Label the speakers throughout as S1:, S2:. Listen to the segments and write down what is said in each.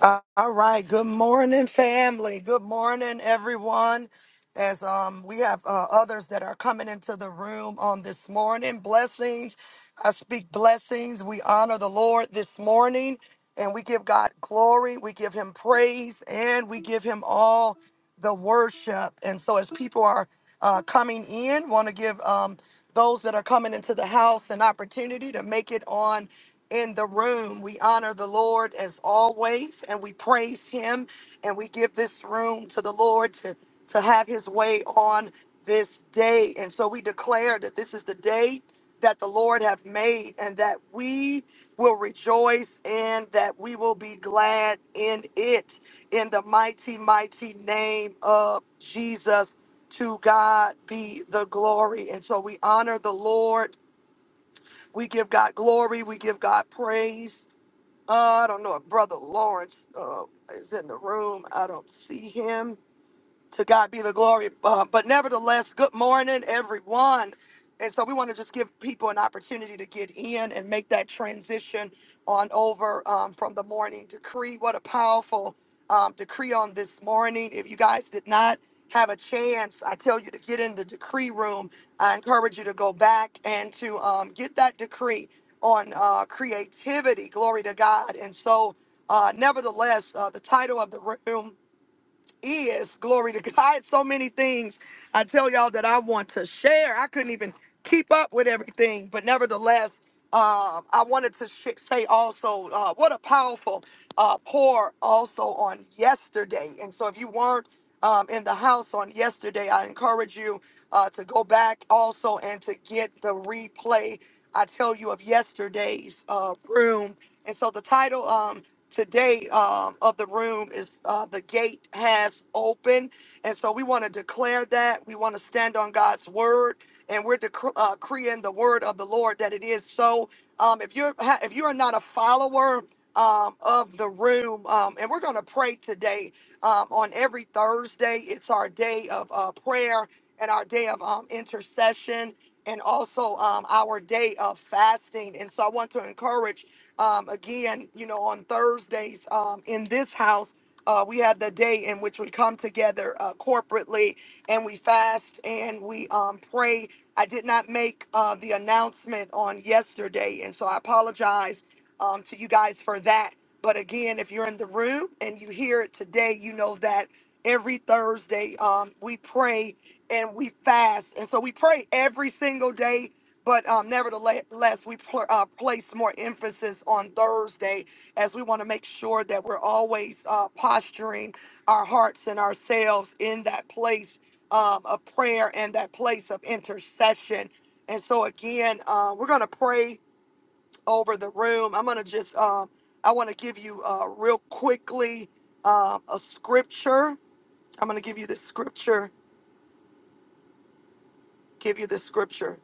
S1: Uh, all right. Good morning, family. Good morning, everyone. As um, we have uh, others that are coming into the room on this morning, blessings. I speak blessings. We honor the Lord this morning, and we give God glory. We give Him praise, and we give Him all the worship. And so, as people are uh, coming in, want to give um, those that are coming into the house an opportunity to make it on in the room. We honor the Lord as always, and we praise Him, and we give this room to the Lord to, to have His way on this day. And so we declare that this is the day that the Lord have made, and that we will rejoice and that we will be glad in it. In the mighty, mighty name of Jesus, to God be the glory. And so we honor the Lord. We give God glory. We give God praise uh, I don't know if Brother Lawrence uh, is in the room. I don't see him. To God be the glory. Uh, but nevertheless, good morning, everyone. And so we want to just give people an opportunity to get in and make that transition on over um, from the morning decree. What a powerful um, decree on this morning. If you guys did not have a chance, I tell you to get in the decree room. I encourage you to go back and to um, get that decree on uh, creativity. Glory to God. And so, uh, nevertheless, uh, the title of the room is. Glory to God. So many things I tell y'all that I want to share. I couldn't even keep up with everything, but nevertheless, um, I wanted to sh- say also uh, what a powerful uh, pour also on yesterday. And so if you weren't um, in the house on yesterday, I encourage you uh, to go back also and to get the replay. I tell you of yesterday's uh, room. And so the title. Um, today um, of the room is uh, the gate has opened. And so we want to declare that. We want to stand on God's word. And we're dec- uh, decreeing the word of the Lord that it is so. Um, if you're ha- if you are not a follower um, of the room, um, and we're going to pray today um, on every Thursday, it's our day of uh, prayer and our day of um, intercession and also um, our day of fasting. And so I want to encourage, um, again, you know, on Thursdays um, in this house, uh, we have the day in which we come together uh, corporately and we fast and we um, pray. I did not make uh, the announcement on yesterday, and so I apologize um, to you guys for that. But again, if you're in the room and you hear it today, you know that every Thursday um, we pray and we fast. And so we pray every single day. But um, nevertheless, we pl- uh, place more emphasis on Thursday as we want to make sure that we're always uh, posturing our hearts and ourselves in that place um, of prayer and that place of intercession. And so, again, uh, we're going to pray over the room. I'm going to just, um, I want to give you uh, real quickly um, a scripture. I'm going to give you the scripture, give you the scripture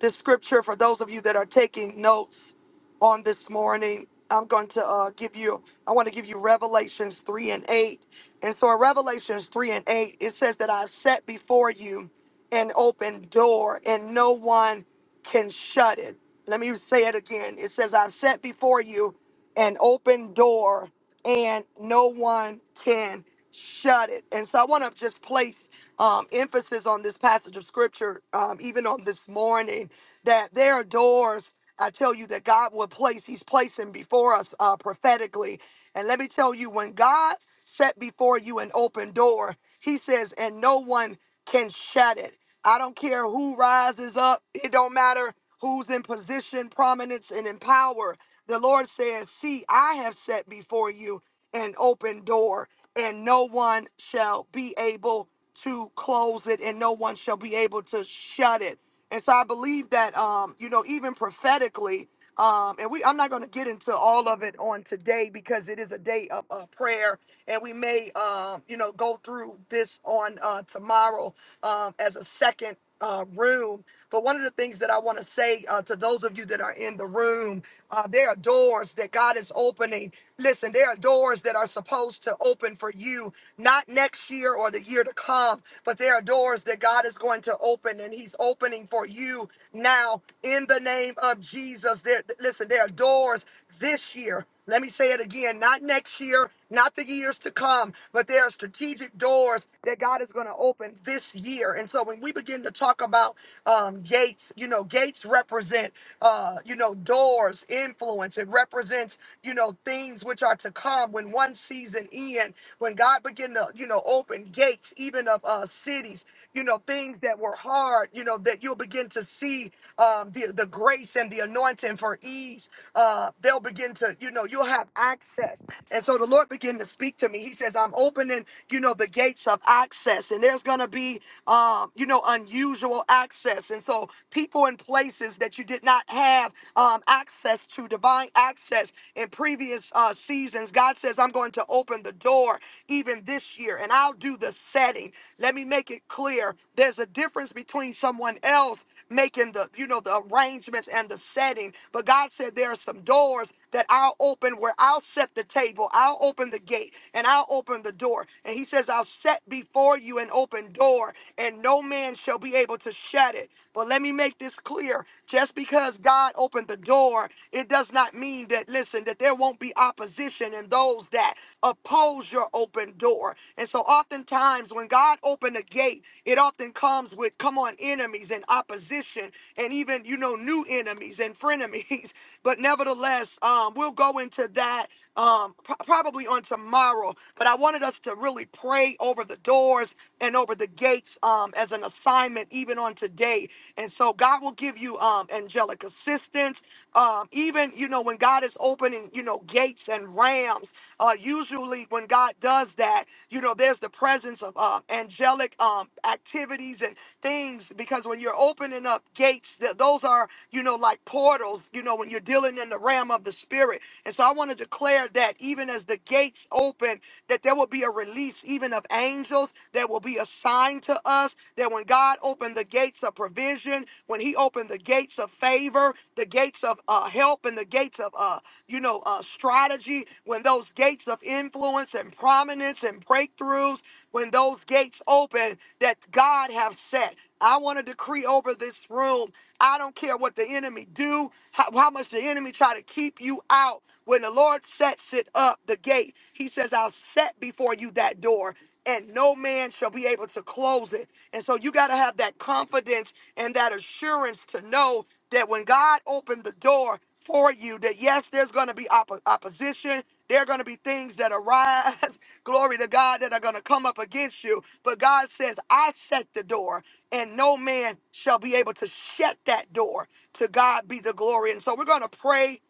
S1: the scripture for those of you that are taking notes on this morning. I'm going to uh, give you, I want to give you Revelations 3 and 8. And so in Revelations 3 and 8, it says that I've set before you an open door and no one can shut it. Let me say it again. It says, I've set before you an open door and no one can shut it. And so I want to just place um, emphasis on this passage of scripture, um, even on this morning, that there are doors. I tell you that God will place, He's placing before us uh, prophetically. And let me tell you, when God set before you an open door, He says, and no one can shut it. I don't care who rises up, it don't matter who's in position, prominence, and in power. The Lord says, See, I have set before you an open door, and no one shall be able to close it, and no one shall be able to shut it. And so I believe that, um, you know, even prophetically, um, and we, I'm not going to get into all of it on today because it is a day of uh, prayer, and we may, um, you know, go through this on uh, tomorrow um, as a second uh, room. But one of the things that I want to say uh, to those of you that are in the room, uh, there are doors that God is opening. Listen, there are doors that are supposed to open for you, not next year or the year to come, but there are doors that God is going to open, and He's opening opening for you now in the name of Jesus. There, listen, there are doors this year. Let me say it again, not next year, not the years to come, but there are strategic doors that God is going to open this year. And so when we begin to talk about um, gates, you know, gates represent, uh, you know, doors, influence. It represents, you know, things which are to come when one season in, when God begin to, you know, open gates states, even of uh, cities, you know, things that were hard, you know, that you'll begin to see um, the, the grace and the anointing for ease. Uh, they'll begin to, you know, you'll have access. And so the Lord began to speak to me. He says, I'm opening, you know, the gates of access, and there's going to be, um, you know, unusual access. And so people in places that you did not have um, access to, divine access in previous uh, seasons, God says, says, I'm going to open the door even this year and I'll do the setting. Let me make it clear. There's a difference between someone else making the, you know, the arrangements and the setting. But God said there are some doors that I'll open where I'll set the table, I'll open the gate, and I'll open the door. And he says, I'll set before you an open door, and no man shall be able to shut it. But let me make this clear just because God opened the door it does not mean that, listen, that there won't be opposition and those that oppose your open door. And so oftentimes when God opened a gate, it often comes with, come on, enemies and opposition and even, you know, new enemies and frenemies. But nevertheless, um, we'll go into that um, pro- probably on tomorrow. But I wanted us to really pray over the doors and over the gates um, as an assignment, even on today. And so God will give you um, angelic assistance. Um, even, you know, when God is opening, you know, gates and rams, uh, usually when God does that, you know, there's the presence of uh, angelic um, activities and things because when you're opening up gates, th- those are, you know, like portals, you know, when you're dealing in the realm of the spirit. and so so I want to declare that even as the gates open, that there will be a release even of angels that will be assigned to us. That when God opened the gates of provision, when He opened the gates of favor, the gates of uh, help, and the gates of uh, you know uh, strategy, when those gates of influence and prominence and breakthroughs when those gates open that God have set. I want to decree over this room. I don't care what the enemy do, how, how much the enemy try to keep you out. When the Lord sets it up, the gate, he says, I'll set before you that door and no man shall be able to close it. And so you got to have that confidence and that assurance to know that when God opened the door for you, that yes, there's going to be oppo- opposition. There are going to be things that arise, glory to God, that are going to come up against you. But God says, I set the door, and no man shall be able to shut that door. To God be the glory. And so we're going to pray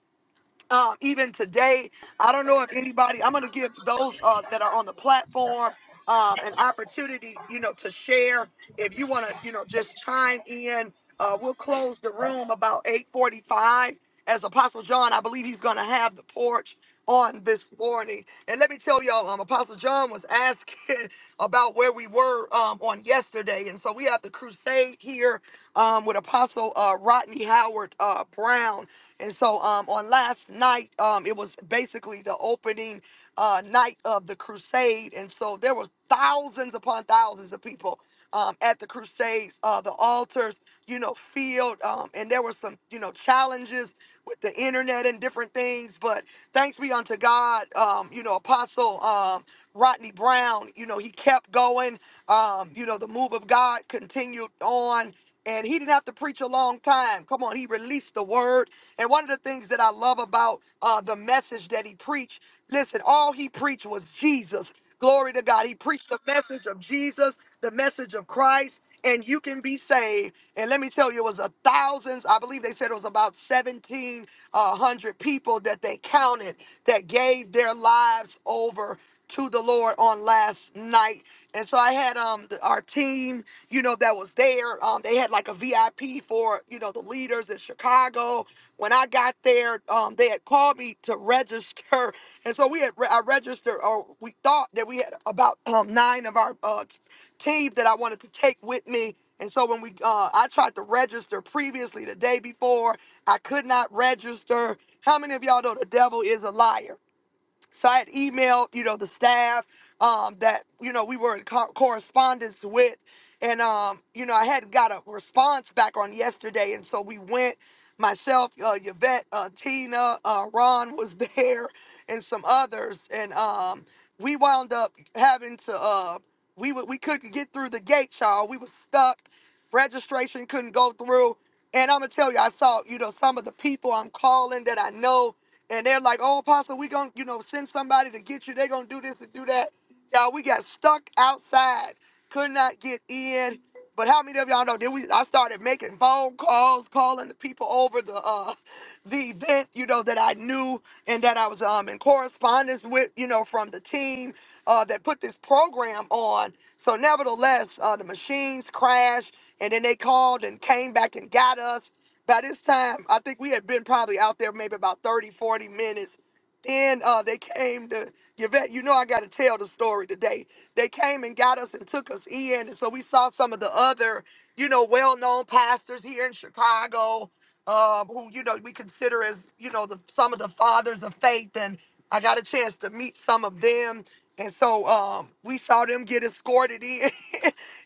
S1: um, even today. I don't know if anybody, I'm going to give those uh, that are on the platform um, an opportunity, you know, to share. If you want to, you know, just chime in, uh, we'll close the room about 845. As Apostle John, I believe he's going to have the porch on this morning. And let me tell y'all, um, Apostle John was asking about where we were um, on yesterday. And so we have the crusade here um, with Apostle uh, Rodney Howard uh, Brown. And so um, on last night, um, it was basically the opening uh, night of the crusade. And so there were thousands upon thousands of people um, at the crusades, uh, the altars, you know, field. Um, and there were some, you know, challenges with the internet and different things. But thanks be unto God, um, you know, Apostle um, Rodney Brown, you know, he kept going. Um, you know, the move of God continued on and he didn't have to preach a long time. Come on, he released the word. And one of the things that I love about uh, the message that he preached, listen, all he preached was Jesus. Glory to God. He preached the message of Jesus, the message of Christ, and you can be saved. And let me tell you, it was a thousands. I believe they said it was about 1,700 people that they counted that gave their lives over to the Lord on last night. And so I had um the, our team, you know, that was there. Um, they had like a VIP for you know the leaders in Chicago. When I got there, um, they had called me to register, and so we had re- I registered, or we thought that we had about um nine of our uh, team that I wanted to take with me. And so when we, uh, I tried to register previously the day before, I could not register. How many of y'all know the devil is a liar? So I had emailed, you know, the staff um, that, you know, we were in co- correspondence with. And, um, you know, I hadn't got a response back on yesterday. And so we went, myself, uh, Yvette, uh, Tina, uh, Ron was there, and some others. And um, we wound up having to, uh, we, w- we couldn't get through the gate, y'all. We were stuck. Registration couldn't go through. And I'm gonna tell you, I saw, you know, some of the people I'm calling that I know, and they're like, oh, Apostle, we gonna, you know, send somebody to get you. They're gonna do this and do that. Y'all, we got stuck outside, could not get in. But how many of y'all know? Then we, I started making phone calls, calling the people over the uh, the event, you know, that I knew and that I was um in correspondence with, you know, from the team uh, that put this program on. So, nevertheless, uh, the machines crashed. And then they called and came back and got us. By this time, I think we had been probably out there maybe about 30, 40 minutes. Then uh, they came to Yvette. You know, I got to tell the story today. They came and got us and took us in. And so we saw some of the other, you know, well known pastors here in Chicago um, who, you know, we consider as, you know, the, some of the fathers of faith. And I got a chance to meet some of them. And so um, we saw them get escorted in.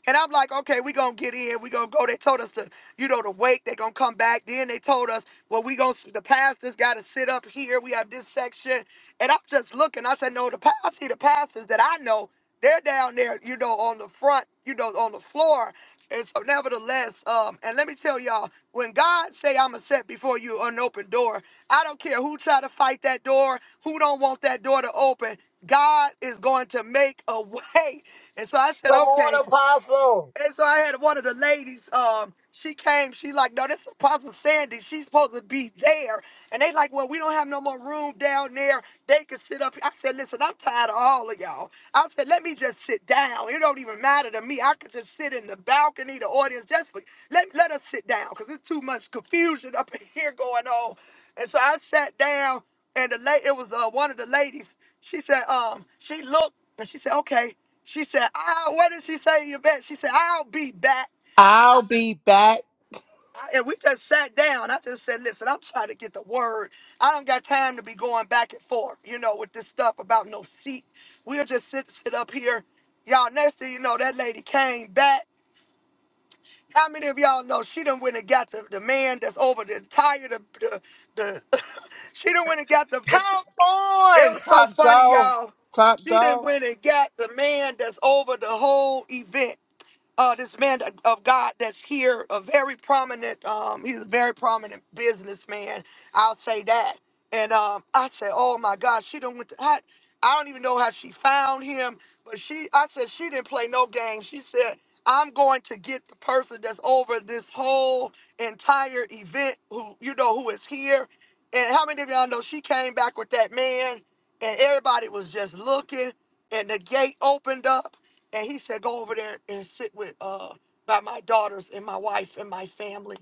S1: And I'm like, okay, we're gonna get in, we're gonna go. They told us to, you know, to wait, they're gonna come back. Then they told us, well, we gonna the pastors gotta sit up here. We have this section. And I'm just looking, I said, no, the pa- I see the pastors that I know, they're down there, you know, on the front, you know, on the floor. And so nevertheless, um, and let me tell y'all, when God say I'ma set before you an open door, I don't care who try to fight that door, who don't want that door to open, God is going to make a way. And so I said,
S2: Come
S1: okay.
S2: on, Apostle.
S1: And so I had one of the ladies, um, she came, she like, no, this is Apostle Sandy. She's supposed to be there. And they like, well, we don't have no more room down there. They can sit up. here." I said, listen, I'm tired of all of y'all. I said, let me just sit down. It don't even matter to me. I could just sit in the balcony, the audience, just for, let, let us sit down because it's too much confusion up in here going on. And so I sat down and the la- it was uh, one of the ladies. She said, um, she looked and she said, okay. She said, "I'll." What did she say, Yvette? She said, "I'll be back." I-
S3: I'll be back.
S1: I- and we just sat down. I just said, "Listen, I'm trying to get the word. I don't got time to be going back and forth, you know, with this stuff about no seat. We'll just sit sit up here, y'all. Next thing you know, that lady came back. How many of y'all know she done went and got the, the man that's over the entire the the, the she done went and got the, the
S2: Come on.
S1: it was
S2: Woo,
S1: so
S3: Top
S1: funny,
S3: dog.
S1: y'all.
S3: Top
S1: She done
S3: dog.
S1: went and got the man that's over the whole event. uh, this man of God that's here, a very prominent, um, he's a very prominent businessman. I'll say that. And um, I said, oh my God, she done went to, I, I don't even know how she found him, but she, I said, she didn't play no game. She said, I'm going to get the person that's over this whole entire event who, you know, who is here. And how many of y'all know she came back with that man and everybody was just looking and the gate opened up and he said, "Go over there and sit with uh by my daughters and my wife and my family."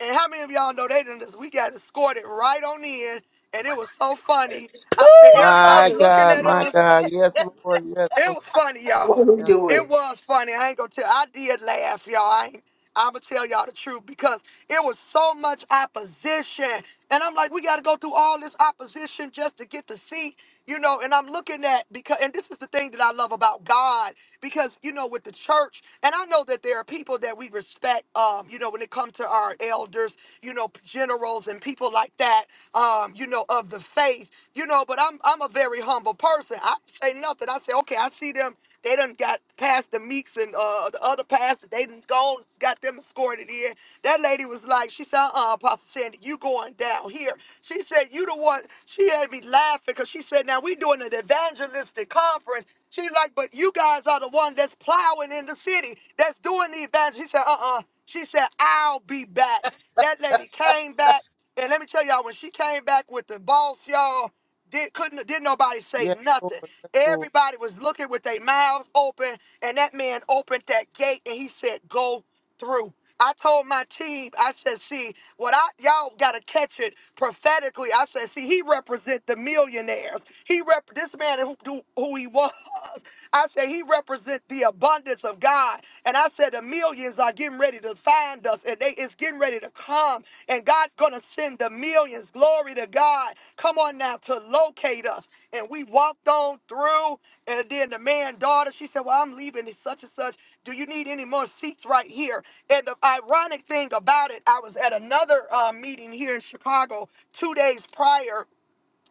S1: And how many of y'all know they did this? We got escorted right on in, and it was so funny. I said,
S2: I love
S1: "Everybody
S3: My
S2: it.
S1: looking
S3: God,
S1: at
S3: my
S1: us."
S3: God. Yes, Lord. Yes,
S1: It
S3: Lord.
S1: was funny,
S4: Let
S1: y'all.
S4: him
S3: Yes,
S4: do
S1: It
S4: it.
S1: was funny. I ain't gonna tell. I did laugh, y'all. I ain't, I'm gonna tell y'all the truth because it was so much opposition, and I'm like, we gotta go through all this opposition just to get the seat, you know. And I'm looking at because, and this is the thing that I love about God because you know with the church, and I know that there are people that we respect, um, you know, when it comes to our elders, you know, generals and people like that, um, you know, of the faith, you know. But I'm I'm a very humble person say nothing. I say, okay, I see them. They done got past the Meeks and uh, the other pastors. They done gone, got them escorted in. That lady was like, she said, uh, Apostle Sandy, you going down here. She said, you the one. She had me laughing because she said, now we doing an evangelistic conference. She's like, but you guys are the one that's plowing in the city, that's doing the evangel. She said, uh-uh. She said, I'll be back. That lady came back. And let me tell y'all, when she came back with the boss, y'all, did, couldn't, didn't nobody say
S3: yes, Lord.
S1: nothing.
S3: Yes, Lord.
S1: Everybody was looking with their mouths open, and that man opened that gate and he said, Go through. I told my team, I said, see, what I y'all gotta catch it prophetically. I said, see, he represent the millionaires. He rep this man who, who who he was. I said he represent the abundance of God. And I said that the millions are getting ready to find us and they it's getting ready to come. And God's gonna send the millions. Glory to God. Come on now to locate us. And we walked on through. And then the man daughter, she said, Well, I'm leaving. It's such and such. Do you need any more seats right here? And the ironic thing about it, I was at another uh, meeting here in Chicago two days prior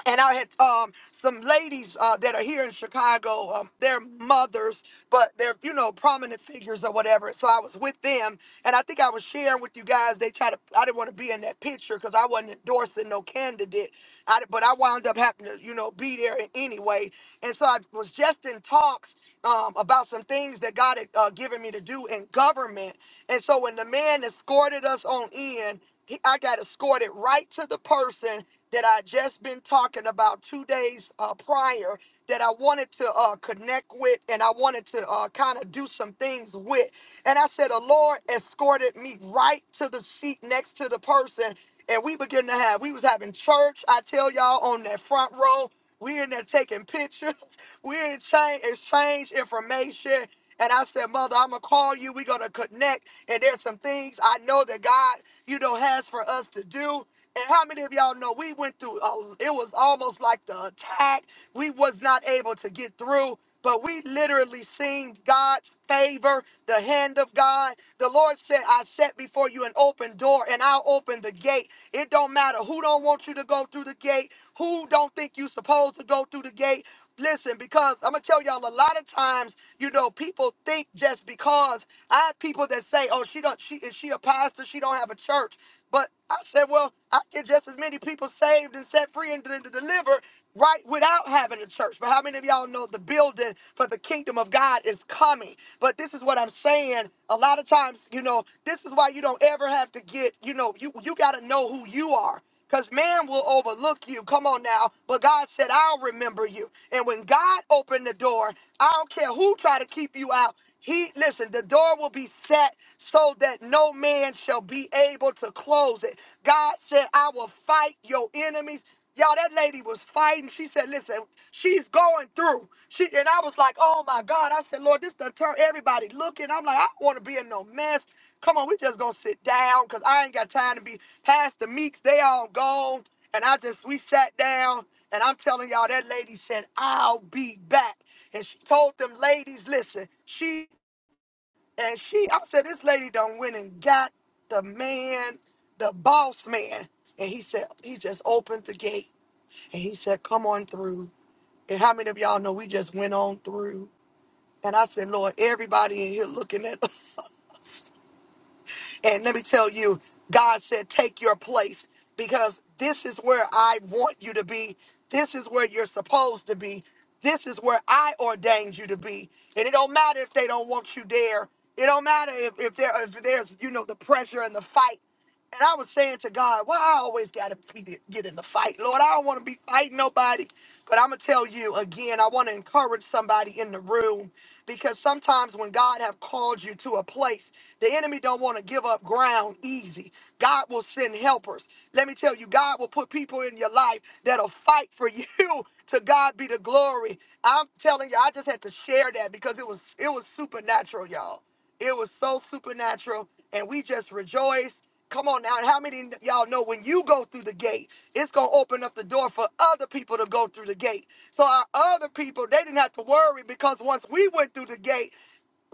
S1: and I had um, some ladies uh, that are here in Chicago. Um, they're mothers, but they're you know prominent figures or whatever. So I was with them, and I think I was sharing with you guys. They tried to. I didn't want to be in that picture because I wasn't endorsing no candidate. I, but I wound up having to you know be there anyway. And so I was just in talks um, about some things that God had uh, given me to do in government. And so when the man escorted us on in. He- I got escorted right to the person that I just been talking about two days uh, prior that I wanted to uh, connect with and I wanted to uh, kind of do some things with. And I said, the Lord escorted me right to the seat next to the person. And we begin to have, we was having church, I tell y'all, on that front row. We in there taking pictures. We in exchange, exchange information. And I said, Mother, I'm going to call you. We're going to connect. And there's some things I know that God, you know, has for us to do. And how many of y'all know we went through, uh, it was almost like the attack. We was not able to get through, but we literally seen God's favor, the hand of God. The Lord said, I set before you an open door and I'll open the gate. It don't matter who don't want you to go through the gate, who don't think you supposed to go through the gate, Listen, because I'm gonna tell y'all a lot of times, you know, people think just because I have people that say, "Oh, she don't, she is she a pastor? She don't have a church." But I said, "Well, I get just as many people saved and set free and, de- de- delivered right without having a church." But how many of y'all know the building for the kingdom of God is coming? But this is what I'm saying. A lot of times, you know, this is why you don't ever have to get, you know, you you got to know who you are. Because man will overlook you. Come on now. But God said, I'll remember you. And when God opened the door, I don't care who try to keep you out. He listen, the door will be set so that no man shall be able to close it. God said, I will fight your enemies. Y'all, that lady was fighting. She said, listen, she's going through. She and I was like, oh my God. I said, Lord, this done turn everybody looking. I'm like, I don't want to be in no mess. Come on, we just gonna sit down because I ain't got time to be past the meeks. They all gone. And I just we sat down and I'm telling y'all that lady said, I'll be back. And she told them ladies, listen, she and she, I said, this lady done went and got the man, the boss man. And he said, he just opened the gate and he said, come on through. And how many of y'all know we just went on through? And I said, Lord, everybody in here looking at us. And let me tell you, God said, take your place because this is where I want you to be. This is where you're supposed to be. This is where I ordained you to be. And it don't matter if they don't want you there. It don't matter if, if there if there's, you know, the pressure and the fight. And I was saying to God, why I always got to be get in the fight, Lord. I don't want to be fighting nobody. But I'm gonna tell you again, I want to encourage somebody in the room because sometimes when God have called you to a place, the enemy don't want to give up ground easy. God will send helpers. Let me tell you, God will put people in your life that'll fight for you. To God be the glory. I'm telling you, I just had to share that because it was it was supernatural, y'all. It was so supernatural, and we just rejoice. Come on now, and how many of y'all know when you go through the gate, it's gonna open up the door for other people to go through the gate. So our other people, they didn't have to worry because once we went through the gate,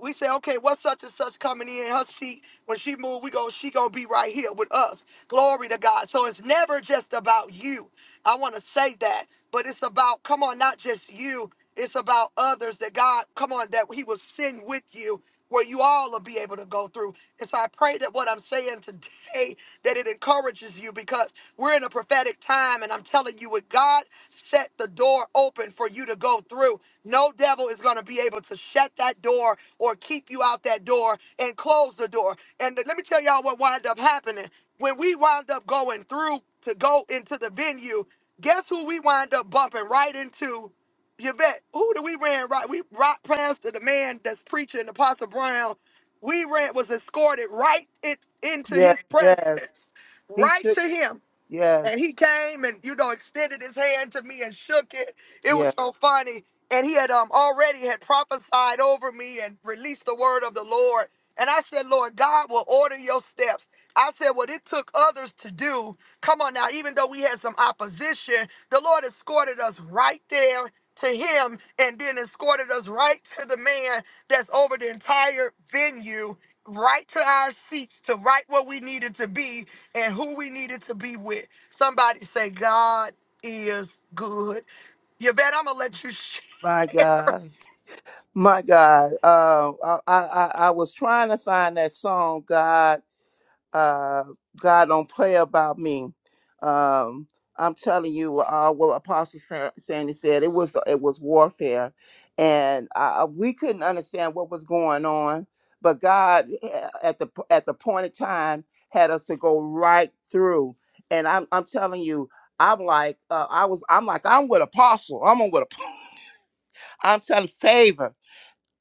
S1: we say, okay, what's such and such coming in her seat? When she move, we go, she gonna be right here with us. Glory to God. So it's never just about you. I want to say that, but it's about, come on, not just you. It's about others that God, come on, that He will send with you where you all will be able to go through. And so I pray that what I'm saying today, that it encourages encourages you because we're in a prophetic time. And I'm telling you, with God set the door open for you to go through, no devil is going to be able to shut that door or keep you out that door and close the door. And let me tell y'all what wound up happening. When we wound up going through to go into the venue, guess who we wind up bumping right into? Yvette, who do we ran right? We rock past to the man that's preaching, Apostle Brown. We ran was escorted right it, into
S3: Yes,
S1: his
S3: yes.
S1: presence
S3: He
S1: right
S3: should.
S1: to him. And
S3: Yes,
S1: he came and, you know, extended his hand to me and shook it. It was
S3: yes.
S1: so funny. And he had um already had prophesied over me and released the word of the Lord. And I said, Lord, God will order your steps. I said, what it took others to do. Come on now, even though we had some opposition, the Lord escorted us right there to him and then escorted us right to the man that's over the entire venue right to our seats to right where we needed to be and who we needed to be with. Somebody say, God is good. You bet I'm gonna let you share.
S3: My God, my God. Um, I, I, I I was trying to find that song, God, uh, God don't play about me. Um, I'm telling you, uh, what Apostle Sa- Sandy said, it was it was warfare, and uh, we couldn't understand what was going on. But God, eh, at the p- at the point of time, had us to go right through. And I'm I'm telling you, I'm like uh, I was. I'm like I'm with Apostle. I'm with. Apostle. I'm telling favor.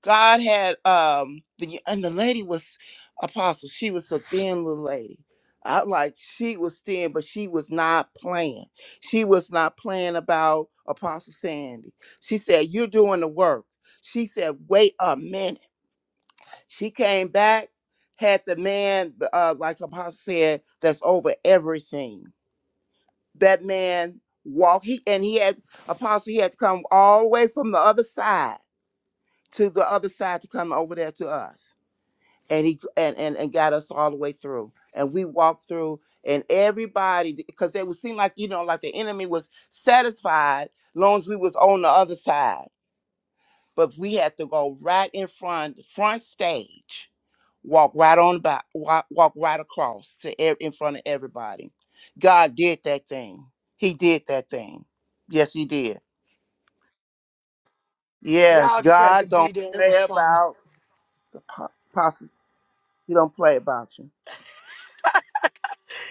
S3: God had um the and the lady was apostle. She was a thin little lady. I like she was thin, but she was not playing. She was not playing about Apostle Sandy. She said, You're doing the work. She said, Wait a minute. She came back, had the man, uh, like Apostle said, that's over everything. That man walked, he, and he had, Apostle, he had to come all the way from the other side to the other side to come over there to us and he and, and and got us all the way through and we walked through and everybody because it would seem like you know like the enemy was satisfied long as we was on the other side but we had to go right in front front stage walk right on by walk, walk right across to e- in front of everybody god did that thing he did that thing yes he did yes
S1: Y'all just had to
S3: god
S1: be
S3: don't
S1: there. It was
S3: play
S1: funny.
S3: about the po- possi- he don't play about you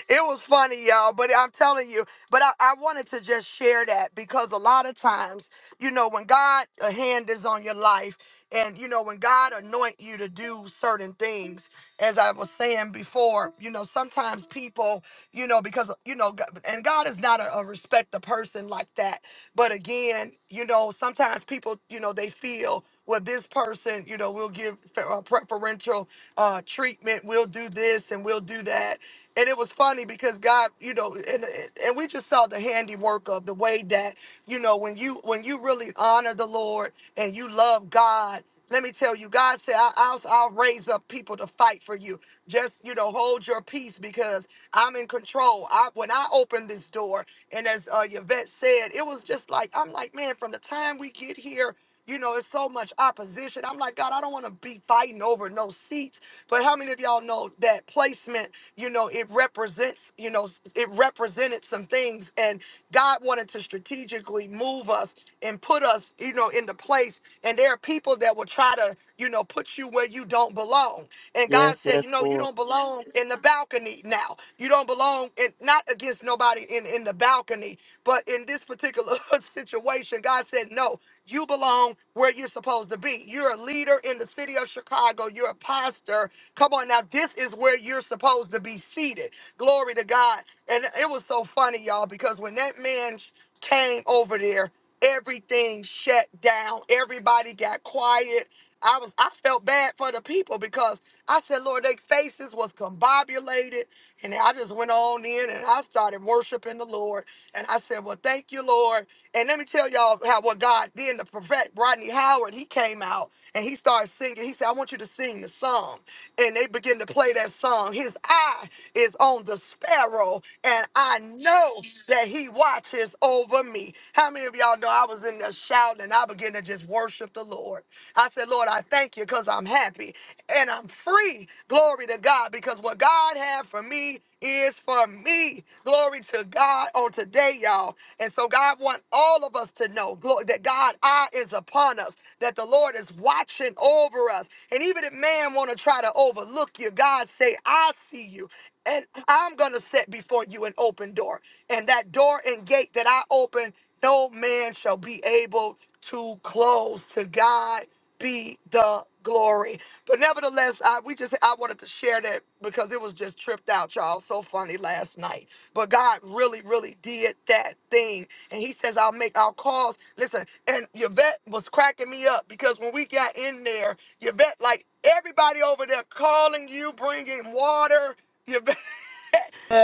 S1: it was funny, y'all. But I'm telling you, but I, I wanted to just share that because a lot of times, you know, when God a hand is on your life, and you know, when God anoint you to do certain things, as I was saying before, you know, sometimes people, you know, because you know, God- and God is not a, a respect the person like that. But again, you know, sometimes people, you know, they feel, well, this person, you know, will give fe- uh, preferential uh, treatment. We'll do this and we'll do that. And it was funny because God, you know, and and we just saw the handiwork of the way that, you know, when you when you really honor the Lord and you love God let me tell you, God said, I, I'll, I'll raise up people to fight for you. Just, you know, hold your peace because I'm in control. I, when I opened this door, and as uh, Yvette said, it was just like, I'm like, man, from the time we get here, you know, it's so much opposition. I'm like, God, I don't want to be fighting over no seats. But how many of y'all know that placement, you know, it represents, you know, it represented some things. And God wanted to strategically move us and put us us, you know, into place. And there are people that will try to, you know, put you where you don't belong. And God
S3: yes
S1: said,
S3: yes
S1: you know, you
S3: Lord.
S1: don't belong in the balcony now. You don't belong in not against nobody in, in the balcony, but in this particular situation, God said, no, you belong where you're supposed to be. You're a leader in the city of Chicago. You're a pastor. Come on now, this is where you're supposed to be seated. Glory to God. And it was so funny, y'all, because when that man came over there everything shut down. Everybody got quiet. I was I felt bad for the people because I said, Lord, their faces was combobulated. And I just went on in and I started worshiping the Lord. And I said, Well, thank you, Lord. And let me tell y'all how what God did. The prophet Rodney Howard, he came out and he started singing. He said, I want you to sing the song. And they began to play that song. His eye is on the sparrow, and I know that he watches over me. How many of y'all know I was in there shouting and I began to just worship the Lord? I said, Lord, I thank you because I'm happy and I'm free. Glory to God, because what God had for me is for me. Glory to God on today, y'all. And so God want all of us to know glo- that God eye is upon us, that the Lord is watching over us. And even if man want to try to overlook you, God say, I see you and I'm going to set before you an open door. And that door and gate that I open, no man shall be able to close. To God be the glory. But nevertheless, I we just I wanted to share that because it was just tripped out, y'all. So funny last night. But God really, really did that thing. And he says, I'll make I'll cause. Listen, and Yvette was cracking me up because when we got in there, Yvette, like everybody over there calling you, bringing water.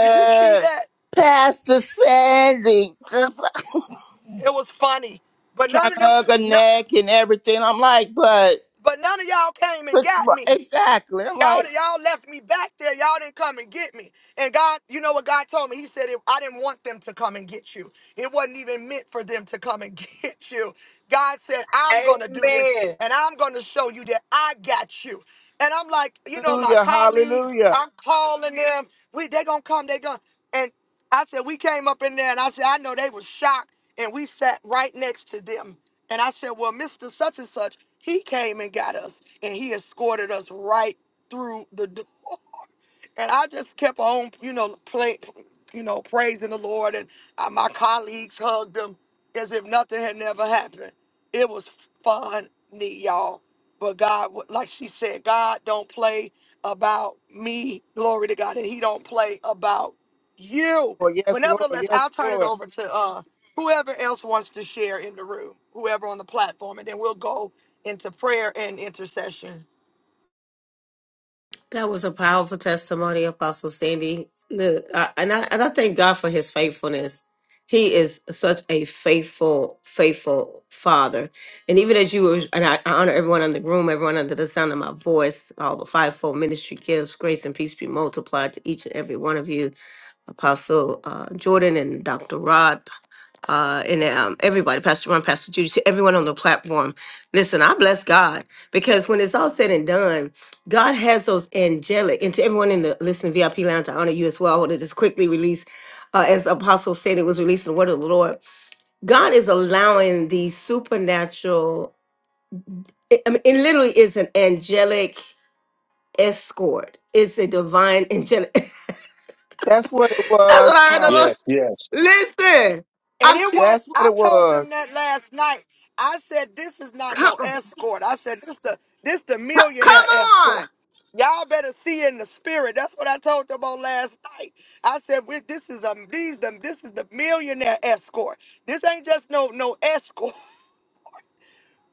S1: Did you see that?
S3: Pastor Sandy just
S1: It was funny. But none
S3: trying to
S1: of them,
S3: hug her
S1: no,
S3: neck and everything. I'm like, but,
S1: but none of y'all came and
S3: but
S1: got me.
S3: exactly. I'm like,
S1: Y'all, y'all left me back there. Y'all didn't come and get me. And God, you know what God told me? He said, if I didn't want them to come and get you. It wasn't even meant for them to come and get you. God said, I'm going to do this
S2: Amen.
S1: and I'm going to show you that I got you. And I'm like, you know, my
S3: hallelujah,
S1: colleagues,
S3: hallelujah.
S1: I'm calling them. We they gonna come, they gonna and I said, we came up in there and I said, I know they was shocked. And we sat right next to them. And I said, Well, Mr. Such and Such, he came and got us and he escorted us right through the door and I just kept on, you know, play, you know, praising the Lord, and uh, my colleagues hugged them as if nothing had never happened. It was fun, neat, y'all. But God, wa- like she said, God don't play about me. Glory to God, and He don't play about you.
S3: Well,
S1: But
S3: yes, Lord,
S1: nevertheless, I'll
S3: yes,
S1: turn it
S3: Lord.
S1: over to uh, whoever else wants to share in the room, whoever on the platform, and then we'll go into prayer and intercession.
S4: That was a powerful testimony, Apostle Sandy. Look, I, and I and I thank God for His faithfulness. He is such a faithful, faithful Father. And even as you were, and I, I honor everyone in the room, everyone under the sound of my voice, all the fivefold ministry gifts, grace and peace be multiplied to each and every one of you, Apostle uh, Jordan and Dr. Rod, uh, and um, everybody, Pastor Ron, Pastor Judy, to everyone on the platform. Listen, I bless God because when it's all said and done, God has those angelic, and to everyone in the Listen VIP Lounge, I honor you as well. I want to just quickly release, uh, as Apostle said, it was released in the word of the Lord. God is allowing these supernatural, I I mean, it literally is an angelic escort. It's a divine angelic. That's
S3: That's what it
S4: what
S3: was,
S4: I heard
S3: prophet.
S5: Yes,
S4: the
S5: yes,
S4: Lord. Listen,
S1: And
S4: I'm
S1: it
S4: t-
S1: was,
S3: That's what
S1: I
S3: it
S1: told
S3: was.
S1: them that last night. I said, this is not no
S4: come,
S1: escort. I said, this the, this the millionaire
S4: come
S1: escort.
S4: on,
S1: Y'all better see in the spirit. That's what I told them on last night. I said, we, this is a, these, them, this is the millionaire escort. This ain't just no, no escort.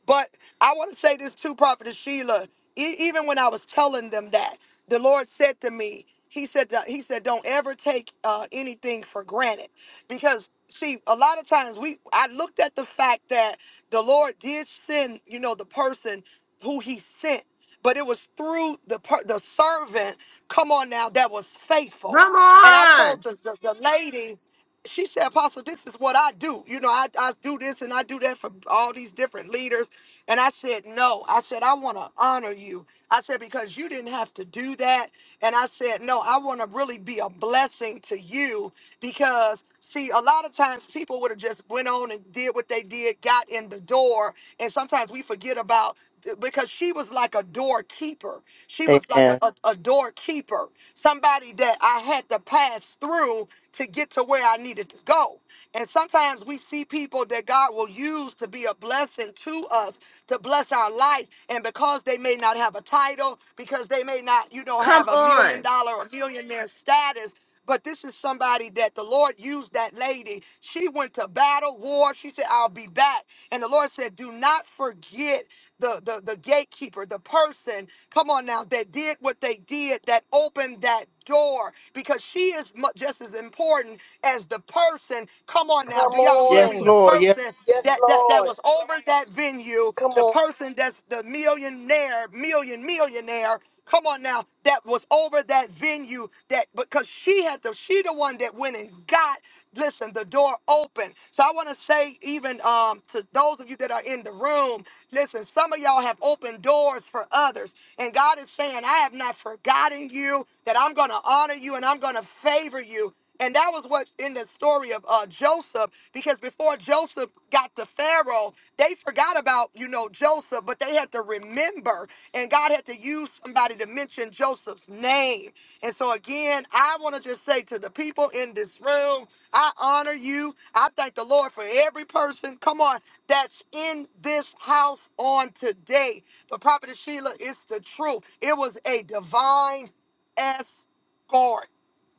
S1: But I want to say this too, Prophet Sheila. E- even when I was telling them that, the Lord said to me, He said, that- He said, don't ever take uh, anything for granted, because see, a lot of times we, I looked at the fact that the Lord did send, you know, the person who He sent, but it was through the per- the servant. Come on now, that was faithful.
S4: come
S1: And I
S4: on.
S1: told the, the, the lady she said, Apostle, this is what I do. You know, I, I do this and I do that for all these different leaders. And I said, No. I said, I want to honor you. I said, Because you didn't have to do that. And I said, No, I want to really be a blessing to you because, see, a lot of times people would have just went on and did what they did, got in the door. And sometimes we forget about because she was like a doorkeeper. She was like a,
S3: Amen.
S1: a, a doorkeeper, somebody that I had to pass through to." to get to where I needed to go. And sometimes we see people that God will use to be a blessing to us, to bless our life. And because they may not have a title, because they may not, you know,
S4: Come
S1: have a million
S4: on.
S1: dollar or millionaire status, but this is somebody that the Lord used that lady. She went to battle, war. She said, I'll be back. And the Lord said, Do not forget the, the, the gatekeeper, the person, come on now, that did what they did, that opened that door because she is mu- just as important as the person. Come on now,
S2: Come
S1: do y'all hear me?
S3: Yes,
S1: The
S2: on.
S3: Lord, yes,
S1: person
S2: Yes,
S1: that that that
S2: Lord.
S1: was over that venue,
S2: Come
S1: the
S2: on.
S1: person that's the millionaire, million millionaire. Come on now, that was over that venue. That because she had the she the one that went and got. Listen, the door open moving. So I want to say, even um, to those of you that are in the room, listen, some of y'all have opened doors for others. And God is saying, I have not forgotten you, that I'm going to honor you and I'm going to favor you. And that was what in the story of uh, Joseph, because before Joseph got to Pharaoh, they forgot about, you know, Joseph, but they had to remember. And God had to use somebody to mention Joseph's name. And so, again, I want to just say to the people in this room, I honor you. I thank the Lord for every person, come on, that's in this house on today. But Prophet Sheila, it's the truth. It was a divine escort.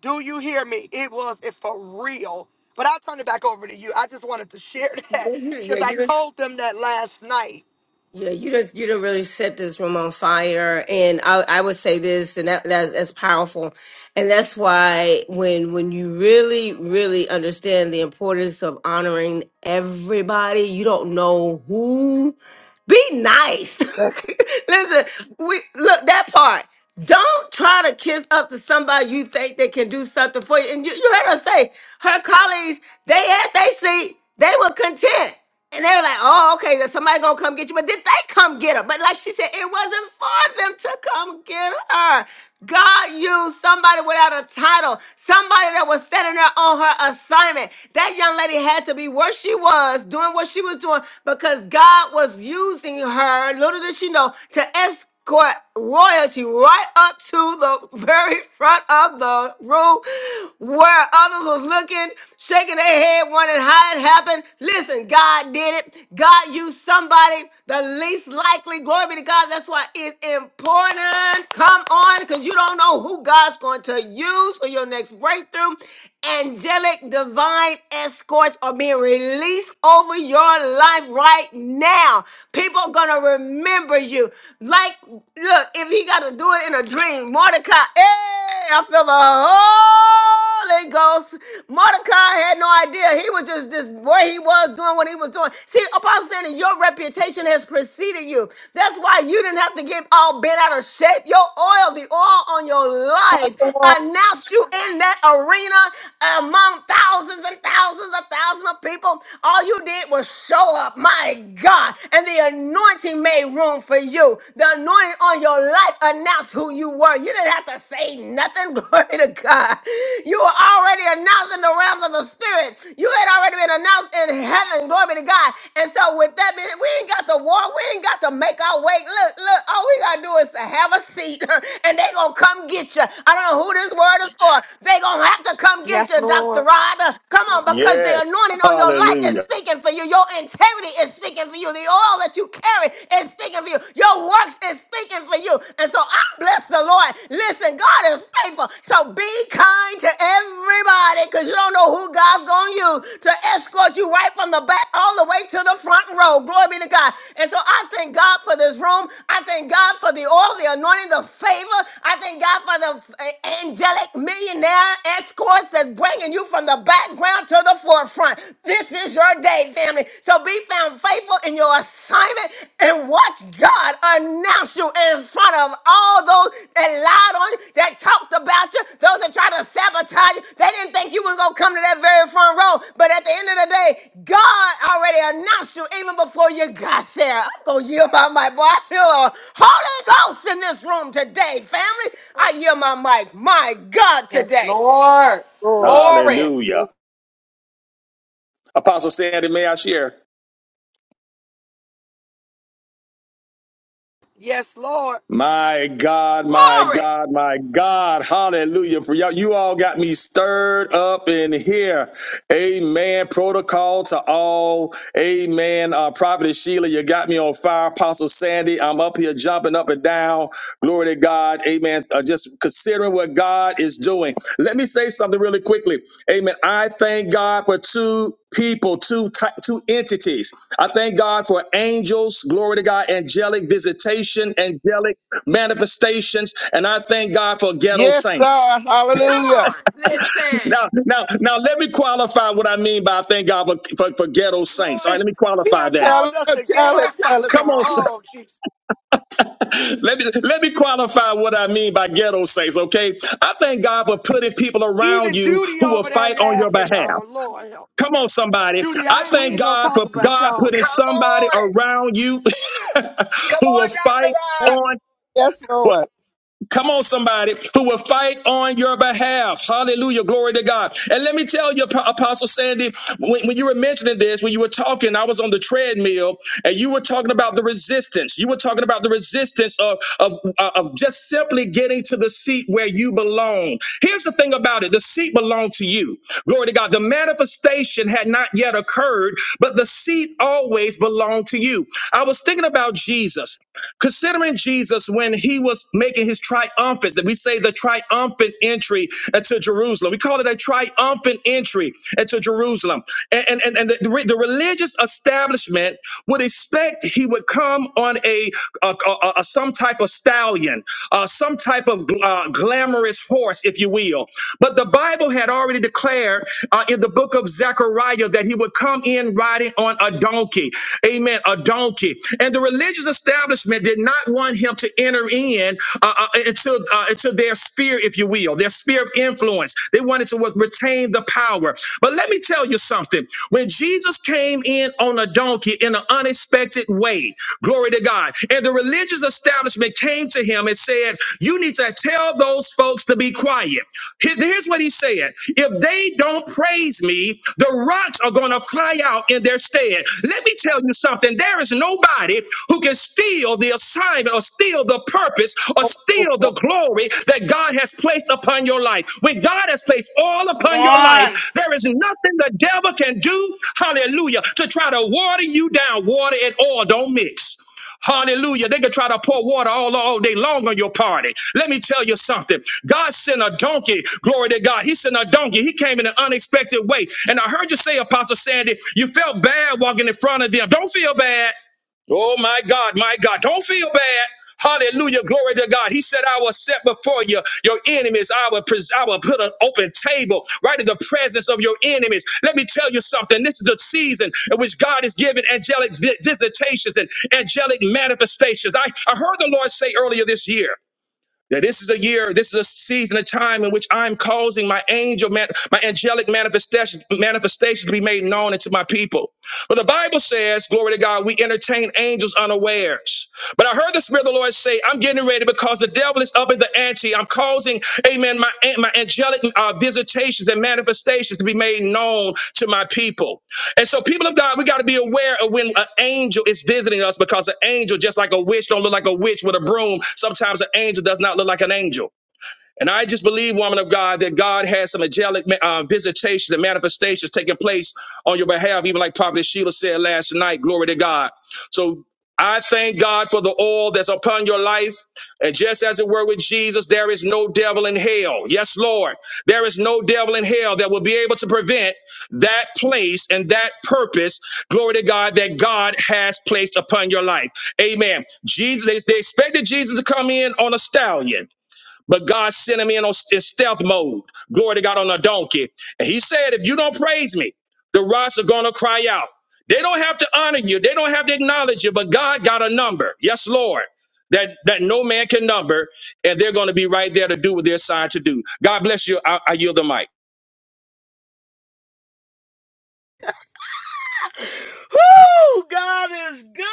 S1: Do you hear me? It was it for real. But I'll turn it back over to you. I just wanted to share that
S4: Yeah, you,
S1: because
S4: yeah,
S1: I
S4: you just
S1: told them that last night.
S4: yeah, you just you done really set this room on fire. And I I would say this and that that's, that's powerful. And that's why when when you really, really understand the importance of honoring everybody, you don't know who be nice.
S3: yes,
S4: Listen, we look that part. Don't try to kiss up to somebody you think they can do something for you. And you, you heard her say, her colleagues, they had they seat, they were content. And they were like, oh, okay, then somebody gonna come get you. But did they come get her? But like she said, it wasn't for them to come get her. God used somebody without a title, somebody that was standing there on her assignment. That young lady had to be where she was, doing what she was doing, because God was using her, little did she know, to escort royalty right up to the very front of the room where others was looking, shaking their head, wondering how it happened. Listen, God did it. God used somebody, the least likely. Glory be to God. That's why it's important. Come on, because you don't know who God's going to use for your next breakthrough. Angelic divine escorts are being released over your life right now. People are going to remember remember you. Like, look, if he got to do it in a dream, Mordecai, hey, I feel the Holy Ghost. Mordecai had no idea. He was just, just where he was doing what he was doing. See, Apostle Sandy, your reputation has preceded you. That's why you didn't have to get all bent out of shape. Your oil, the oil on your life,
S3: Lord,
S4: announced you in that arena among thousands and thousands of thousands of people. All you did was show up. My my God. And the anointing made room for you. The anointing on your life announced who you were. You didn't have to say nothing. Glory to God. You were already announced in the realms of the spirit. You had already been announced in heaven. Glory to God. And so with that being, we ain't got to war. We ain't got to make our way. Look, look, all we gotta do is to have a seat and they gonna come get you. I don't know who this word is for. They gonna have to come get
S6: Yes,
S4: you, Dr.
S6: Lord.
S4: Rod. Come on, because the
S5: yes.
S4: anointing on your life heart is
S5: Hallelujah.
S4: speaking for you. Your integrity is speaking for you. The oil that you carry is speaking for you. Your works is speaking for you. And so I bless the Lord. Listen, God is faithful. So be kind to everybody because you don't know who God's going to use to escort you right from the back all the way to the front row. Glory be to God. And so I thank God for this room. I thank God for the oil, the anointing, the favor. I thank God for the angelic millionaire escorts that's bringing you from the back background to the forefront. This is your day, family. So be found faithful in your assignment and watch God announce you in front of all those that lied on you, that talked about you, those that tried to sabotage you. They didn't think you was gonna come to that very front row. But at the end of the day, God already announced you even before you got there. I'm gonna yield my mic. Boy, I feel a Holy Ghost in this room today, family. I yield my mic. My God,
S6: Yes,
S4: today.
S6: Lord.
S3: Lord,
S6: Glory.
S5: Hallelujah.
S3: yes,
S5: Apostle Sandy, may I share?
S1: Yes, Lord.
S5: My God, my
S4: Glory.
S5: God, my God. Hallelujah. For y'all, you all got me stirred up in here. Amen. Protocol to all. Amen. Uh, Prophet Sheila, you got me on fire. Apostle Sandy, I'm up here jumping up and down. Glory to God. Amen. Uh, just considering what God is doing. Let me say something really quickly. Amen. I thank God for two people, two ty- two entities. I thank God for angels, glory to God, angelic visitation, angelic manifestations, and I thank God for ghetto
S3: yes,
S5: saints.
S3: God,
S4: Come on.
S3: hallelujah.
S5: Now,
S4: Listen.
S5: now, now, let me qualify what I mean by I thank God for, for, for ghetto saints. All right,
S1: Lord,
S5: let me
S1: he
S5: qualify
S1: done
S5: that.
S3: Tell
S1: called us
S3: it,
S1: a
S3: tell
S1: ghetto
S3: it, tell it.
S1: saints,
S5: Come
S1: y'all.
S5: on, sir.
S1: Oh, Jesus.
S5: let me let me qualify what I mean by ghetto saints. Okay, I thank God for putting people around
S1: Even
S5: you
S1: Judy
S5: who will
S1: over there
S5: fight on your
S1: laughing,
S5: behalf.
S1: y'all. Lord,
S5: Come on, somebody.
S1: Judy,
S5: I
S1: I ain't, we
S5: thank
S1: ain't gonna
S5: God
S1: talk
S5: for
S1: about
S5: God
S1: y'all
S5: putting
S1: now.
S2: Come
S5: somebody
S2: on.
S5: around you
S2: Come
S5: who will
S2: on, Dr.
S5: fight
S2: Bob.
S3: Yes,
S5: on.
S3: yes Lord.
S5: Come on, somebody who will fight on your behalf. Hallelujah. Glory to God. And let me tell you, Ap- Apostle Sandy, when, when you were mentioning this, when you were talking, I was on the treadmill and you were talking about the resistance. You were talking about the resistance of, of, uh, of just simply getting to the seat where you belong. Here's the thing about it the seat belonged to you. Glory to God. The manifestation had not yet occurred, but the seat always belonged to you. I was thinking about Jesus. Considering Jesus when he was making his triumphant, that we say the triumphant entry into Jerusalem. We call it a triumphant entry into Jerusalem. And, and, and and the, the, religious establishment would expect he would come on a, a, a- a- some type of stallion, uh, some type of uh, glamorous horse, if you will. But the Bible had already declared uh, in the book of Zechariah that he would come in riding on a donkey. Amen. A donkey. And the religious establishment did not want him to enter in uh, uh, into, uh, into their sphere, if you will, their sphere of influence. They wanted to retain the power. But let me tell you something. When Jesus came in on a donkey in an unexpected way, glory to God, and the religious establishment came to him and said, You need to tell those folks to be quiet. Here- Here's what he said If they don't praise me, the rocks are going to cry out in their stead. Let me tell you something. There is nobody anybody who can steal the assignment or steal the purpose or
S3: Oh, oh,
S5: steal
S3: oh,
S5: the glory that God has placed upon your life. When God has placed all upon your life, there is nothing the devil can do, hallelujah, to try to water you down. Water and oil don't mix. Hallelujah. They can try to pour water all, all day long on your party. Let me tell you something. God sent a donkey. Glory to God. He sent a donkey. He came in an unexpected way. And I heard you say, Apostle Sandy, you felt bad walking in front of them. Don't feel bad. Oh my God, my God. Don't feel bad. Hallelujah. Glory to God. He said, I will set before you your enemies. I will, pres- I will put an open table right in the presence of your enemies. Let me tell you something. This is the season in which God is giving angelic vi- visitations and angelic manifestations. I, I heard the Lord say earlier this year. That this is a year, this is a season, a time in which I'm causing my angel, man, my angelic manifestation, manifestation to be made known unto my people. But the Bible says, glory to God, we entertain angels unawares. But I heard the Spirit of the Lord say, I'm getting ready because the devil is up in the ante. I'm causing, amen, my, my angelic uh, visitations and manifestations to be made known to my people. And so, people of God, we got to be aware of when an angel is visiting us because an angel, just like a witch, don't look like a witch with a broom. Sometimes an angel does not look like an angel. And I just believe, woman of God, that God has some angelic uh, visitations and manifestations taking place on your behalf, even like Prophet Sheila said last night. Glory to God. So I thank God for the oil that's upon your life. And just as it were with Jesus, there is no devil in hell. Yes, Lord. There is no devil in hell that will be able to prevent that place and that purpose, glory to God, that God has placed upon your life. Amen. Jesus, they, they expected Jesus to come in on a stallion. But God sent him in on in stealth mode. Glory to God on a donkey. And he said, if you don't praise me, the rocks are going to cry out. They don't have to honor you. They don't have to acknowledge you, but God got a number. Yes, Lord. That, that no man can number, and they're going to be right there to do what they're assigned to do. God bless you. I, I yield the mic.
S2: Whoo! God is good.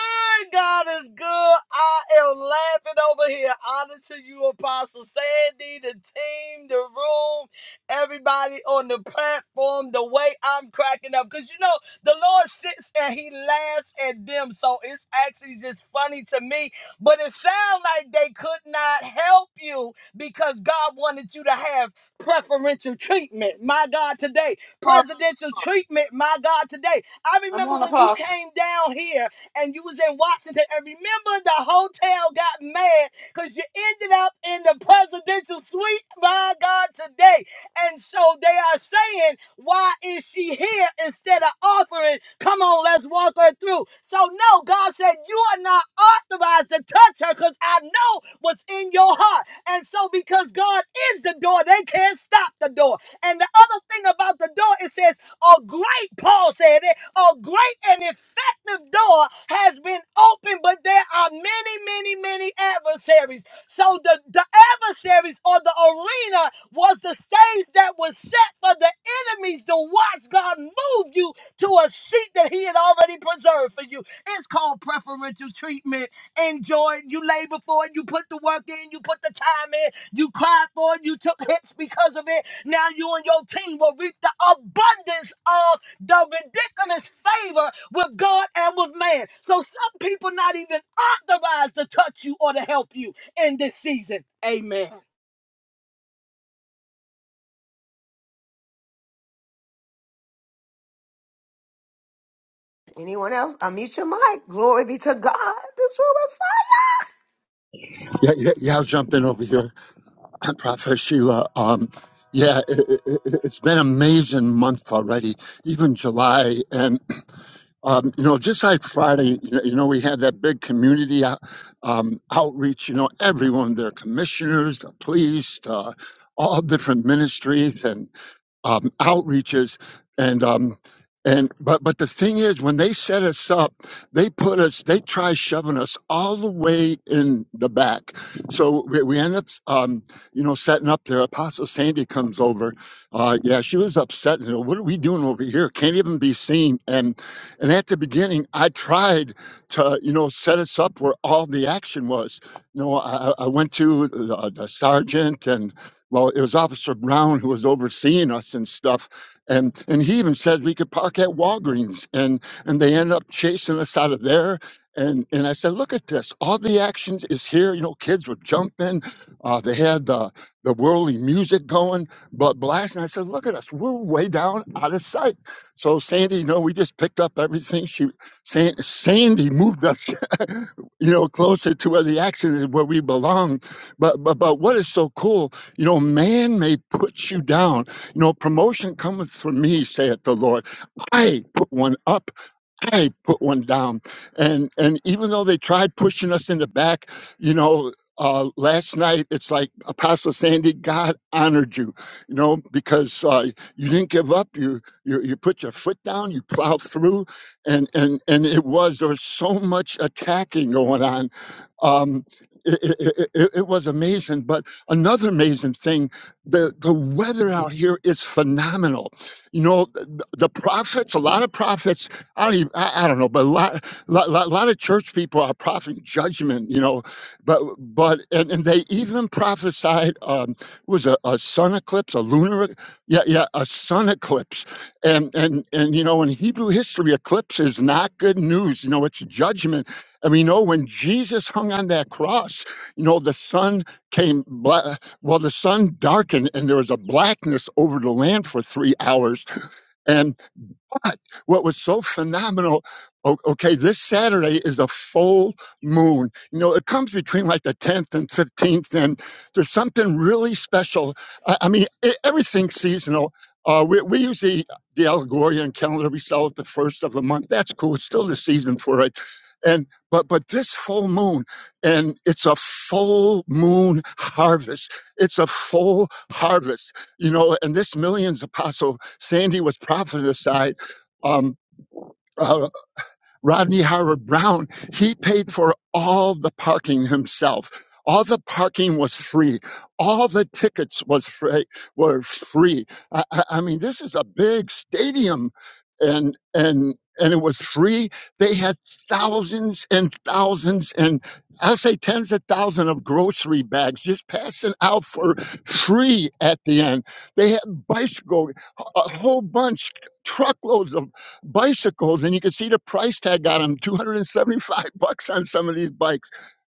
S2: God is good. I am laughing over here. Honor to you, Apostle Sandy, the team, the room, everybody on the platform. The way I'm cracking up, because you know the Lord sits and He laughs at them, so it's actually just funny to me. But it sounds like they could not help you because God wanted you to have preferential treatment. My God, today
S3: oh,
S2: presidential treatment. My God, today I
S6: Come
S2: remember
S6: on,
S2: when you
S6: Apostle.
S2: came down here and you was in Washington, and remember the hotel got mad because you ended up in the presidential suite, my God, today. And so they are saying, why is she here instead of offering? Come on, let's walk her through. So no, God said, you are not authorized to touch her because I know what's in your heart. And so because God is the door, they can't stop the door. And the other thing about the the door. It says, a great, Paul said it, a great and effective door has been opened, but there are many, many, many adversaries. So the, the adversaries or the arena was the stage that was set for the enemies to watch God move you to a seat that He had already preserved for you. It's called preferential treatment. Enjoy it. You labor for it. You put the work in. You put the time in. You cried for it. You took hits because of it. Now you and your team will reap the abundance of the ridiculous favor with God and with man. So some people not even authorized to touch you or to help you in this season. Amen.
S4: Anyone else? Unmute your mic. Glory be to God. This room is
S7: Yeah, yeah, yeah. I'll jump in over here, Prophet Sheila. Um, yeah, it, it, it- it's been an amazing month already, even July, and um, you know, just like Friday, you know, you know we had that big community out, um, outreach. You know, everyone, their commissioners, the police, the, all different ministries, um, outreaches and um, and but but the thing is when they set us up they put us they try shoving us all the way in the back so we, we end up um, you know setting up there apostle sandy comes over uh, yeah she was upset you know what are we doing over here can't even be seen and and at the beginning i tried to you know set us up where all the action was you know i, I I went to uh, the sergeant and well, it was Officer Brown who was overseeing us and stuff, and and he even said we could park at Walgreens, and and they ended up chasing us out of there. And and I said, look at this, all the action is here. You know, kids were jumping, uh, they had the the worldly music going, but blasting. I said, look at us, we're way down out of sight. So Sandy, you know, we just picked up everything. She San, Sandy moved us you know, closer to where the action is, where we belong. But but but what is so cool? You know, man may put you down. You know, promotion cometh from me, saith the Lord. I put one up. I put one down. And and even though they tried pushing us in the back, you know. Uh, last night, it's like Apostle Sandy, God honored you, you know, because uh, you didn't give up. You, you you put your foot down. You plowed through and and and it was there was so much attacking going on um it, it, it, it was amazing but another amazing thing the the weather out here is phenomenal you know the, the prophets a lot of prophets i don't even, I, I don't know but a lot, lot, lot lot of church people are propheting judgment you know but but and, and they even prophesied um was a, a sun eclipse a lunar e- yeah yeah a sun eclipse and and and you know in hebrew history eclipse is not good news you know it's judgment and we know when jesus hung on that cross you know the sun came bla- well the sun darkened and there was a blackness over the land for three hours and God, what was so phenomenal. o- Okay, this Saturday is a full moon. You know, it comes between like the 10th and 15th, and there's something really special. I, I mean, e- everything's seasonal. Uh, we, we use the, the Algorian calendar. We sell it the first of the month. That's cool. It's still the season for it. And but but this full moon, and it's a full moon harvest. It's a full harvest, you know. And this millions apostle Sandy was prophesied um, uh, Rodney Howard Brown, he paid for all the parking himself. All the parking was free. All the tickets was free, were free. I, I I mean, this is a big stadium, and and and it was free. They had thousands and thousands, and I'll say tens of thousands of grocery bags just passing out for free at the end. They had bicycle, a a whole bunch, truckloads of bicycles and you can see the price tag on them 275 bucks on some of these bikes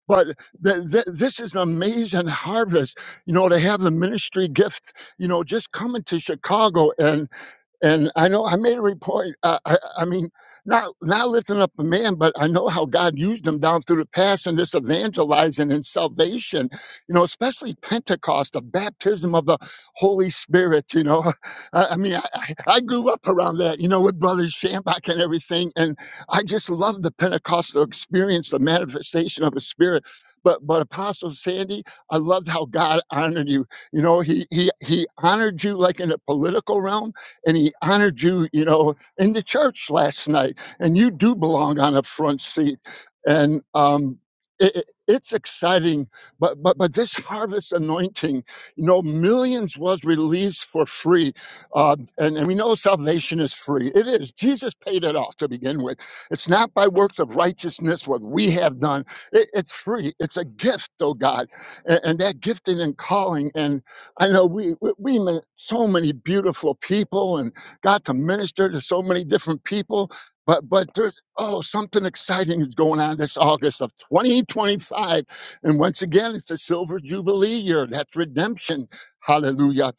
S7: but th- th- this is an amazing harvest you know to have the ministry gifts you know just coming to chicago and. And I know I made a report. Uh, I, I mean, not not lifting up a man, but I know how God used him down through the past in this evangelizing and salvation. You know, especially Pentecost, the baptism of the Holy Spirit. You know, I, I mean, I, I I grew up around that. You know, with Brother Shambach and everything, and I just love the Pentecostal experience, the manifestation of the Spirit. But but Apostle Sandy, I loved how God honored you. You know, he he he honored you like in the political realm and he honored you, you know, in the church last night. And you do belong on a front seat. And um, it, it- it's exciting, but but but this harvest anointing, you know, millions was released for free, uh, and and we know salvation is free. It is. Jesus paid it all to begin with. It's not by works of righteousness what we have done. It, it's free. It's a gift, oh God, and, and that gifting and calling. I know we, we we met so many beautiful people and got to minister to so many different people, but but there's oh something exciting is going on this August of 2025, and once again it's a silver jubilee year. That's redemption, hallelujah!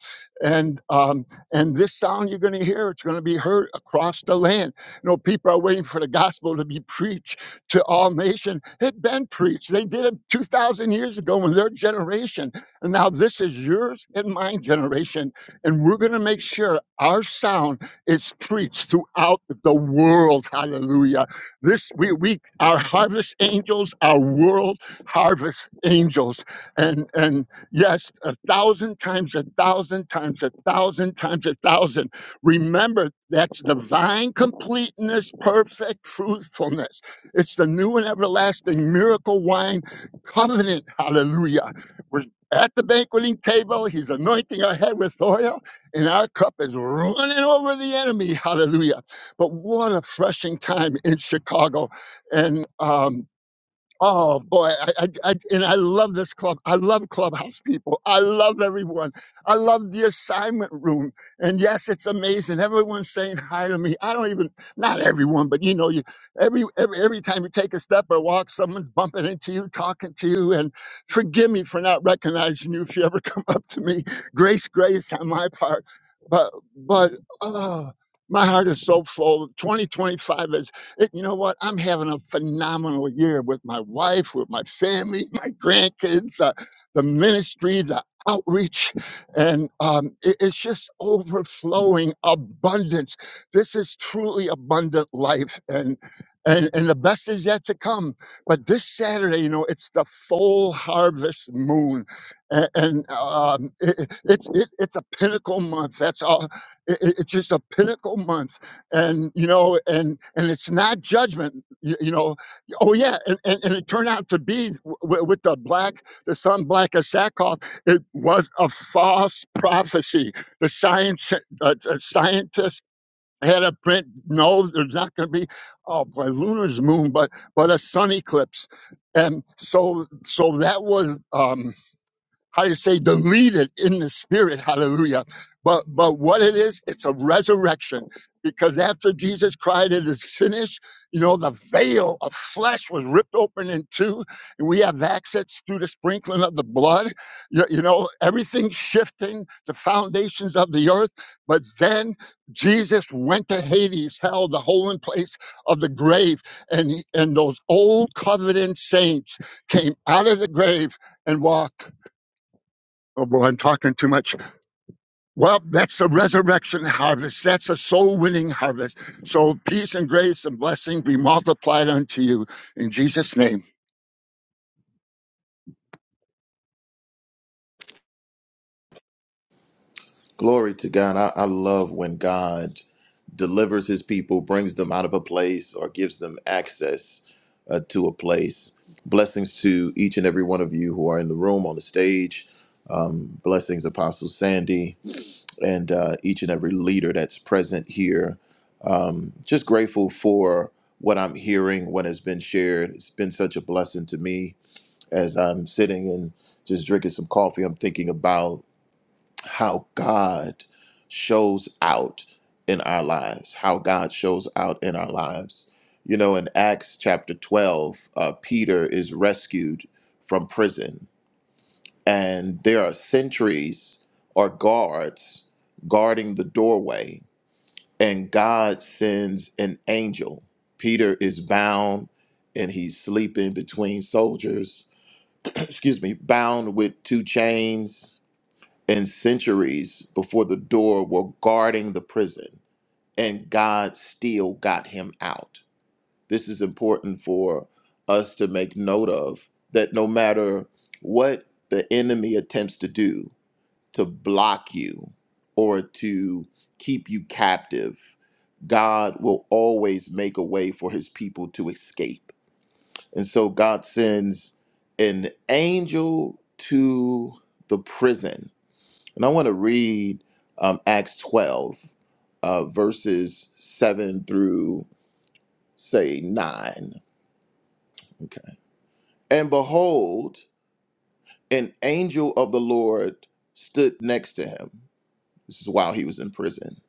S7: And um and this sound you're going to hear, it's going to be heard across the land. You know, people are waiting for the gospel to be preached to all nation. It been preached. They did it 2,000 years ago in their generation and now this is yours and my generation, and we're going to make sure our sound is preached throughout the world. Hallelujah. This we we are harvest angels, our world harvest angels. And and yes, a thousand times, a thousand times, a thousand times, a thousand. Remember, that's divine completeness, perfect truthfulness. It's the new and everlasting miracle wine covenant. Hallelujah We're at the banqueting table. He's anointing our head with oil, and our cup is running over the enemy. Hallelujah. But what a refreshing time in Chicago. And um. Oh boy, I, I, I and I love this club. I love clubhouse people. I love everyone. I love the assignment room. And yes, it's amazing. Everyone's saying hi to me. I don't even not everyone, but you know, you every every every time you take a step or walk, someone's bumping into you, talking to you. And forgive me for not recognizing you if you ever come up to me. Grace, grace on my part. But but oh, my heart is so full. 2025 is uh, You know what? I'm having a phenomenal year with my wife, with my family, my grandkids, uh, the ministry, the outreach, and um, it- it's just overflowing abundance. This is truly abundant life, and and and the best is yet to come. But this Saturday, you know, it's the full harvest moon, and, and um, it, it- it's it, it's a pinnacle month. That's all. It, it- it's just a pinnacle month and you know and and it's not judgment you, you know oh yeah and, and and it turned out to be w- with the black the son black of sackcloth it was a false prophecy the science uh, uh, scientists had a print no there's not going to be oh boy lunar's moon but but a sun eclipse and so so that was um how to say deleted in the spirit hallelujah but but what it is it's a resurrection because after jesus cried it is finished you know the veil of flesh was ripped open in two and we have access through the sprinkling of the blood you, you know everything shifting the foundations of the earth but then jesus went to hades hell the holding place of the grave and he- and those old covenant saints came out of the grave and walked Oh, well, I'm talking too much. Well, that's a resurrection harvest. That's a soul winning harvest. So peace and grace and blessing be multiplied unto you in Jesus' name.
S8: Glory to God. I, I love when God delivers his people, brings them out of a place, or gives them access uh, to a place. Blessings to each and every one of you who are in the room, on the stage. Um, blessings, Apostle Sandy, and uh, each and every leader that's present here. Um, just grateful for what I'm hearing, what has been shared. It's been such a blessing to me as I'm sitting and just drinking some coffee. I'm thinking about how God shows out in our lives, how God shows out in our lives. You know, in Acts chapter 12, uh, Peter is rescued from prison, and there are sentries or guards guarding the doorway, and God sends an angel. Peter is bound and he's sleeping between soldiers, excuse me, bound with two chains and centuries before the door were guarding the prison, and God still got him out. This is important for us to make note of that no matter what the enemy attempts to do to block you or to keep you captive, God will always make a way for his people to escape. And so God sends an angel to the prison and I want to read um, Acts 12, uh, verses 7 through, say, 9. Okay. And behold, an angel of the Lord stood next to him. This is while he was in prison.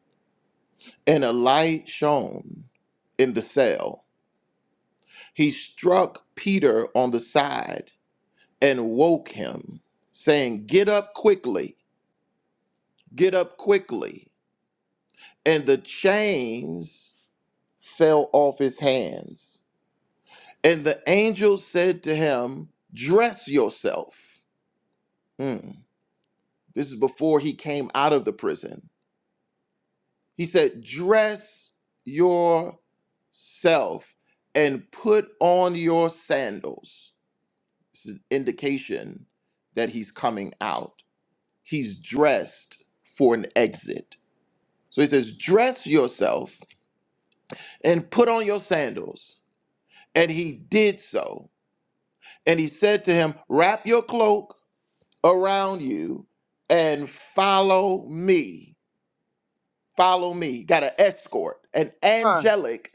S8: And a light shone in the cell. He struck Peter on the side and woke him, saying, Get up quickly, get up quickly. And the chains fell off his hands. And the angel said to him, Dress yourself. Hmm. This is before he came out of the prison. He said, Dress yourself and put on your sandals. This is an indication that he's coming out. He's dressed for an exit. So he says, Dress yourself and put on your sandals. And he did so. And he said to him, Wrap your cloak around you and follow me. Follow me. Got an escort, an
S3: oh.
S8: angelic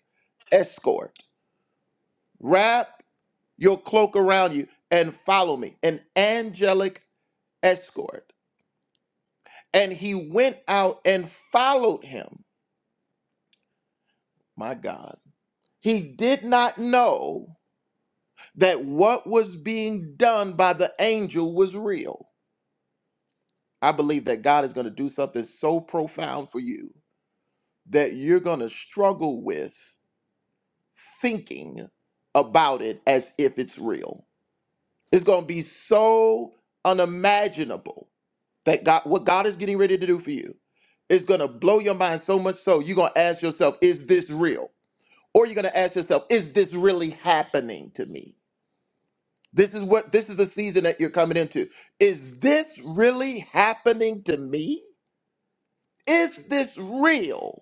S8: escort. Wrap your cloak around you and follow me. An angelic escort. And he went out and followed him. My God. He did not know that what was being done by the angel was real. I believe that God is going to do something so profound for you that you're going to struggle with thinking about it as if it's real. It's going to be so unimaginable that God, what God is getting ready to do for you is going to blow your mind so much so you're going to ask yourself, is this real? Or you're going to ask yourself, is this really happening to me? This is what this is the season that you're coming into. Is this really happening to me? Is this real?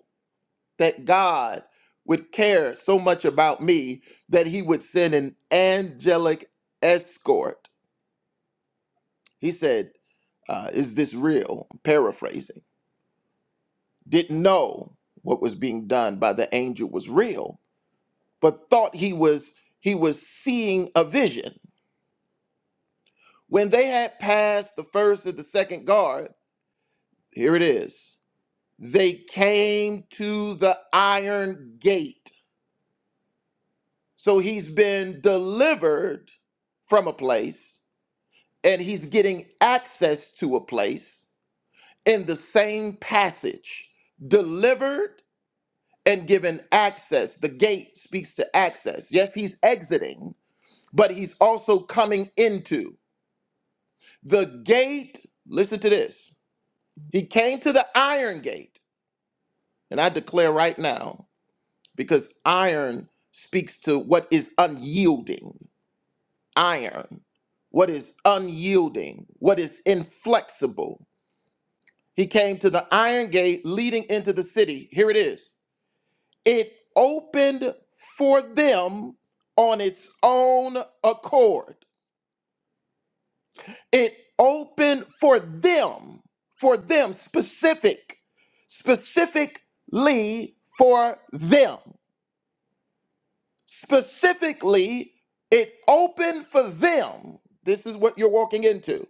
S8: that God would care so much about me that he would send an angelic escort. He said, uh, Is this real? I'm paraphrasing. Didn't know what was being done by the angel was real, but thought he was he was seeing a vision. When they had passed the first and the second guard, here it is. They came to the iron gate. So he's been delivered from a place and he's getting access to a place in the same passage delivered and given access the gate speaks to access yes he's exiting but he's also coming into the gate listen to this he came to the iron gate and i declare right now because iron speaks to what is unyielding iron what is unyielding what is inflexible He came to the iron gate leading into the city. Here it is. It opened for them on its own accord. It opened for them, for them, specific, specifically for them. Specifically, it opened for them. This is what you're walking into.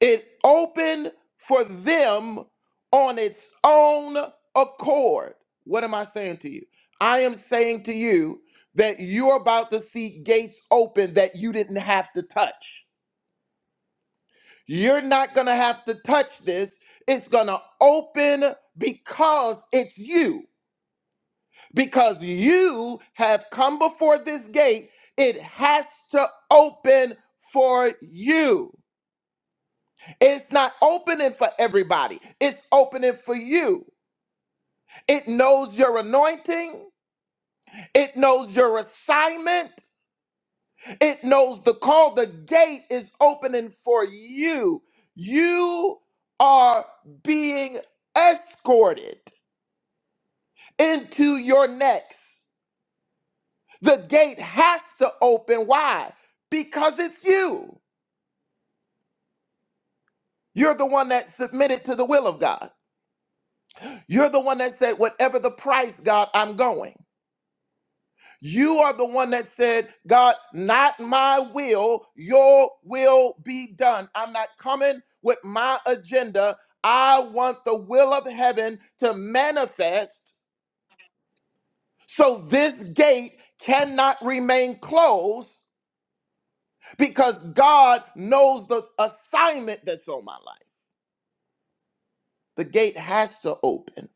S8: It opened for them on its own accord. What am I saying to you? I am saying to you that you're about to see gates open that you didn't have to touch. You're not going to have to touch this. It's going to open because it's you. Because you have come before this gate, it has to open for you. It's not opening for everybody. It's opening for you. It knows your anointing. It knows your assignment. It knows the call. The gate is opening for you. You are being escorted into your next. The gate has to open. Why? Because it's you. You're the one that submitted to the will of God. You're the one that said, whatever the price, God, I'm going. You are the one that said, God, not my will, your will be done. I'm not coming with my agenda. I want the will of heaven to manifest. So this gate cannot remain closed because God knows the assignment that's on my life. The gate has to open.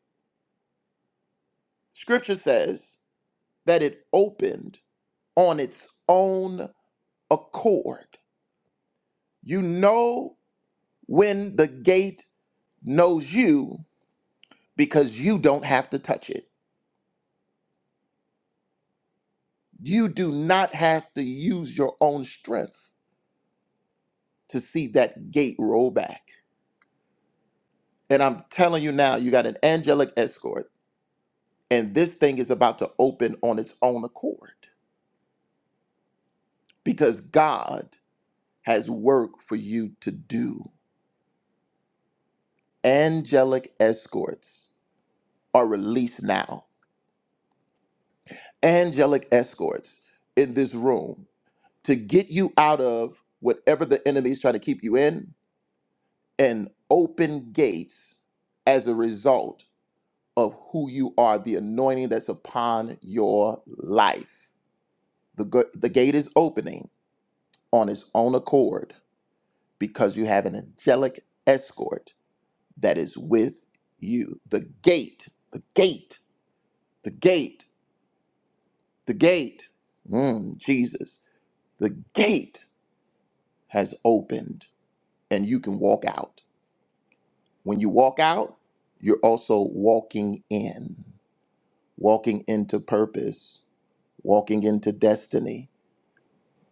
S8: Scripture says that it opened on its own accord. You know when the gate knows you because you don't have to touch it. You do not have to use your own strength to see that gate roll back. And I'm telling you now, you got an angelic escort, and this thing is about to open on its own accord because God has work for you to do. Angelic escorts are released now. Angelic escorts in this room to get you out of whatever the enemy is trying to keep you in and open gates as a result of who you are, the anointing that's upon your life. The, go- the gate is opening on its own accord because you have an angelic escort that is with you. The gate, the gate, the gate, the gate. Mm, Jesus, the gate has opened and you can walk out. When you walk out, you're also walking in. walking into purpose, walking into destiny.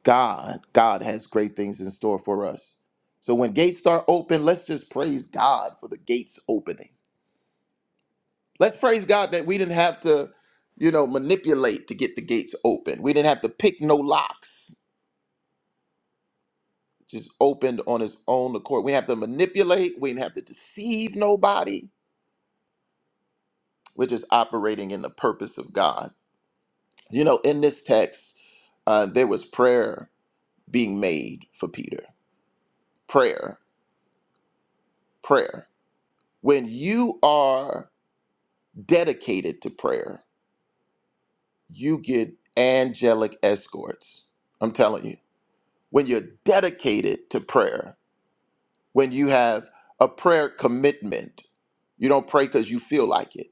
S8: God, God has great things in store for us. So when gates start open, let's just praise God for the gates opening. Let's praise God that we didn't have to, you know, manipulate to get the gates open. We didn't have to pick no locks. Just opened on its own accord. We didn't have to manipulate. We didn't have to deceive nobody. We're just operating in the purpose of God. You know, in this text, uh, there was prayer being made for Peter prayer, prayer. When you are dedicated to prayer, you get angelic escorts. I'm telling you. When you're dedicated to prayer, when you have a prayer commitment, you don't pray because you feel like it.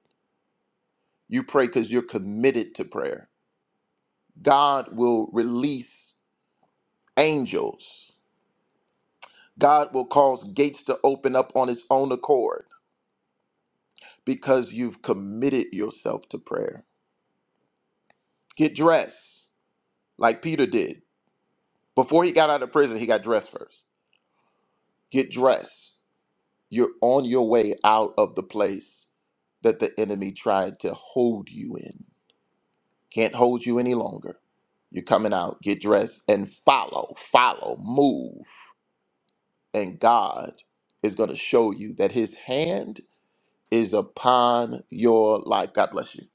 S8: You pray because you're committed to prayer. God will release angels. God will cause gates to open up on his own accord because you've committed yourself to prayer. Get dressed like Peter did. Before he got out of prison, he got dressed first. Get dressed. You're on your way out of the place that the enemy tried to hold you in. Can't hold you any longer. You're coming out. Get dressed and follow, follow, move. And God is going to show you that his hand is upon your life. God bless you.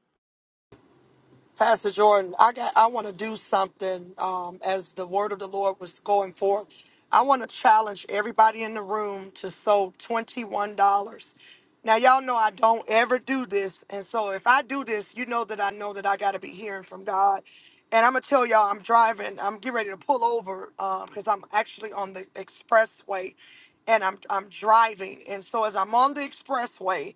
S1: Pastor Jordan, I got I want to do something um, as the word of the Lord was going forth. I want to challenge everybody in the room to sow $21. Now y'all know I don't ever do this, and so if I do this, you know that I know that I got to be hearing from God. And I'm gonna tell y'all, I'm driving. I'm getting ready to pull over because I'm actually on the expressway, and I'm I'm driving. And so as I'm on the expressway,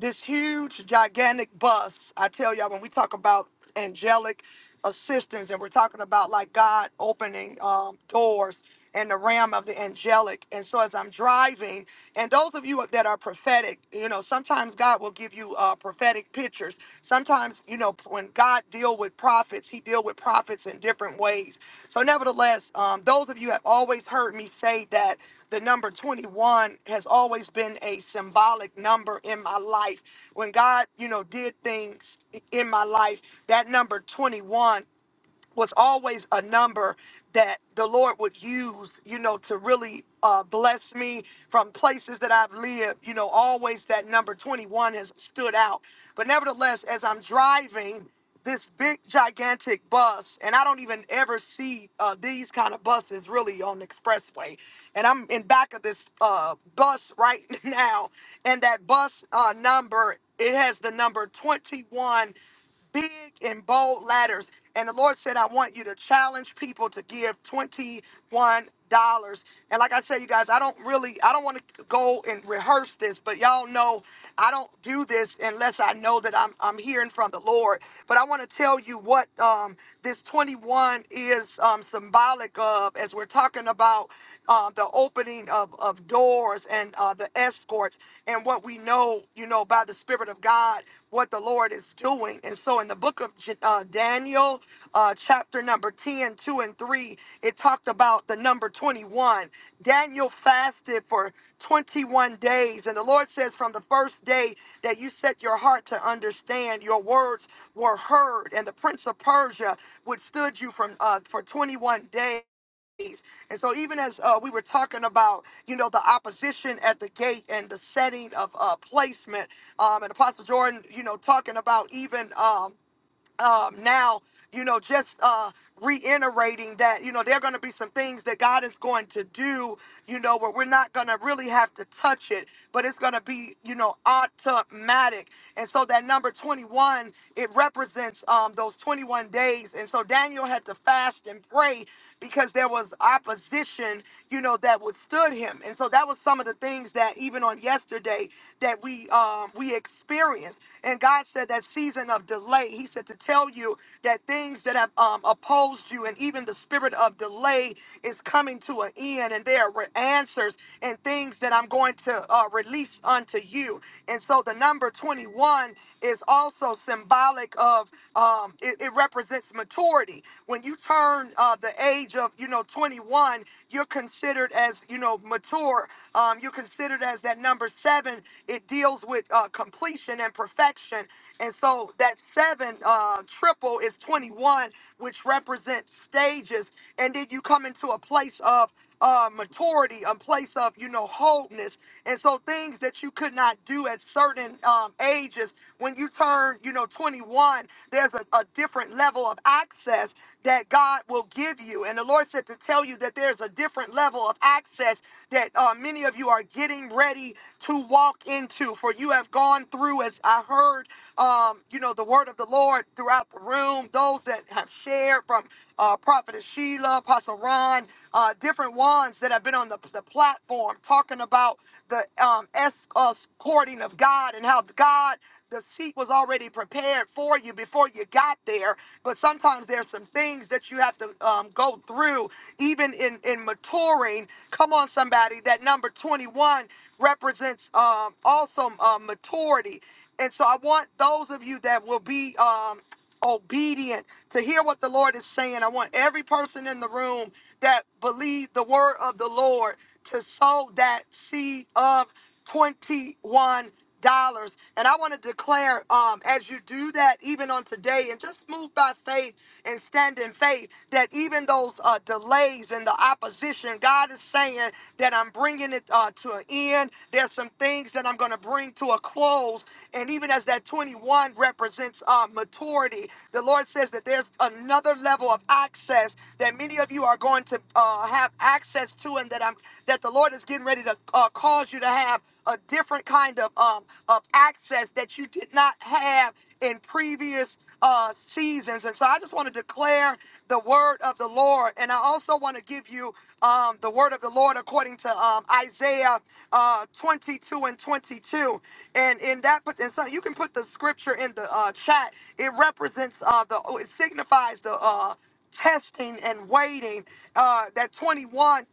S1: this huge, gigantic bus. I tell y'all, when we talk about angelic assistance and we're talking about like God opening um, doors and the realm of the angelic. And so as I'm driving, and those of you that are prophetic, you know, sometimes God will give you uh, prophetic pictures. Sometimes sometimes, you know, when God deal with prophets, he deal with prophets in different ways. So nevertheless, um, those of you have always heard me say that the number 21 has always been a symbolic number in my life. When God, you know, did things in my life, that number 21 was always a number that the Lord would use, you know, to really uh, bless me from places that I've lived. You know, always that number 21 has stood out. But nevertheless, as I'm driving this big, gigantic bus, and I don't even ever see uh, these kind of buses really on the expressway. And I'm in back of this uh, bus right now, and that bus uh, number, it has the number 21 big and bold ladders. And the Lord said, I want you to challenge people to give $21. And like I said, you guys, I don't really, I don't want to go and rehearse this, but y'all know I don't do this unless I know that I'm, I'm hearing from the Lord. But I want to tell you what um, this 21 is um, symbolic of as we're talking about uh, the opening of, of doors and uh, the escorts and what we know, you know, by the Spirit of God, what the Lord is doing. And so in the book of J- uh, Daniel, uh, chapter number 10, 2 and 3, it talked about the number 21. Daniel fasted for 21 days. And the Lord says, from the first day that you set your heart to understand, your words were heard. And the prince of Persia withstood you from uh, for 21 days days. And so, even as uh, we were talking about, you know, the opposition at the gate and the setting of uh, placement, um, and Apostle Jordan, you know, talking about even. um, um, now, you know, just uh, reiterating that, you know, there are going to be some things that God is going to do, you know, where we're not going to really have to touch it, but it's going to be, you know, automatic. And so that number 21, it represents um, those 21 days. And so Daniel had to fast and pray because there was opposition, you know, that withstood him. And so that was some of the things that even on yesterday that we um, we experienced experience. And God said that season of delay, He said to tell you that things that have um, opposed you and even the spirit of delay is coming to an end, and there are answers and things that I'm going to uh, release unto you. And so the number 21 is also symbolic of um, it, it represents maturity. When you turn uh, the age of you know 21, you're considered as you know mature. uh, um, you're considered as that number seven. It deals with uh, completion and perfection. And so that seven uh, triple is 21, which represents stages. And then you come into a place of uh, maturity, a place of, you know, wholeness. And so things that you could not do at certain um, ages, when you turn, you know, 21, there's a, a different level of access that God will give you. And the Lord said to tell tell you that there's a different level of access that uh, many of you are getting ready to walk into. For you have gone through, as I heard, um, you know, the word of the Lord throughout the room. Those that have shared from uh, Prophetess Sheila, Apostle Ron, uh, different ones that have been on the, the platform talking about the um, escorting of God and how God. The seat was already prepared for you before you got there. But sometimes there's some things that you have to um, go through, even in, in maturing. Come on, somebody. That number 21 represents um, also um, maturity. And so I want those of you that will be um, obedient to hear what the Lord is saying. I want every person in the room that believe the word of the Lord to sow that seed of $21. And I want to declare um, as you do that, even on today, and just move by faith and stand in faith, that even those uh, delays and the opposition, God is saying that I'm bringing it uh, to an end. There's some things that I'm going to bring to a close. And even as that 21 represents uh, maturity, the Lord says that there's another level of access that many of you are going to uh, have access to, and that I'm that the Lord is giving getting ready to uh, cause you to have a different kind of um, of access that you did not have in previous uh, seasons. And so I just want to declare the word of the Lord. And I also want to give you um, the word of the Lord according to um, Isaiah uh, 22 and 22. And in that, and so you can put the scripture in the uh, chat. It represents uh, the, it signifies the uh, testing and waiting. Uh, that 21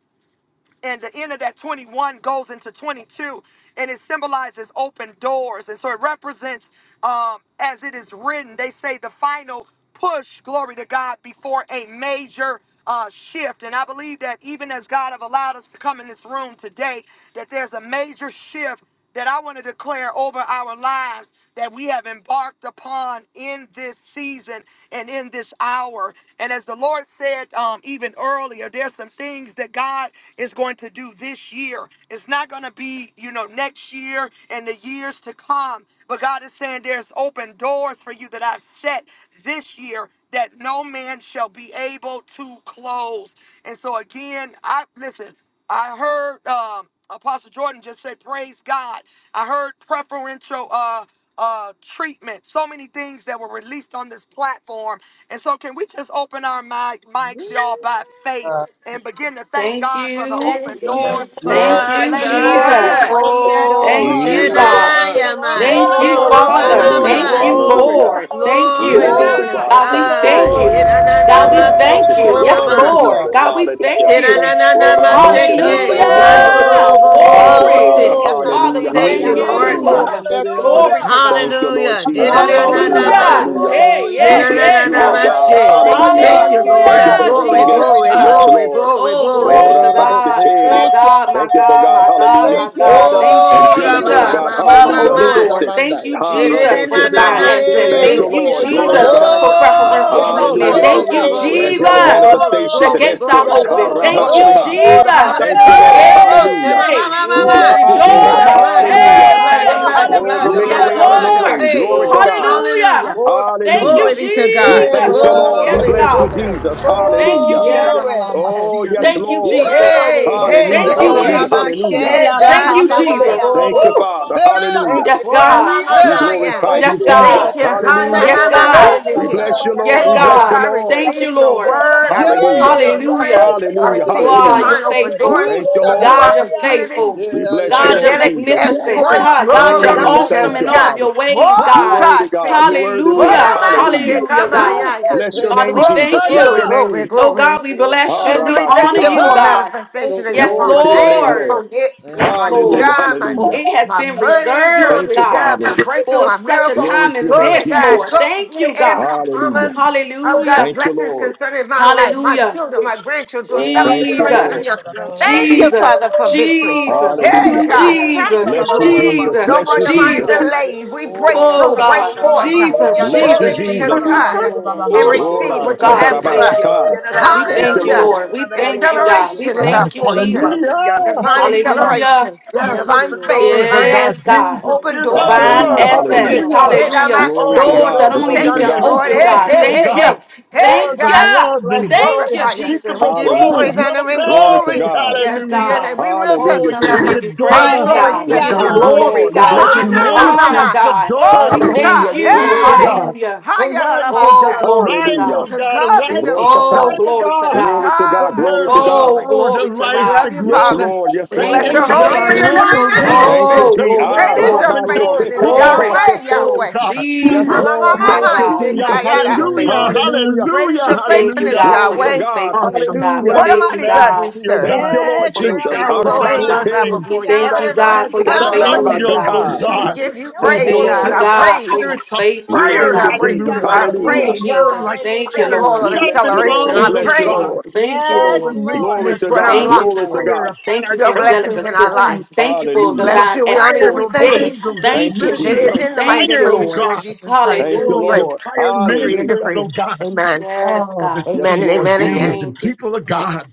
S1: and the end of that 21 goes into 22 and it symbolizes open doors and so it represents um, as it is written they say the final push glory to god before a major uh, shift and i believe that even as god have allowed us to come in this room today that there's a major shift that I want to declare over our lives that we have embarked upon in this season and in this hour. And as the Lord said um, even earlier, there's some things that God is going to do this year. It's not going to be, you know, next year and the years to come. But God is saying there's open doors for you that I've set this year that no man shall be able to close. And so again, I listen. I heard um, Apostle Jordan just say, "Praise God." I heard preferential uh, uh, treatment. So many things that were released on this platform, and so can we just open our mic,
S4: fire.
S1: mics, y'all, by faith,
S3: Uh,
S4: Yes.
S1: and begin to thank
S6: Thank
S1: God for the
S6: you.
S1: open
S4: Thank
S1: doors
S4: you,
S1: that
S3: yes,
S6: Thank
S1: the
S6: you,
S9: Thank
S1: delay
S9: you,
S1: is
S9: Lord,
S1: coming to
S9: for
S4: Father.
S6: Jesus.
S1: an
S9: open
S1: end.
S3: glory
S6: Thank
S3: to
S6: you,
S3: God.
S9: doors.
S8: Yeah,
S6: God.
S9: Thank
S8: bah.
S9: you, Lord,
S4: Shenayama.
S9: for
S6: Thank you,
S8: Yada!
S2: Hallelujah,
S3: Glory,
S4: Sheko
S9: preferential
S6: Father.
S4: Baba.
S3: glory,
S5: Hallelujah.
S6: Thank
S4: Ba.
S6: you,
S9: treatment.
S3: glory,
S2: hallelujah,
S5: Hallelujah.
S6: Lord. Thank
S2: hallelujah.
S4: Glory
S6: you.
S5: Glory
S4: be
S5: to
S3: glory
S4: to
S3: to God.
S5: God.
S6: God,
S5: Thank
S6: we
S8: Yada!
S5: you,
S4: God.
S6: thank
S2: Glory.
S3: Glory,
S5: Lord.
S6: you.
S5: Oh,
S6: God, we
S4: Hirananama
S5: Rabbi
S6: thank
S4: Soko
S6: you.
S5: Shete.
S4: Baba.
S6: Yes,
S5: Thank
S3: glory
S5: you,
S4: Ba.
S3: to
S8: Ekando
S6: Lord.
S3: God.
S5: Jesus.
S2: Hallelujah,
S6: God, we
S8: robos.
S2: glory.
S5: Hallelujah.
S6: thank
S3: Yes,
S6: you.
S5: Oh,
S3: Lord.
S4: Hirananama
S5: Rabbi Shete.
S8: Yisha
S5: We
S8: ya
S5: thank
S4: Sheke.
S5: you,
S8: ya ya
S5: Father.
S8: ya
S2: Glory.
S4: Mandoro
S8: ya
S6: Hallelujah.
S3: Oh,
S8: ya.
S4: Bo Bo
S5: Thank
S4: Bo
S5: you,
S4: Bo
S6: Glory.
S5: Father.
S4: Se.
S9: Hallelujah,
S3: glory.
S6: Father,
S5: Hallelujah,
S6: we
S4: Thank
S6: thank
S9: hallelujah,
S4: you,
S5: hallelujah,
S3: Yes,
S8: Eroboro
S4: Lord.
S5: hallelujah.
S6: you.
S3: Lord.
S9: hallelujah.
S3: Yes,
S2: Hallelujah,
S8: shamandebeas.
S3: Lord.
S2: hallelujah.
S6: Glory to
S5: Thank
S6: God.
S5: you, Lord
S4: Hallelujah. Di
S3: Yes,
S4: a
S5: Jesus.
S8: Aya
S4: na
S3: Lord.
S4: na
S8: mama
S2: Hallelujah,
S4: na
S3: Yes,
S5: Hallelujah,
S8: mama
S4: ma
S3: Lord.
S6: Hallelujah.
S5: hallelujah.
S8: kurabas.
S6: Hey,
S2: hallelujah.
S5: We
S6: yeah,
S5: bless
S6: yeah,
S5: you,
S3: God.
S5: Lord
S4: Shid-a-na-na-na-ma.
S6: God.
S8: Aya
S5: God.
S4: Shit.
S3: Yes,
S9: Thank you,
S5: Hallelujah.
S8: maya.
S3: God.
S4: Thank
S9: Lord
S4: you,
S5: Thank
S4: Lord.
S5: you
S3: Thank
S2: Hey,
S5: for
S9: Jesus.
S5: the
S6: Hallelujah,
S4: Glory,
S5: open
S1: Glory
S6: Jesus.
S5: gates.
S1: to
S4: glory,
S5: Yes,
S1: God.
S3: you.
S8: Tetaya.
S4: glory,
S2: glory,
S5: Lord.
S4: glory,
S6: Oh,
S4: glory.
S5: Oh,
S6: glory to
S5: Rabbi
S8: Orobo
S6: God.
S5: Sete.
S6: My
S8: kuskeba.
S3: Thank you.
S2: hey,
S6: God, my
S5: Thank you for
S6: God,
S5: God.
S6: my God,
S5: Hallelujah.
S6: my
S3: Thank you,
S6: God.
S8: Anda
S3: Lord.
S6: Thank you,
S8: baki
S2: glory,
S4: Oh, da
S5: Angelic,
S4: ba
S8: sitiri
S5: oh
S3: Thank
S4: ba
S3: you
S6: Jesus,
S8: anda.
S5: God.
S4: ba
S3: for
S4: ba
S6: for
S2: hallelujah.
S3: open
S4: ba
S5: Hallelujah.
S6: open
S4: ma.
S3: doors.
S6: doors. Thank
S5: Assistance.
S6: you,
S8: Rushamandaya.
S5: Ha,
S6: Jesus,
S5: Rabo
S6: for divine
S8: Shebeki
S5: Shata.
S4: Shid-a-na-na-na-na. Do
S6: access.
S8: siti
S3: Hey,
S5: Thank
S3: the
S5: you,
S6: Thank
S4: shit.
S8: anda.
S6: you,
S3: wait
S5: Lord.
S3: is
S5: Glory to
S6: Jesus,
S3: over.
S5: God.
S6: for
S8: Radaya.
S6: preferential
S4: Oh,
S3: Yes,
S4: glory,
S6: treatment.
S3: Lord.
S5: Hallelujah.
S8: Aya
S3: The
S6: Thank
S2: Yadadadadadabasutalalalabaseya.
S4: glory,
S8: ya
S6: you,
S3: wait
S8: ya
S5: For
S3: is
S8: ya
S4: glory,
S8: ya.
S5: angelic
S4: glory,
S6: Jesus.
S3: over.
S4: glory,
S5: manifestations
S6: The
S5: and
S4: glory,
S6: gates are
S3: Yes,
S4: glory,
S5: escorts. Ha,
S6: open.
S4: glory,
S5: Rabbi
S6: Thank you,
S4: glory.
S8: Haros.
S5: Shata.
S3: Lord.
S2: Yodadadadabasitalalalabasoya.
S6: Jesus.
S10: Thank
S5: Thank
S10: you,
S5: you,
S10: Jesus.
S4: Hallelujah.
S5: Lord.
S8: Haros.
S4: Da-da-bo.
S2: Hey,
S4: Say,
S5: Hallelujah.
S4: ma, ma,
S6: Yay!
S4: ma,
S5: We
S4: ma,
S3: Oh,
S6: We
S4: ma.
S5: bless you,
S3: Yes,
S5: Jesus.
S4: The
S6: rejoice.
S4: blood, the blood,
S5: Hallelujah.
S4: the
S2: yes,
S4: blood,
S3: yes,
S4: the
S1: Thank
S2: God,
S1: you,
S4: blood,
S6: Hey!
S4: the
S1: Lord.
S5: Oh,
S4: blood,
S5: for
S4: the
S5: making a
S4: blood,
S6: Yes,
S8: Yeah
S5: way
S4: the
S5: out
S9: Urabashatarabayandadayahaya.
S5: of
S8: yeah
S4: blood,
S5: no
S8: yeah.
S4: the
S3: yes,
S6: Lord.
S1: Thank
S5: way.
S1: you,
S5: Glory
S1: God.
S5: to
S4: hey,
S3: Lord.
S5: God.
S9: Huh?
S4: hallelujah.
S6: Hallelujah. Thank
S5: Hallelujah.
S6: you,
S4: Glory be to
S5: We
S4: God.
S3: Hey,
S5: thank
S6: Jesus.
S5: you,
S8: Yera
S3: Rabbanah,
S5: Lord.
S8: mando
S5: We
S6: Yes,
S4: Glory be
S5: bless
S4: to
S5: you,
S2: hallelujah.
S6: God.
S4: God.
S8: bohokos.
S5: Jesus.
S6: Thank you,
S5: Hallelujah.
S6: Jesus.
S3: Glory.
S5: Oh,
S4: Yes.
S3: We
S5: yes,
S3: give
S6: Thank
S3: you
S6: you,
S3: the
S5: Lord.
S8: Yera.
S6: Jesus.
S3: glory.
S4: Hey,
S3: We give you
S4: hey,
S3: the
S5: Hallelujah.
S6: Thank
S4: hey,
S6: you,
S8: Yera
S3: glory.
S5: Hallelujah.
S4: hey.
S6: Jesus.
S5: Hallelujah.
S9: Korabashela
S4: Hey,
S3: We
S4: God,
S6: Thank you,
S3: give
S8: ya.
S3: you
S4: thank
S3: the
S4: you.
S6: Jesus.
S9: mahabahaya.
S5: Thank you,
S3: glory.
S6: Woo!
S5: Father.
S8: Mera,
S5: Hallelujah.
S3: Thank you,
S6: Yes,
S4: Ora
S3: God.
S6: God.
S4: mama
S5: We
S8: mera,
S4: maya.
S5: glorify
S3: Thank
S5: you,
S6: Yes,
S3: you,
S8: siri,
S4: Thank
S5: Jesus.
S3: Lord.
S6: God.
S4: you. Hana
S9: Yes,
S5: Hallelujah.
S6: Yes,
S8: mandobo
S4: mama
S3: Oh,
S6: God.
S9: Lord,
S5: We
S9: yes,
S3: hallelujah.
S8: kusita,
S4: masike.
S5: bless
S9: Lord,
S5: you,
S9: yes,
S5: Lord.
S6: Yes,
S5: We
S4: Thank you,
S9: Lord.
S5: bless
S4: Lord.
S5: you,
S6: God.
S4: I
S5: Lord.
S6: Thank you,
S4: receive your
S6: Lord.
S3: Hallelujah.
S4: word. I
S8: yera,
S5: Hallelujah.
S4: receive
S3: Yay.
S4: your anointing.
S6: Hallelujah.
S8: siri
S4: I
S5: Hallelujah.
S4: receive
S8: kusitia,
S6: God,
S5: Hallelujah.
S6: you're
S4: divine open
S6: faithful.
S4: doors,
S5: Thank you,
S4: new
S8: rushadai,
S5: Lord.
S6: God, you're
S3: Glory.
S2: Yeah,
S4: opportunities,
S6: faithful.
S5: We
S8: sitia ya ya,
S5: bless you,
S6: God, you're
S5: Lord
S4: angelic
S3: Thank
S5: Jesus.
S3: you,
S6: magnificent.
S11: Yes,
S4: escorts.
S8: ma,
S6: Ah, God,
S4: Glory
S6: you're
S3: Jesus.
S4: be
S5: Mm, thank
S6: awesome
S4: to
S5: you,
S6: in
S8: santaba,
S6: all
S4: God.
S6: of
S5: Father.
S6: your ways,
S5: You're
S4: Oh,
S6: God.
S5: worthy,
S4: God,
S5: God.
S4: thank
S5: You're
S4: you.
S5: worthy,
S4: Ora
S5: Lord.
S6: Hallelujah.
S8: itaya,
S5: Hallelujah.
S4: masike
S6: Hallelujah, God.
S4: maya.
S5: Bless your
S8: rusete,
S6: Father,
S5: name,
S6: we
S4: Oh,
S5: Jesus.
S6: thank
S8: kaya,
S5: Bless
S4: glory,
S6: you.
S5: your
S4: glory,
S5: name.
S6: Oh
S4: glory.
S6: God, we bless
S5: Ah,
S6: you.
S8: sokurusai,
S4: And
S6: We
S4: we
S5: Rabba
S4: thank
S6: honor
S4: you
S5: Tata.
S6: you,
S4: for
S8: ha,
S6: God.
S3: Thank you. Lord.
S4: manifestation of your
S6: Yes,
S5: Glory to
S4: promise.
S5: your
S8: sokorebia,
S5: name,
S4: Angels
S6: Lord.
S5: Lord.
S4: gonna get
S8: mm,
S6: Yes,
S4: my new
S6: Lord.
S5: Hallelujah.
S4: job, my
S6: For
S4: new
S5: Hallelujah.
S6: it has
S4: my
S6: been
S4: money,
S5: Thank
S6: reserved,
S4: glory to
S5: you,
S6: God,
S4: God,
S5: Father.
S4: my breakthrough,
S6: for
S4: my
S6: such a
S4: miracle,
S5: Glory
S6: time
S5: to
S6: as
S5: your name,
S4: glory to
S6: this,
S4: God.
S6: Lord.
S5: Jesus.
S4: Go
S6: Thank
S4: get
S6: you,
S4: every
S6: God.
S5: Hallelujah.
S4: promise of God's
S6: Hallelujah.
S5: Thank you,
S4: blessings
S5: Lord.
S4: concerning my life, my
S6: Hallelujah.
S4: children, my grandchildren, to a
S8: oh,
S4: thousand
S5: Thank you,
S4: generations of
S5: Lord.
S6: Jesus.
S4: young.
S1: Yes,
S4: Thank
S1: Lord.
S4: you,
S6: Jesus.
S4: Father, for victory.
S6: Jesus.
S3: Oh,
S4: Hey
S5: Hallelujah.
S3: Rabbanah.
S4: God,
S1: Yes,
S4: thank you,
S6: Jesus.
S1: God.
S5: Bless you,
S4: Lord.
S5: Jesus.
S4: No
S6: Jesus.
S5: Bless
S4: more
S5: you,
S4: demonic
S5: Jesus.
S6: Jesus.
S4: delays. We
S1: Oh,
S4: break
S1: da, da, da,
S6: Oh
S4: through,
S1: da,
S4: break
S6: God.
S1: sha,
S3: Oh,
S1: ta,
S4: forth.
S1: la, la, la,
S6: Jesus.
S1: la,
S5: Bless
S1: la.
S5: you,
S4: Glory
S6: Jesus.
S4: be
S3: oh,
S4: to
S5: Jesus.
S6: Jesus.
S1: Thank you,
S4: God
S1: Lord.
S4: and
S1: Thank you,
S4: receive
S6: Woo!
S1: Lord.
S5: Ora
S4: what you
S1: Thank
S5: Tata
S6: God,
S4: have
S1: you,
S6: we
S4: for
S6: thank
S1: Lord.
S4: us.
S6: you.
S2: Mm,
S3: oh.
S1: Thank
S6: We
S1: you,
S5: Thank you,
S6: thank you,
S4: Hallelujah.
S1: Lord.
S5: Lord.
S6: Lord. We thank you, God.
S1: Hallelujah,
S6: We
S4: Acceleration is
S1: God.
S7: Yes,
S4: our
S6: thank you,
S1: Thank you.
S4: portion.
S6: Jesus.
S4: Divine
S7: hallelujah.
S6: Hallelujah.
S4: acceleration,
S7: Yes,
S1: Thank you,
S4: divine
S1: Lord.
S4: favor, divine
S6: Yes,
S4: access,
S6: God.
S7: yes,
S1: Mm.
S4: open doors,
S1: Oh,
S6: Divine
S1: ba,
S5: Hallelujah.
S1: ba,
S4: open
S1: ba,
S5: Hallelujah.
S6: access.
S1: sha,
S7: Hallelujah.
S4: gates.
S1: ta, la, la, la, la.
S6: Hallelujah.
S5: Glory to
S4: Edamasaya.
S7: Open
S6: Doors
S5: God.
S6: that
S7: doors,
S6: only
S7: oh
S5: Glory
S6: you
S5: to
S7: God,
S4: Thank
S6: can
S4: you,
S7: into
S1: Shake,
S5: God.
S4: Lord.
S1: da,
S6: open,
S1: da,
S4: Hey,
S1: da,
S6: God.
S1: da,
S7: eternity,
S1: da.
S4: hey,
S7: oh
S4: hey,
S6: Thank you.
S7: God.
S4: hey. Hey,
S7: Doors
S6: Thank
S7: of
S4: God,
S6: you.
S7: love
S4: we
S7: and
S3: Bless you.
S7: joy,
S6: Thank you,
S4: glorify you and we
S7: unspeakable
S6: Jesus.
S4: give you
S7: full
S6: Woo!
S7: of
S5: Hallelujah.
S4: praise, honor, and
S5: Glory
S7: glory.
S5: to
S4: glory.
S5: God.
S6: Yes,
S4: Let's do your
S6: God.
S4: name. We will
S5: Hallelujah,
S6: We
S4: testify.
S5: Jesus.
S6: give you
S4: Mind
S6: praise,
S4: blowing
S6: God. We
S5: We
S9: Hallelujah,
S6: give you
S5: praise you,
S4: testimony.
S6: glory,
S5: Lord. We
S9: hallelujah,
S6: God. We
S5: bless
S6: give
S5: you,
S6: you
S4: Hana
S5: Lord.
S4: mama.
S9: hallelujah.
S6: honor,
S4: ma.
S6: God. We
S4: Oh,
S5: Hallelujah.
S6: thank
S4: God.
S5: You're
S6: you.
S5: worthy,
S4: Hey.
S5: God.
S6: Hallelujah.
S4: Haya
S6: Oh, glory to
S4: Oh,
S5: Hallelujah.
S6: God.
S4: to God be the glory.
S6: Oh,
S5: Roshatan.
S6: glory to
S4: To
S5: Glory
S6: God.
S5: to God.
S4: God
S5: Glory
S4: be
S5: to
S4: the
S5: God.
S6: Oh,
S4: glory.
S6: glory to
S4: And we
S6: God.
S4: love you,
S5: Yes,
S4: Father.
S5: Lord. Yes,
S4: We
S6: Thank
S4: bless
S6: you,
S5: Lord.
S4: your
S7: Image of
S4: holy
S7: I
S4: and
S6: Jesus.
S7: am,
S4: divine name.
S5: Thank you,
S6: Oh,
S7: the
S5: G.
S6: glory,
S5: Ah,
S4: Great
S7: rise,
S4: is your
S6: glory,
S5: rabba, te,
S6: glory,
S5: te,
S4: faithfulness,
S5: ka,
S7: only
S6: glory.
S5: so,
S4: Yahweh,
S7: God.
S5: so.
S4: Yahweh.
S5: Yes,
S4: Mama,
S6: Jesus,
S5: Lord.
S4: mama,
S6: my
S5: Thank
S4: mama,
S5: you,
S6: God, we
S7: Hallelujah,
S6: thank
S5: Jesus.
S6: you for
S4: shikayada.
S6: your
S7: hallelujah,
S6: faithfulness.
S8: mm,
S5: Hallelujah.
S4: Great is
S7: hallelujah,
S6: We
S4: your
S6: thank you,
S4: faithfulness,
S7: hallelujah.
S6: God,
S5: Glory
S6: for
S5: to
S6: your
S4: Yahweh.
S5: God.
S6: faithfulness,
S7: Awesome
S6: God. We
S5: Hallelujah.
S4: What
S7: splendor
S4: a
S6: thank you,
S7: and
S4: mighty God we
S6: God,
S7: majesty, oh
S4: serve.
S5: Thank
S7: God.
S5: you, Lord
S9: Yes,
S6: for
S7: the
S9: you're
S6: your
S9: a
S5: Jesus.
S7: showers,
S9: mighty
S4: All
S7: the
S6: faithfulness,
S9: God,
S4: angels
S6: God.
S4: bow
S5: Harabashete.
S7: blessings,
S6: We
S9: mighty
S4: before you.
S6: thank
S7: the
S4: Heaven
S9: God,
S6: you,
S4: and earth
S6: God,
S9: mighty
S6: for
S7: harvest,
S6: your
S7: the
S4: adore
S9: God.
S6: faithfulness,
S4: you.
S9: You
S7: angels,
S6: God.
S9: open
S7: oh
S5: Oradadabashata.
S4: We
S7: God,
S9: doors
S4: give
S9: and
S4: you
S9: no
S7: the
S6: We
S5: Thank
S9: man
S4: praise,
S5: you,
S6: thank
S4: God.
S6: you,
S5: Lord.
S9: can
S7: warfare,
S4: Our
S7: the
S6: God,
S9: shut.
S6: for
S4: praise
S6: your
S7: spirits of
S5: You're
S6: faithfulness,
S4: is
S7: fire,
S5: worthy,
S4: our
S6: God.
S5: Jesus.
S9: Hallelujah,
S4: breakthrough.
S7: hallelujah,
S4: Our
S6: Oh,
S5: Hallelujah.
S7: the
S9: hallelujah,
S4: praise
S7: word
S6: Jesus.
S7: like
S6: Thank you,
S4: is the
S9: hallelujah.
S7: fire,
S4: oil
S6: Lord.
S4: of
S5: We
S7: shut up
S5: bless
S7: in
S5: you,
S7: the
S5: Lord.
S4: acceleration.
S5: We
S7: bones,
S4: Our
S6: Thank
S5: bless
S7: oh
S6: you,
S5: you,
S7: God,
S6: Joy.
S5: Lord.
S4: praise
S6: Thank you,
S7: all
S9: Yes,
S6: Lord.
S7: releasing
S9: Lord.
S5: Glory
S7: the
S4: is
S5: to
S4: what
S5: God.
S7: tongues
S6: Thank
S7: of
S6: you,
S5: Glory
S4: unlocks
S5: to
S6: Lord.
S7: fire
S5: God.
S7: upon
S6: Thank
S7: our
S6: you
S4: your
S6: for angelic
S7: churches
S4: blessings in
S7: and
S4: our life.
S6: assistance.
S7: homes,
S6: Thank you
S4: We
S6: for
S7: tongues
S5: Hallelujah.
S7: of
S4: bless
S6: divine
S4: you. We honor
S7: fire,
S4: you. We
S6: escorts.
S7: those
S4: thank
S6: Yeah.
S4: you.
S7: angels, those
S5: Thank
S6: Thank
S5: you,
S6: you,
S4: And it
S7: ministers
S5: Jesus.
S4: is
S7: of
S6: Jesus.
S4: in the mighty
S6: Thank
S4: name
S6: you,
S7: fire,
S4: of
S7: oh
S6: Lord.
S4: Yeshua
S7: God.
S4: Jesus Christ.
S5: Thank
S4: We
S5: you,
S7: Oh, your
S6: Hallelujah.
S4: pray,
S5: Lord.
S7: fire minutes,
S4: agree, and
S5: Hallelujah.
S4: decree.
S7: oh God.
S4: Amen.
S6: Yes,
S7: Oh, the
S6: God.
S5: Yes,
S4: Amen
S7: things
S4: and
S7: and
S5: Lord
S4: amen
S7: beauties,
S5: Jesus.
S7: the
S4: again.
S6: Thank you.
S7: people of God.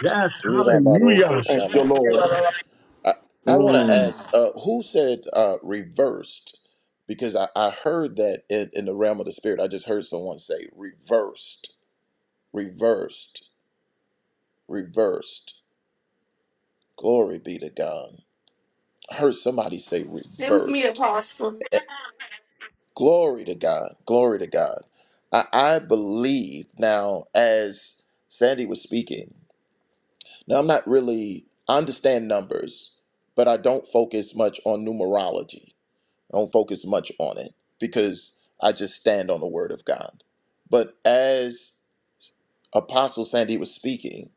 S7: Yes,
S8: ira
S7: hallelujah.
S8: baroko
S5: Thank
S8: shama.
S5: you, Lord.
S8: I, I want to
S5: Mm.
S8: ask Ah, uh, who said uh, reversed? Because I, I heard that in, in the realm of the spirit. I just heard someone say reversed, reversed, reversed. Glory be to God. I heard somebody say
S6: It was me,
S8: reversed.
S6: Apostle.
S8: Eh, Glory to God. Glory to God. I, I believe now, as Sandy was speaking, now I'm not really, I understand numbers, but I don't focus much on numerology I don't focus much on it because I just stand on the word of God. But as Apostle Sandy was speaking,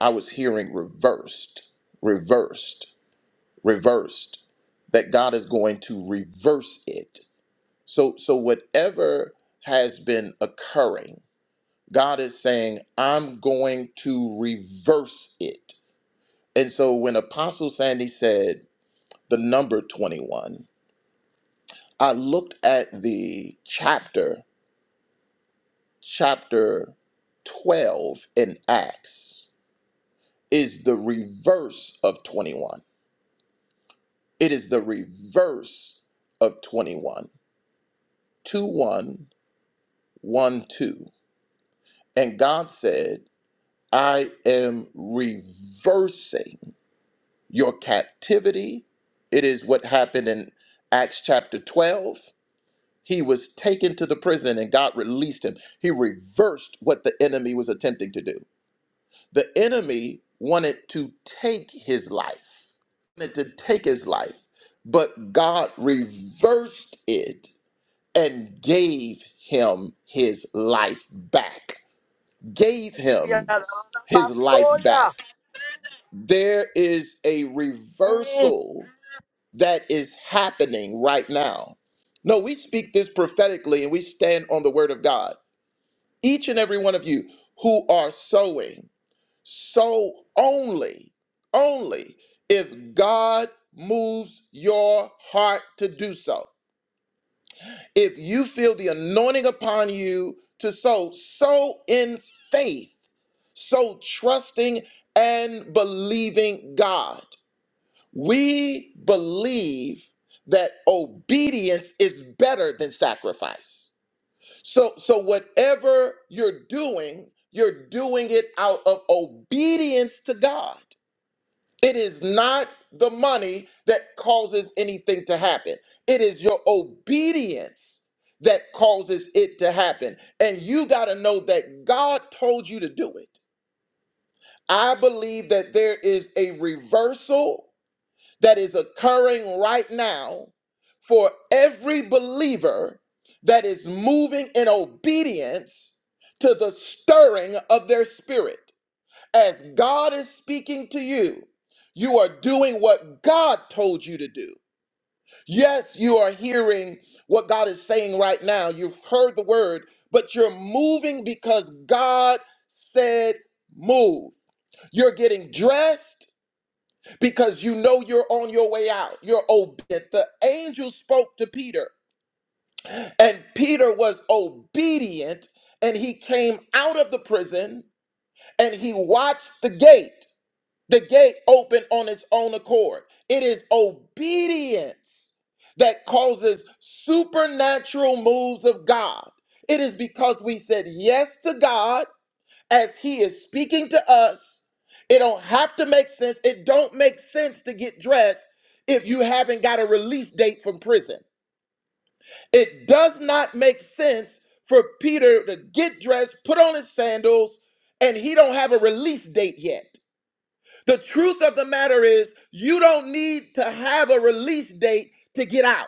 S8: I was hearing reversed, reversed, reversed, that God is going to reverse it. So so whatever has been occurring, God is saying, I'm going to reverse it. And so when Apostle Sandy said the number 21, I looked at the chapter chapter 12 in Acts is the reverse of 21. It is the reverse of 21. 2 one, one two. And God said, I am reversing your captivity. It is what happened in Acts chapter 12. He was taken to the prison and God released him. He reversed what the enemy was attempting to do. The enemy wanted to take his life, wanted to take his life, but God reversed it and gave him his life back. Gave him his life back. There is a reversal that is happening right now. No, we speak this prophetically and we stand on the word of God. Each and every one of you who are sowing. So only, only if God moves your heart to do so. If you feel the anointing upon you to sow, sow in faith, so trusting and believing God. We believe that obedience is better than sacrifice. So so whatever you're doing, you're doing it out of obedience to God. It is not the money that causes anything to happen. It is your obedience that causes it to happen. And you got to know that God told you to do it. I believe that there is a reversal that is occurring right now for every believer that is moving in obedience to the stirring of their spirit. As God is speaking to you, you are doing what God told you to do. Yes, you are hearing what God is saying right now. You've heard the word, but you're moving because God said move. You're getting dressed because you know you're on your way out. You're obedient. The angel spoke to Peter, and Peter was obedient, and he came out of the prison and he watched the gate. The gate opened on its own accord. It is obedience that causes supernatural moves of God. It is because we said yes to God as He is speaking to us. It don't have to make sense. It don't make sense to get dressed if you haven't got a release date from prison. It does not make sense for Peter to get dressed, put on his sandals, and he don't have a release date yet. The truth of the matter is, you don't need to have a release date to get out.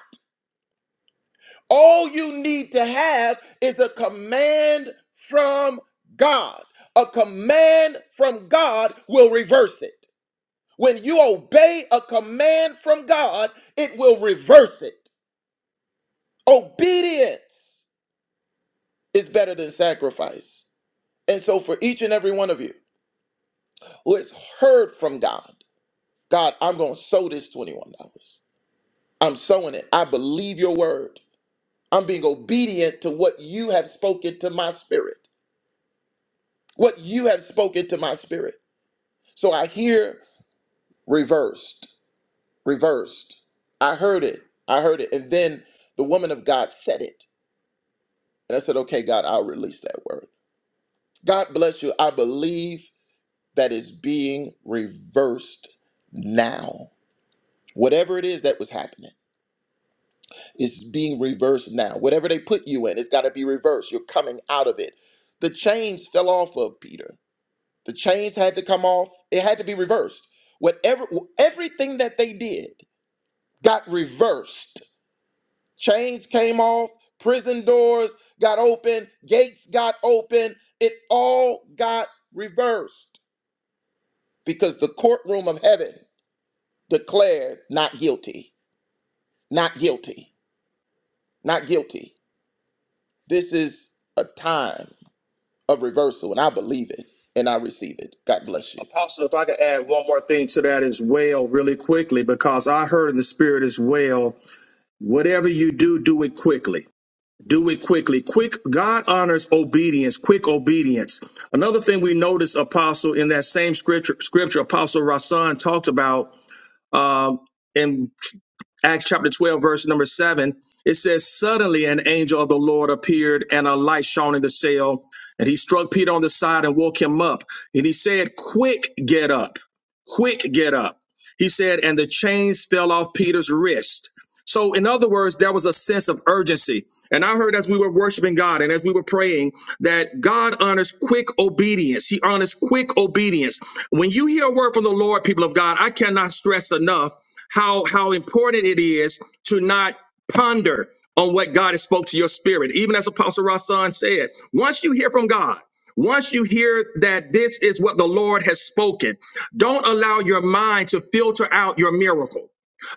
S8: All you need to have is a command from God. A command from God will reverse it. When you obey a command from God, it will reverse it. Obedience is better than sacrifice. And so, for each and every one of you who has heard from God, God, I'm going to sow this $21. I'm sowing it. I believe your word. I'm being obedient to what you have spoken to my spirit. What you have spoken to my spirit. So I hear reversed, reversed. I heard it. I heard it. And then the woman of God said it. And I said, okay, God, I'll release that word. God bless you. I believe that is being reversed now. Whatever it is that was happening. It's being reversed now. Whatever they put you in, it's got to be reversed. You're coming out of it. The chains fell off of Peter. The chains had to come off. It had to be reversed. Whatever, everything that they did got reversed. Chains came off. Prison doors got open. Gates got open. It all got reversed because the courtroom of heaven declared not guilty, not guilty, not guilty. This is a time. of reversal, and I believe it and I receive it. God bless you.
S5: Apostle, if I could add one more thing to that as well, really quickly, because I heard in the spirit as well, whatever you do, do it quickly. Do it quickly. Quick, God honors obedience, quick obedience. Another thing we notice, Apostle, in that same scripture, scripture Apostle Rasan talked about um, in Acts chapter 12, verse number 7, it says, Suddenly an angel of the Lord appeared, and a light shone in the cell. And he struck Peter on the side and woke him up. And he said, Quick, get up. Quick, get up. He said, And the chains fell off Peter's wrist. So, in other words, there was a sense of urgency. And I heard as we were worshiping God and as we were praying that God honors quick obedience. He honors quick obedience. When you hear a word from the Lord, people of God, I cannot stress enough how how important it is to not ponder on what God has spoke to your spirit. Even as Apostle Rasan said, once you hear from God, once you hear that this is what the Lord has spoken, don't allow your mind to filter out your miracle.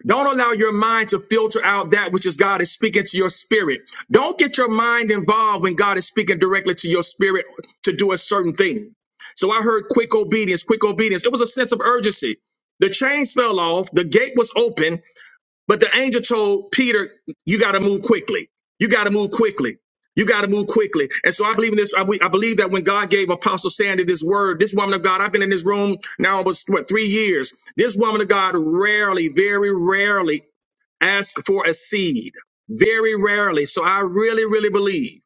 S5: Don't allow your mind to filter out that which is God is speaking to your spirit. Don't get your mind involved when God is speaking directly to your spirit to do a certain thing. So I heard quick obedience, quick obedience. It was a sense of urgency. The chains fell off, the gate was open, but the angel told Peter, "You got to move quickly. You got to move quickly. You got to move quickly." And so I believe in this. I, be- I believe that when God gave Apostle Sandy this word, this woman of God, I've been in this room now almost what three years. This woman of God rarely, very rarely, asks for a seed. Very rarely. So I really, really believe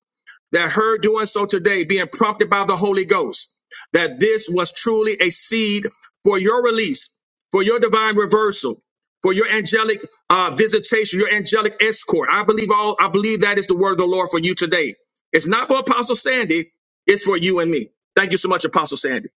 S5: that her doing so today, being prompted by the Holy Ghost, that this was truly a seed for your release, for your divine reversal, for your angelic uh, visitation, your angelic escort. I believe all. I believe that is the word of the Lord for you today. It's not for Apostle Sandy. It's for you and me. Thank you so much, Apostle Sandy.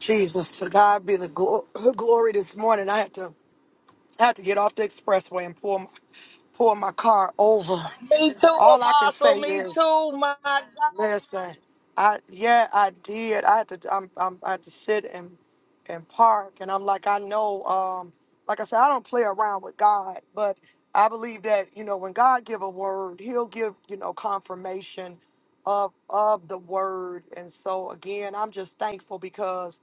S1: Jesus, to God be the glo- glory this morning. I had to I had to get off the expressway and pull my pull my car over.
S2: Me too,
S1: All I can say
S2: Apostle. Me
S1: is
S2: too, my God.
S1: Listen, I yeah, I did. I had to I'm, I'm I had to sit and and park and I'm like I know um like I said I don't play around with God, but I believe that, you know, when God give a word, he'll give, you know, confirmation of of the word. And so again, I'm just thankful because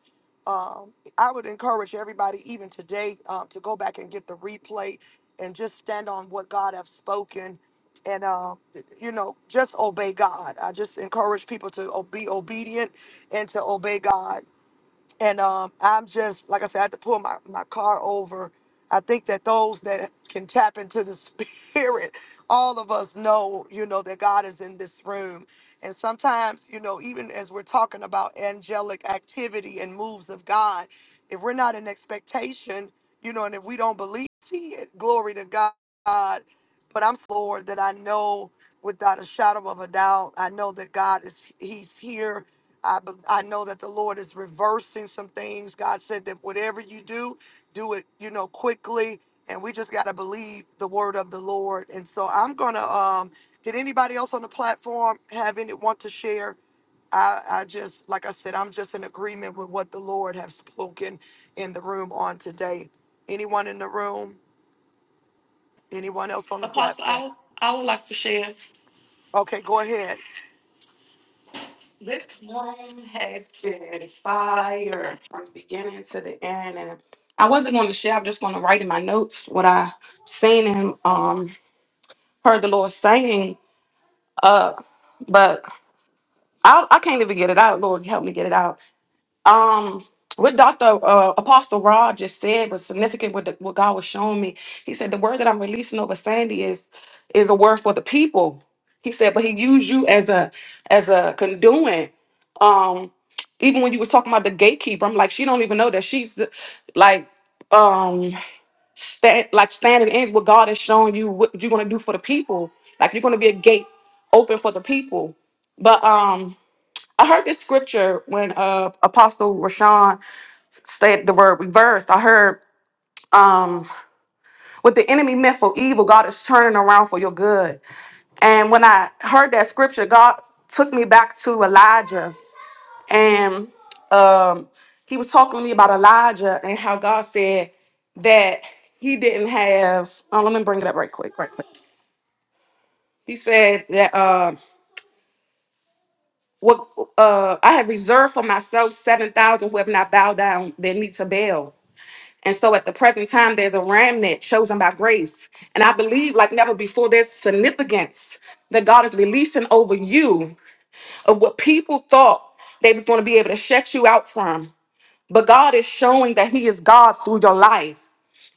S1: um I would encourage everybody even today um to go back and get the replay and just stand on what God have spoken and uh, you know just obey god i just encourage people to o- be obedient and to obey god and um, i'm just like i said i had to pull my, my car over i think that those that can tap into the spirit all of us know you know that god is in this room and sometimes you know even as we're talking about angelic activity and moves of god if we're not in expectation you know and if we don't believe see it glory to god but I'm Lord that I know without a shadow of a doubt. I know that God is He's here. I, be- I know that the Lord is reversing some things. God said that whatever you do, do it, you know, quickly. And we just got to believe the word of the Lord. And so I'm gonna. Um, did anybody else on the platform have any want to share? I, I just, like I said, I'm just in agreement with what the Lord have spoken in the room on today. Anyone in the room? Anyone else on the
S6: Apostle,
S1: platform?
S6: I would, I would like to share.
S1: Okay, go ahead.
S6: This room has been fire from the beginning to the end. And I wasn't going to share, I'm just going to write in my notes what I seen and um, heard the Lord saying. Uh, but I, I can't even get it out. Lord, help me get it out. Um, what Dr. Uh, Apostle Rod just said was significant. What, the, what God was showing me, he said the word that I'm releasing over Sandy is is a word for the people. He said, but he used you as a as a conduit. Um, even when you was talking about the gatekeeper, I'm like, she don't even know that she's the, like um sta- like standing in what God is showing you what you're gonna do for the people. Like you're gonna be a gate open for the people. But um I heard this scripture when uh, Apostle Rashawn said the word reversed. I heard um, what the enemy meant for evil, God is turning around for your good. And when I heard that scripture, God took me back to Elijah, and um, he was talking to me about Elijah and how God said that he didn't have. Oh, let me bring it up right quick, right quick. He said that uh, what uh, I have reserved for myself seven thousand who have not bowed down their knee to Baal. And so at the present time, there's a remnant chosen by grace. And I believe, like never before, there's significance that God is releasing over you of what people thought they was going to be able to shut you out from. But God is showing that He is God through your life.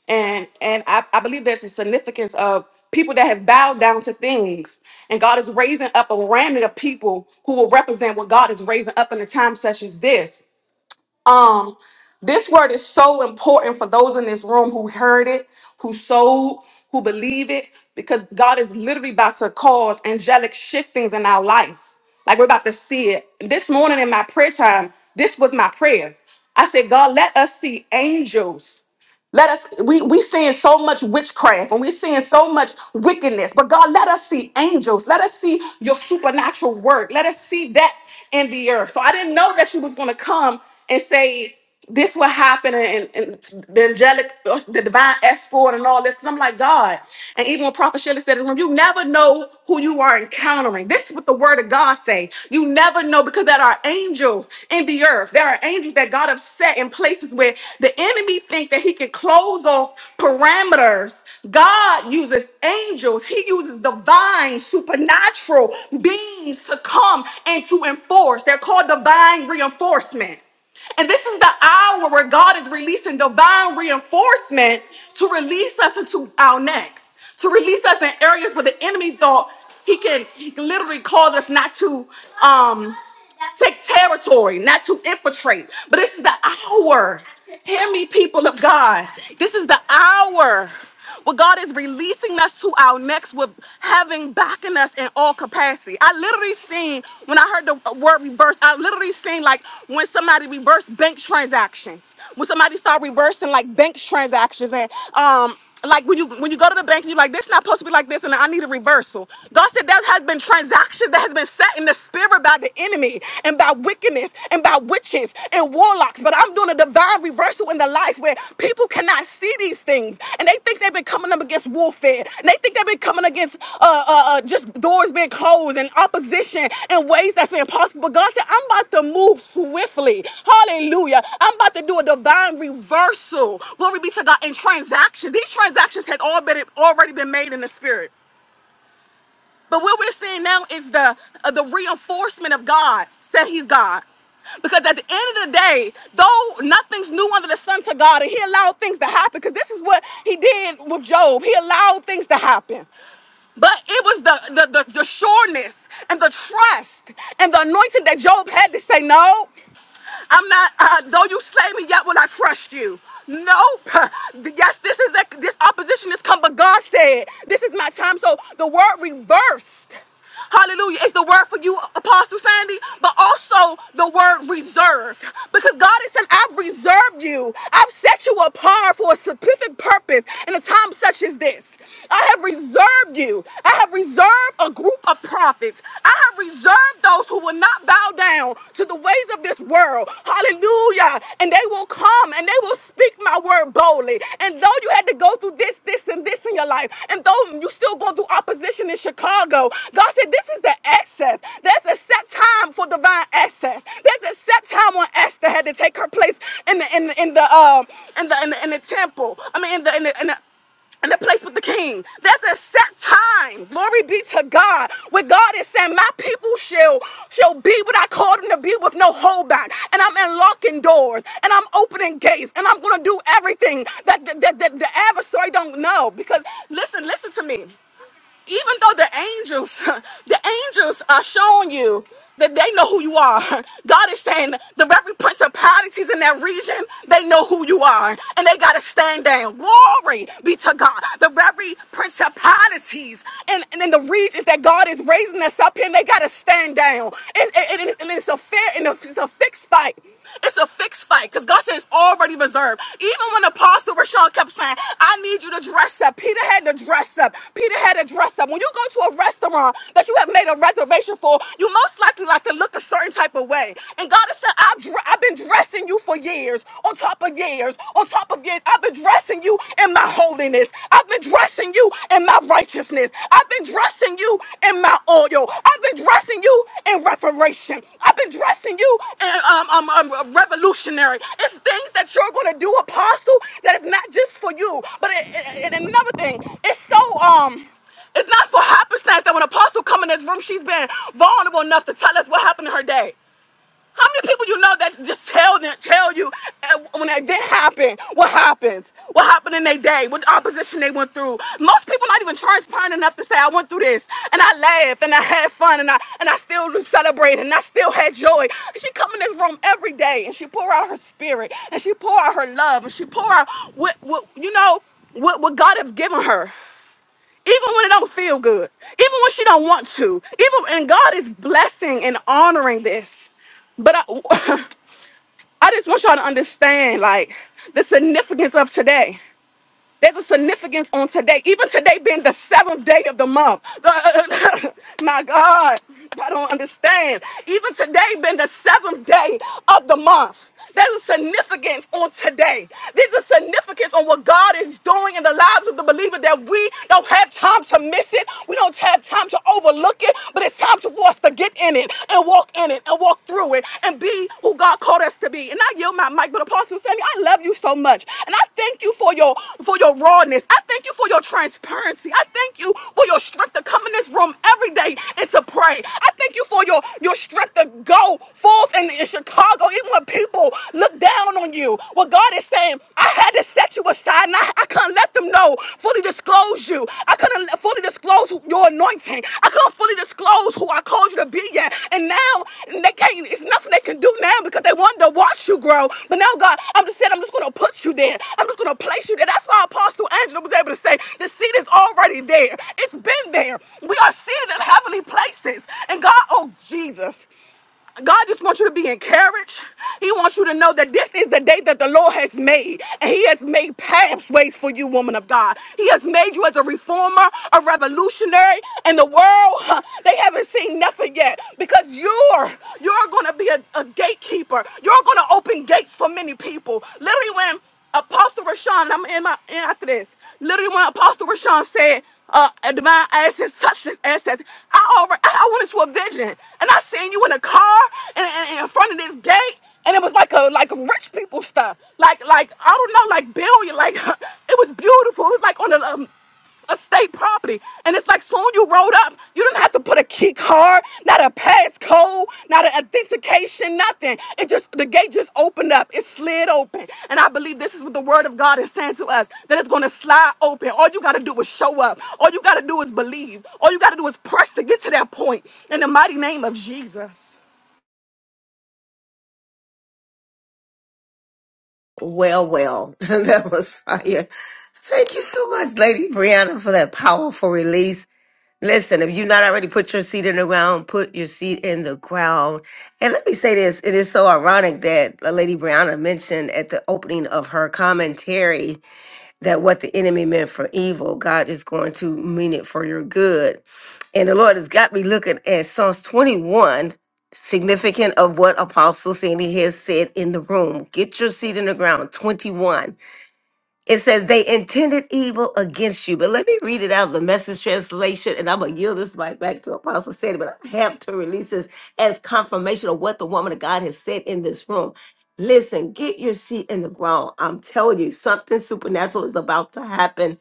S6: And and I, I believe there's a significance of people that have bowed down to things. And God is raising up a remnant of people who will represent what God is raising up in a time such as this. Um, this word is so important for those in this room who heard it, who sold, who believe it, because God is literally about to cause angelic shiftings in our lives. Like we're about to see it. This morning in my prayer time, this was my prayer. I said, God, let us see angels let us we we seeing so much witchcraft and we're seeing so much wickedness. But God, let us see angels. Let us see your supernatural work. Let us see that in the earth. So I didn't know that she was gonna come and say this will happen and, and the angelic the divine escort and all this. And I'm like, God, and even when Prophet Shelley said in the room, you never know who you are encountering. This is what the word of God say. You never know because there are angels in the earth. There are angels that God have set in places where the enemy think that he can close off parameters. God uses angels. He uses divine, supernatural beings to come and to enforce. They're called divine reinforcement. And this is the hour where God is releasing divine reinforcement to release us into our next, to release us in areas where the enemy thought he can, he can literally cause us not to. Um, take territory, not to infiltrate. But this is the hour. Hear me, people of God. This is the hour where God is releasing us to our next with having backing us in all capacity. I literally seen when I heard the word reverse, I literally seen like when somebody reversed bank transactions, when somebody started reversing like bank transactions and um like when you when you go to the bank and you're like, this not supposed to be like this, and I need a reversal. God said there has been transactions that has been set in the spirit by the enemy and by wickedness and by witches and warlocks. But I'm doing a divine reversal in the life where people cannot see these things and they think they've been coming up against warfare warfare. And they think they've been coming against uh, uh, uh, just doors being closed and opposition in ways that's been impossible. But God said, I'm about to move swiftly. Hallelujah. I'm about to do a divine reversal. Glory be to God in transactions. These transactions had all been, already been made in the spirit. But what we're seeing now is the uh, the reinforcement of God said He's God. Because at the end of the day, though nothing's new under the sun to God, and He allowed things to happen, because this is what He did with Job. He allowed things to happen. But it was the, the, the, the sureness and the trust and the anointing that Job had to say no. I'm not. Uh, though you slay me, yet will I trust you. Nope. Yes, this is a, this opposition has come, but God said this is my time. So the word reversed. Hallelujah. It's the word for you, Apostle Sandy, but also the word reserved. Because God is saying, I've reserved you. I've set you apart for a specific purpose in a time such as this. I have reserved you. I have reserved a group of prophets prophets. I have reserved those who will not bow down to the ways of this world. Hallelujah. And they will come and they will speak my word boldly. And though you had to go through this, this, and this in your life, and though you still go through opposition in Chicago, God said, This is the access. There's a set time for divine access. There's a set time when Esther had to take her place in the in the in the um in the in the, in the temple. I mean in the in the, in the in the place with the king. There's a set time. Glory be to God. Where God is saying, My people shall shall be what I called them to be with no holdback. And I'm unlocking doors and I'm opening gates and I'm gonna do everything that, that, that, that the adversary don't know. Because listen, listen to me even though the angels, the angels are showing you that they know who you are. God is saying the very principalities in that region, they know who you are. And they gotta stand down. Glory be to God. The very principalities and, and in the regions that God is raising us up in, they gotta stand down. It and, and and it's a fair and it's a fixed fight. It's a fixed fight because God says it's already reserved. Even when Apostle Rashawn kept saying, I need you to dress up. Peter had to dress up. Peter had to dress up. When you go to a restaurant that you have made a reservation for, you most likely like to look a certain type of way. And God has said, I've, dre- I've been dressing you for years, on top of years, on top of years. I've been dressing you in my holiness. I've been dressing dressing you in my righteousness. I've been dressing you in my oil. I've been dressing you in reformation. I've been dressing you in um, um, um, revolutionary. It's things that you're going to do, apostle, that is not just for you. But it, it, and another thing, it's so, um, it's not for happenstance that when apostle come in this room, she's been vulnerable enough to tell us what happened in her day. How many people you know that just tell them, tell you uh, when an event happened, what happens, what happened in their day, what opposition they went through? Most people not even transparent enough to say I went through this, and I laughed, and I had fun, and I and I still celebrated, and I still had joy. She come in this room every day, and she pour out her spirit, and she pour out her love, and she pour out what, what you know what, what God has given her even when it don't feel good, even when she don't want to, even and God is blessing and honoring this. But I, I just want y'all to understand like the significance of today. There's a significance on today, even today being the seventh day of the month. The- my God, I don't understand. Even today being the seventh day of the month. There's a significance on today. There's a significance on what God is doing in the lives of the believer that we don't have time to miss it. We don't have time to overlook it, but it's time to- for us to get in it and walk walk in it and walk through it and be who God called us to be. And I yield my mic, but Apostle Sandy, I love you so much. And I thank you for your for your rawness. I thank you for your transparency. I thank you for your strength to come in this room every day and to pray. I thank you for your, your strength to go forth in, in Chicago, even when people look down on you. What God is saying, I had to set you aside and I, I couldn't couldn't let them know, fully disclose you. I couldn't let- fully disclose who- your anointing. I couldn't fully disclose who I called you to be yet. And now they can't, it's nothing they can do now because they wanted to watch you grow. But now, God, I'm just saying, I'm just going to put you there. I'm just going to place you there. That's why Apostle Angela was able to say, the seed is already there. It's been there. We are seated in heavenly places. And God, oh, Jesus. God just wants you to be encouraged. He wants you to know that this is the day that the Lord has made. And He has made pathways for you, woman of God. He has made you as a reformer, a revolutionary. And the world, huh, they haven't seen nothing yet. Because you're you're gonna be a, a gatekeeper. You're gonna open gates for many people. Literally, when Apostle Rashawn, I'm in my in after this. Literally, when Apostle Rashawn said, uh, a divine access, such as access, I over, I went into a vision and I seen you in a car and, and- and in front of this gate. And it was like a like rich people stuff, like like I don't know, like billion, like it was beautiful. It was like on the um, estate property. And it's like soon you rolled up. You didn't have to put a key card, not a passcode, not an authentication, nothing. It just the gate just opened up. It slid open. And I believe this is what the word of God is saying to us. That it's gonna slide open. All you gotta do is show up. All you gotta do is believe. All you gotta do is press to get to that point. In the mighty name of Jesus.
S4: Well, well, that was fire. Thank you so much, Lady Brianna, for that powerful release. Listen, if you've not already put your seed in the ground, put your seed in the ground. And let me say this it is so ironic that uh, Lady Brianna mentioned at the opening of her commentary that what the enemy meant for evil, God is going to mean it for your good. And the Lord has got me looking at Psalms 21, significant of what Apostle Sandy has said in the room. Get your seat in the ground, 21. It says they intended evil against you. But let me read it out of the message translation, and I'm gonna yield this right back to Apostle Sandy, but I have to release this as confirmation of what the woman of God has said in this room. Listen, get your seat in the ground. I'm telling you, something supernatural is about to happen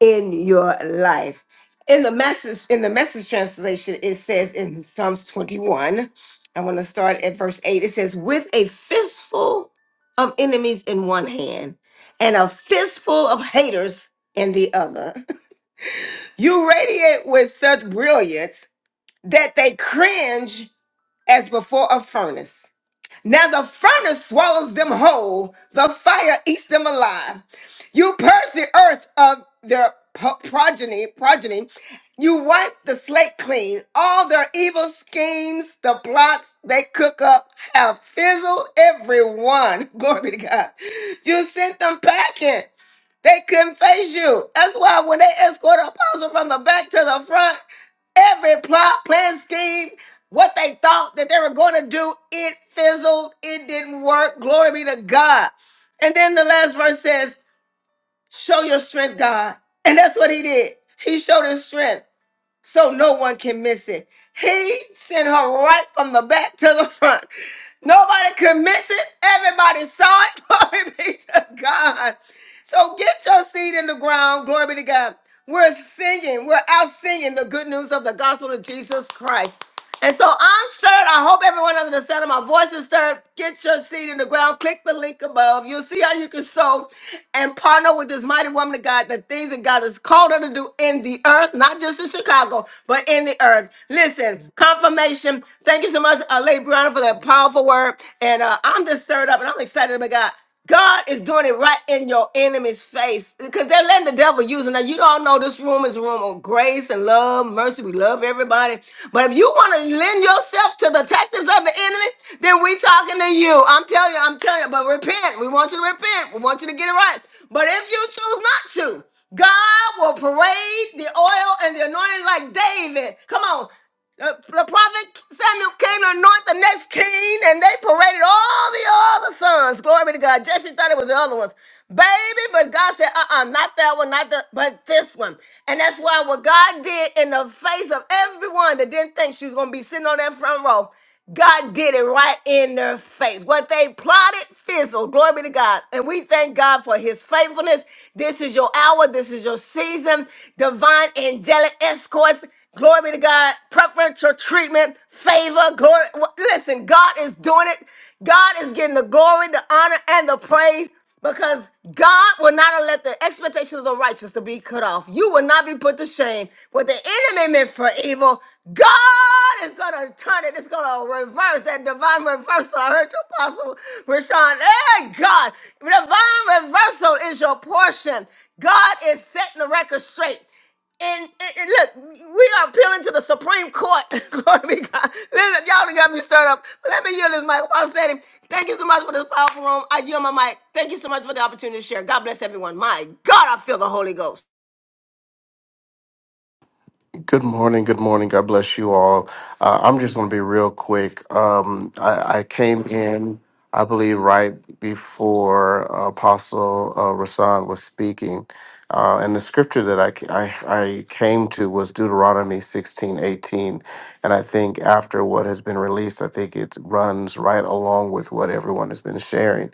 S4: in your life. In the message, in the message translation, it says in Psalms 21, I want to start at verse 8. It says, with a fistful of enemies in one hand and a fistful of haters in the other. You radiate with such brilliance that they cringe as before a furnace. Now the furnace swallows them whole, the fire eats them alive. You purge the earth of their po- progeny, progeny. You wipe the slate clean. All their evil schemes, the plots they cook up have fizzled Every one Glory to God. You sent them packing. They couldn't face you. That's why when they escort apostle from the back to the front, every plot, plan, scheme. What they thought that they were going to do, it fizzled. It didn't work. Glory be to God. And then the last verse says, Show your strength, God. And that's what he did. He showed his strength so no one can miss it. He sent her right from the back to the front. Nobody could miss it. Everybody saw it. Glory be to God. So get your seed in the ground. Glory be to God. We're singing. We're out singing the good news of the gospel of Jesus Christ. And so I'm stirred. I hope everyone under the sound of my voice is stirred. Get your seed in the ground. Click the link above. You'll see how you can sow and partner with this mighty woman of God, the things that God has called her to do in the earth, not just in Chicago, but in the earth. Listen, confirmation. Thank you so much, uh, Lady Brianna, for that powerful word. And uh, I'm just stirred up and I'm excited about God. God is doing it right in your enemy's face because they're letting the devil use them. Now, you don't know this room is a room of grace and love, mercy. We love everybody. But if you want to lend yourself to the tactics of the enemy, then we talking to you. I'm telling you, I'm telling you. But repent. We want you to repent. We want you to get it right. But if you choose not to, God will parade the oil and the anointing like David. Come on. Uh, the prophet Samuel came to anoint the next king, and they paraded all the other sons. Glory be to God. Jesse thought it was the other ones. Baby, but God said, uh uh not that one, not the, but this one. And that's why what God did in the face of everyone that didn't think she was going to be sitting on that front row, God did it right in their face. What they plotted fizzled. Glory be to God. And we thank God for his faithfulness. This is your hour. This is your season. Divine angelic escorts. Glory be to God. Preferential treatment, favor, glory. Listen, God is doing it. God is getting the glory, the honor, and the praise because God will not let the expectations of the righteous to be cut off. You will not be put to shame. What the enemy meant for evil, God is going to turn it. It's going to reverse that divine reversal. I heard your apostle, Rashawn. Hey, God, divine reversal is your portion. God is setting the record straight. And, and- and look, we are appealing to the Supreme Court. Glory be to God. Listen, y'all done got me stirred up. But let me yield this mic. Apostle, standing, thank you so much for this powerful room. I yield my mic. Thank you so much for the opportunity to share. God bless everyone. My God, I feel the Holy Ghost.
S12: Good morning. Good morning. God bless you all. Uh, I'm just going to be real quick. Um, I, I came in, I believe, right before Apostle uh, Rasan was speaking. Uh, and the scripture that I, I, I came to was Deuteronomy 16:18, And I think after what has been released, I think it runs right along with what everyone has been sharing.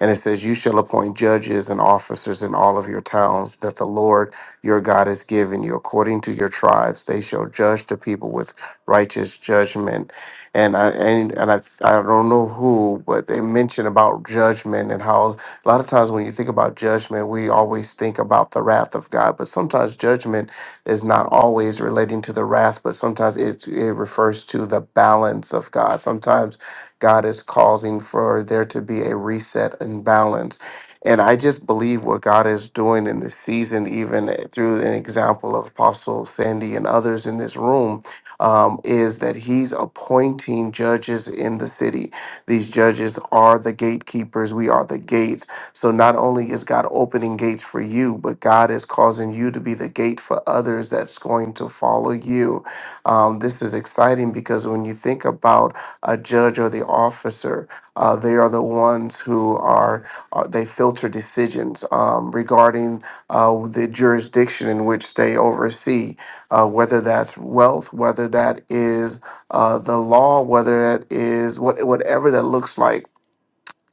S12: And it says, You shall appoint judges and officers in all of your towns, that the Lord your God has given you. According to your tribes, they shall judge the people with righteous judgment. And I and, and I I don't know who, but they mention about judgment and how a lot of times when you think about judgment, we always think about the wrath of God. But sometimes judgment is not always relating to the wrath, but sometimes it it refers to the balance of God. Sometimes God is causing for there to be a reset and balance and I just believe what God is doing in this season, even through an example of Apostle Sandy and others in this room, um, is that He's appointing judges in the city. These judges are the gatekeepers, we are the gates. So not only is God opening gates for you, but God is causing you to be the gate for others that's going to follow you. Um, this is exciting because when you think about a judge or the officer, uh, they are the ones who are uh, they filter decisions um, regarding uh, the jurisdiction in which they oversee, uh, whether that's wealth, whether that is uh, the law, whether that is what whatever that looks like.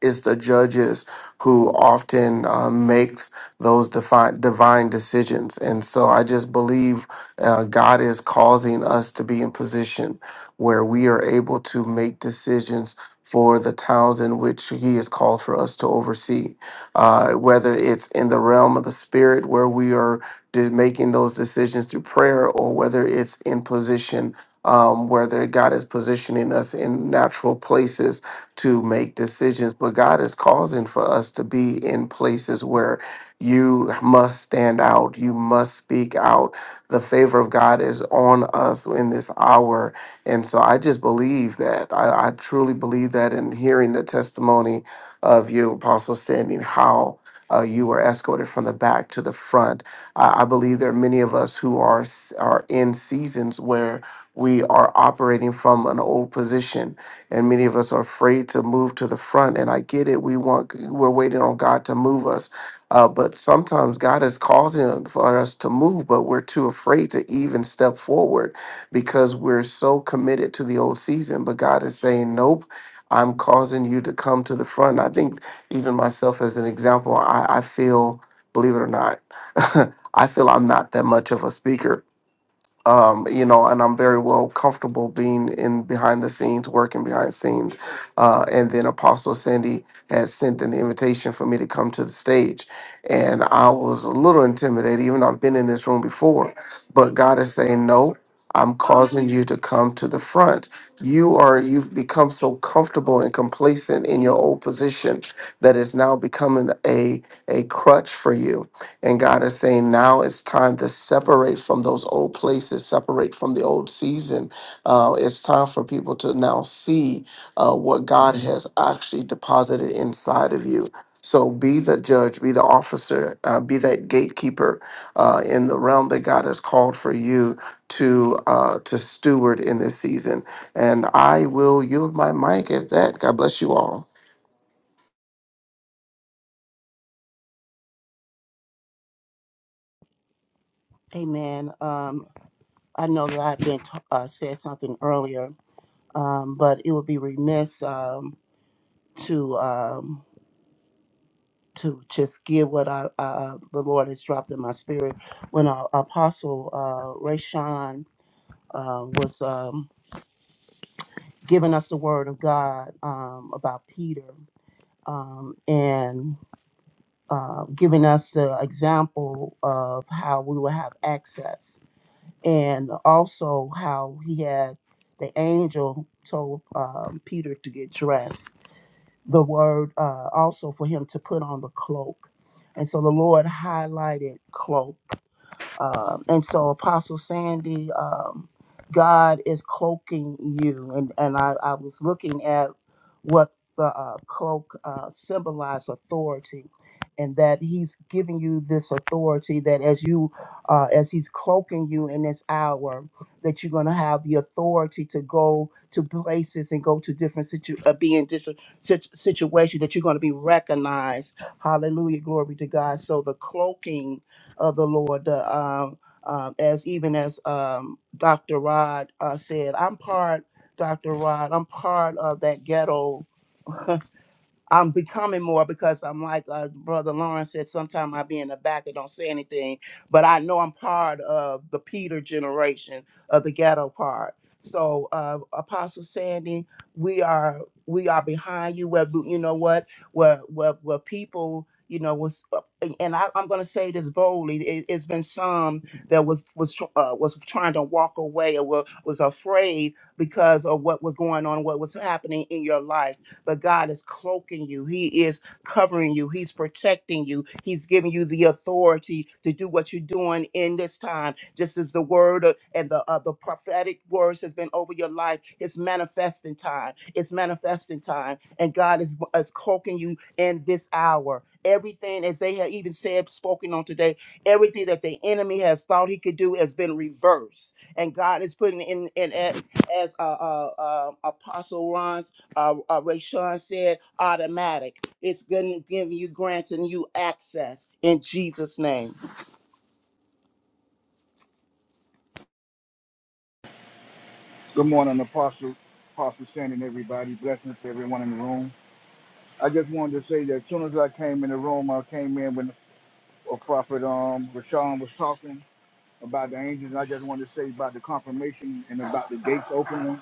S12: It's the judges who often uh, makes those defi- divine decisions, and so I just believe uh, God is causing us to be in position where we are able to make decisions for the towns in which He has called for us to oversee. Uh, whether it's in the realm of the spirit, where we are de- making those decisions through prayer, or whether it's in position um, where God is positioning us in natural places to make decisions, but God is causing for us to be in places where you must stand out, you must speak out. The favor of God is on us in this hour. And so I just believe that. I, I truly believe that in hearing the testimony of you, Apostle Sandy, and how uh, you were escorted from the back to the front. I, I believe there are many of us who are s- are in seasons where we are operating from an old position and many of us are afraid to move to the front. And I get it. We want we're waiting on God to move us, uh, but sometimes God is causing for us to move, but we're too afraid to even step forward because we're so committed to the old season. But God is saying, nope. I'm causing you to come to the front. I think even myself as an example, I, I feel, believe it or not, I feel I'm not that much of a speaker um, you know, and I'm very well comfortable being in behind the scenes, working behind the scenes. Uh, and then Apostle Sandy had sent an invitation for me to come to the stage, and I was a little intimidated, even though I've been in this room before. But God is saying, no, I'm causing you to come to the front. You are you've become so comfortable and complacent in your old position that it's now becoming a a crutch for you and God is saying, now it's time to separate from those old places, separate from the old season. Uh, it's time for people to now see uh, what God has actually deposited inside of you. So be the judge, be the officer, uh, be that gatekeeper uh, in the realm that God has called for you to uh, to steward in this season. And I will yield my mic at that. God bless you all.
S3: Amen. Um, I know that I've been t- uh, said something earlier, um, but it would be remiss um, to um, to just give what I, uh, the Lord has dropped in my spirit when our Apostle uh, Ray Sean um, giving us the Word of God um, about Peter um, and uh, giving us the example of how we will have access and also how he had the angel told um, Peter to get dressed the word uh, also for him to put on the cloak. And so the Lord highlighted cloak. Um, and so, Apostle Sandy, um, God is cloaking you. And, and I, I was looking at what the uh, cloak uh, symbolized authority, and that He's giving you this authority that as you, uh, as He's cloaking you in this hour, that you're going to have the authority to go to places and go to different situ- uh, be in different situ- situations that you're going to be recognized. Hallelujah, glory to God. So the cloaking of the Lord. The, um, um, as even as um, Dr. Rod uh, said, I'm part, Dr. Rod, I'm part of that ghetto. I'm becoming more because I'm like uh, Brother Lawrence said, sometimes I be in the back and don't say anything, but I know I'm part of the Peter generation of the ghetto part. So uh, Apostle Sandy, we are we are behind you. Where you know what, where where, where people you know was, uh, and I, I'm going to say this boldly. It, it's been some that was was tr- uh, was trying to walk away or wa- was afraid because of what was going on, what was happening in your life but God is cloaking you. He is covering you. He's protecting you. He's giving you the authority to do what you're doing in this time. Just as the word of- and the uh, the prophetic words has been over your life, it's manifesting time. It's manifesting time, and God is is cloaking you in this hour. Everything, as they have even said, spoken on today, everything that the enemy has thought he could do has been reversed, and God is putting in in as uh, uh, uh, Apostle Ron uh, uh, Ray said, automatic. It's going to give you granting you access in Jesus' name.
S13: Good morning, Apostle, Apostle Sandy, and everybody. Blessings to everyone in the room. I just wanted to say that as soon as I came in the room, I came in when a prophet um Rashawn was talking about the angels. I just wanted to say about the confirmation and about the gates opening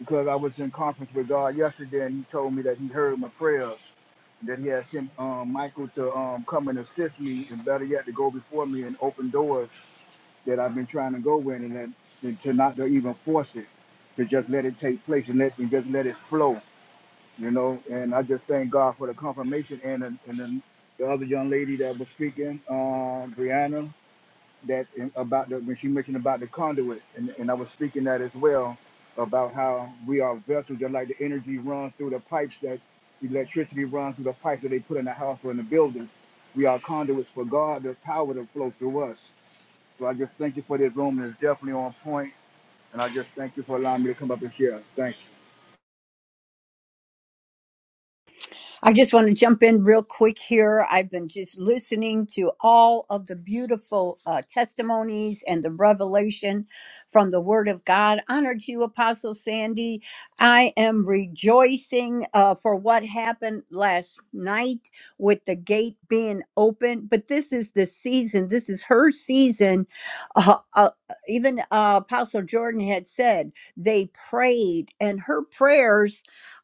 S13: because I was in conference with God yesterday, and He told me that He heard my prayers, that He had sent um, Michael to um, come and assist me, and better yet, to go before me and open doors that I've been trying to go with, and that and to not to even force it, to just let it take place and let and just let it flow, you know. And I just thank God for the confirmation and the, and the, the other young lady that was speaking, uh, Brianna, that in- about the when she mentioned about the conduit, and, and I was speaking that as well about how we are vessels, just like the energy runs through the pipes that electricity runs through the pipes that they put in the house or in the buildings. We are conduits for God, the power to flow through us so I just thank you for this room. It's definitely on point, and I just thank you for allowing me to come up and share. Thank you.
S9: I just want to jump in real quick here. I've been just listening to all of the beautiful uh, testimonies and the revelation from the Word of God. Honored you, Apostle Sandy. I am rejoicing uh, for what happened last night with the gate being open. But this is the season, this is her season. Uh, uh, even uh, Apostle Jordan had said they prayed, and her prayers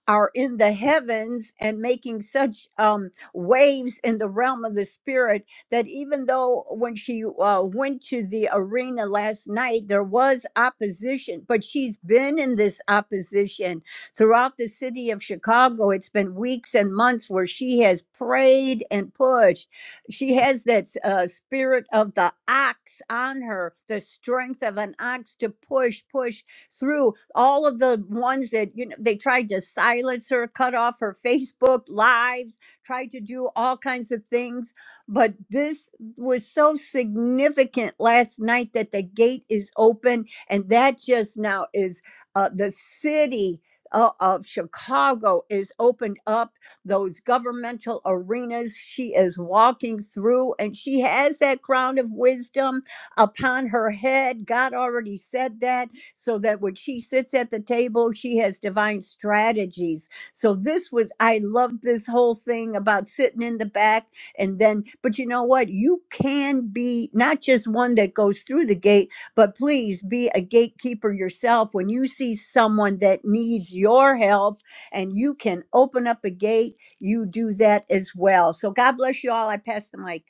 S9: are in the heavens and making such um, waves in the realm of the spirit that even though when she uh, went to the arena last night, there was opposition, but she's been in this opposition throughout the city of Chicago. It's been weeks and months where she has prayed and pushed. She has that uh, spirit of the ox on her, the strength of an ox to push, push, through all of the ones that you know they tried to silence her, cut off her Facebook lives, tried to do all kinds of things. But this was so significant last night that the gate is open, and that just now is uh, the city. o- Of Chicago is opened up those governmental arenas. She is walking through and she has that crown of wisdom upon her head. God already said that so that when she sits at the table, she has divine strategies. So this was I love this whole thing about sitting in the back and then but you know what? You can be not just one that goes through the gate, but please be a gatekeeper yourself when you see someone that needs your help and you can open up a gate, you do that as well. So God bless you all. I pass the mic.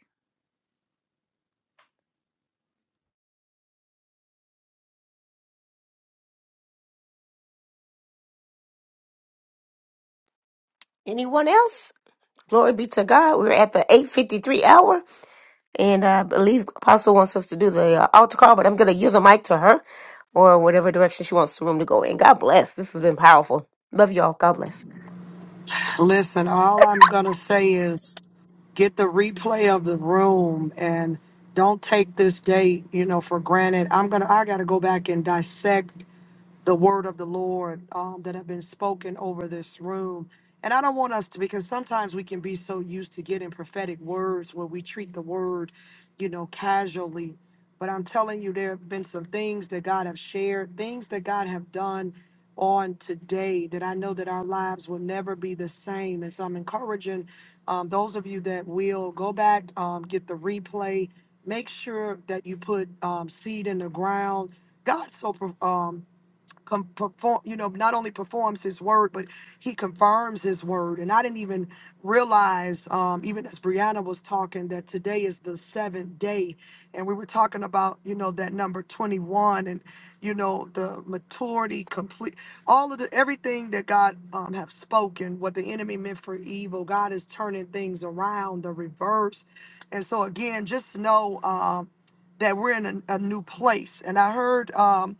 S4: Anyone else? Glory be to God. We're at the 8.53 hour. And I believe Apostle wants us to do the uh, altar call, but I'm going to yield the mic to her or whatever direction she wants the room to go in. God bless. This has been powerful. Love y'all. God bless.
S1: Listen, all I'm going to say is get the replay of the room and don't take this date, you know, for granted. I'm going to I got to go back and dissect the word of the Lord um, that have been spoken over this room. And I don't want us to, because sometimes we can be so used to getting prophetic words where we treat the word, you know, casually. But I'm telling you, there have been some things that God have shared, things that God have done on today that I know that our lives will never be the same. And so I'm encouraging um, those of you that will go back, um, get the replay, make sure that you put um, seed in the ground. God so pro- um, com- perform, you know, not only performs his word, but he confirms his word. And I didn't even realize, um, even as Brianna was talking, that today is the seventh day. And we were talking about, you know, that number 21 and, you know, the maturity, complete, all of the, everything that God um, have spoken, what the enemy meant for evil, God is turning things around, the reverse. And so again, just know um, that we're in a, a new place. And I heard, um,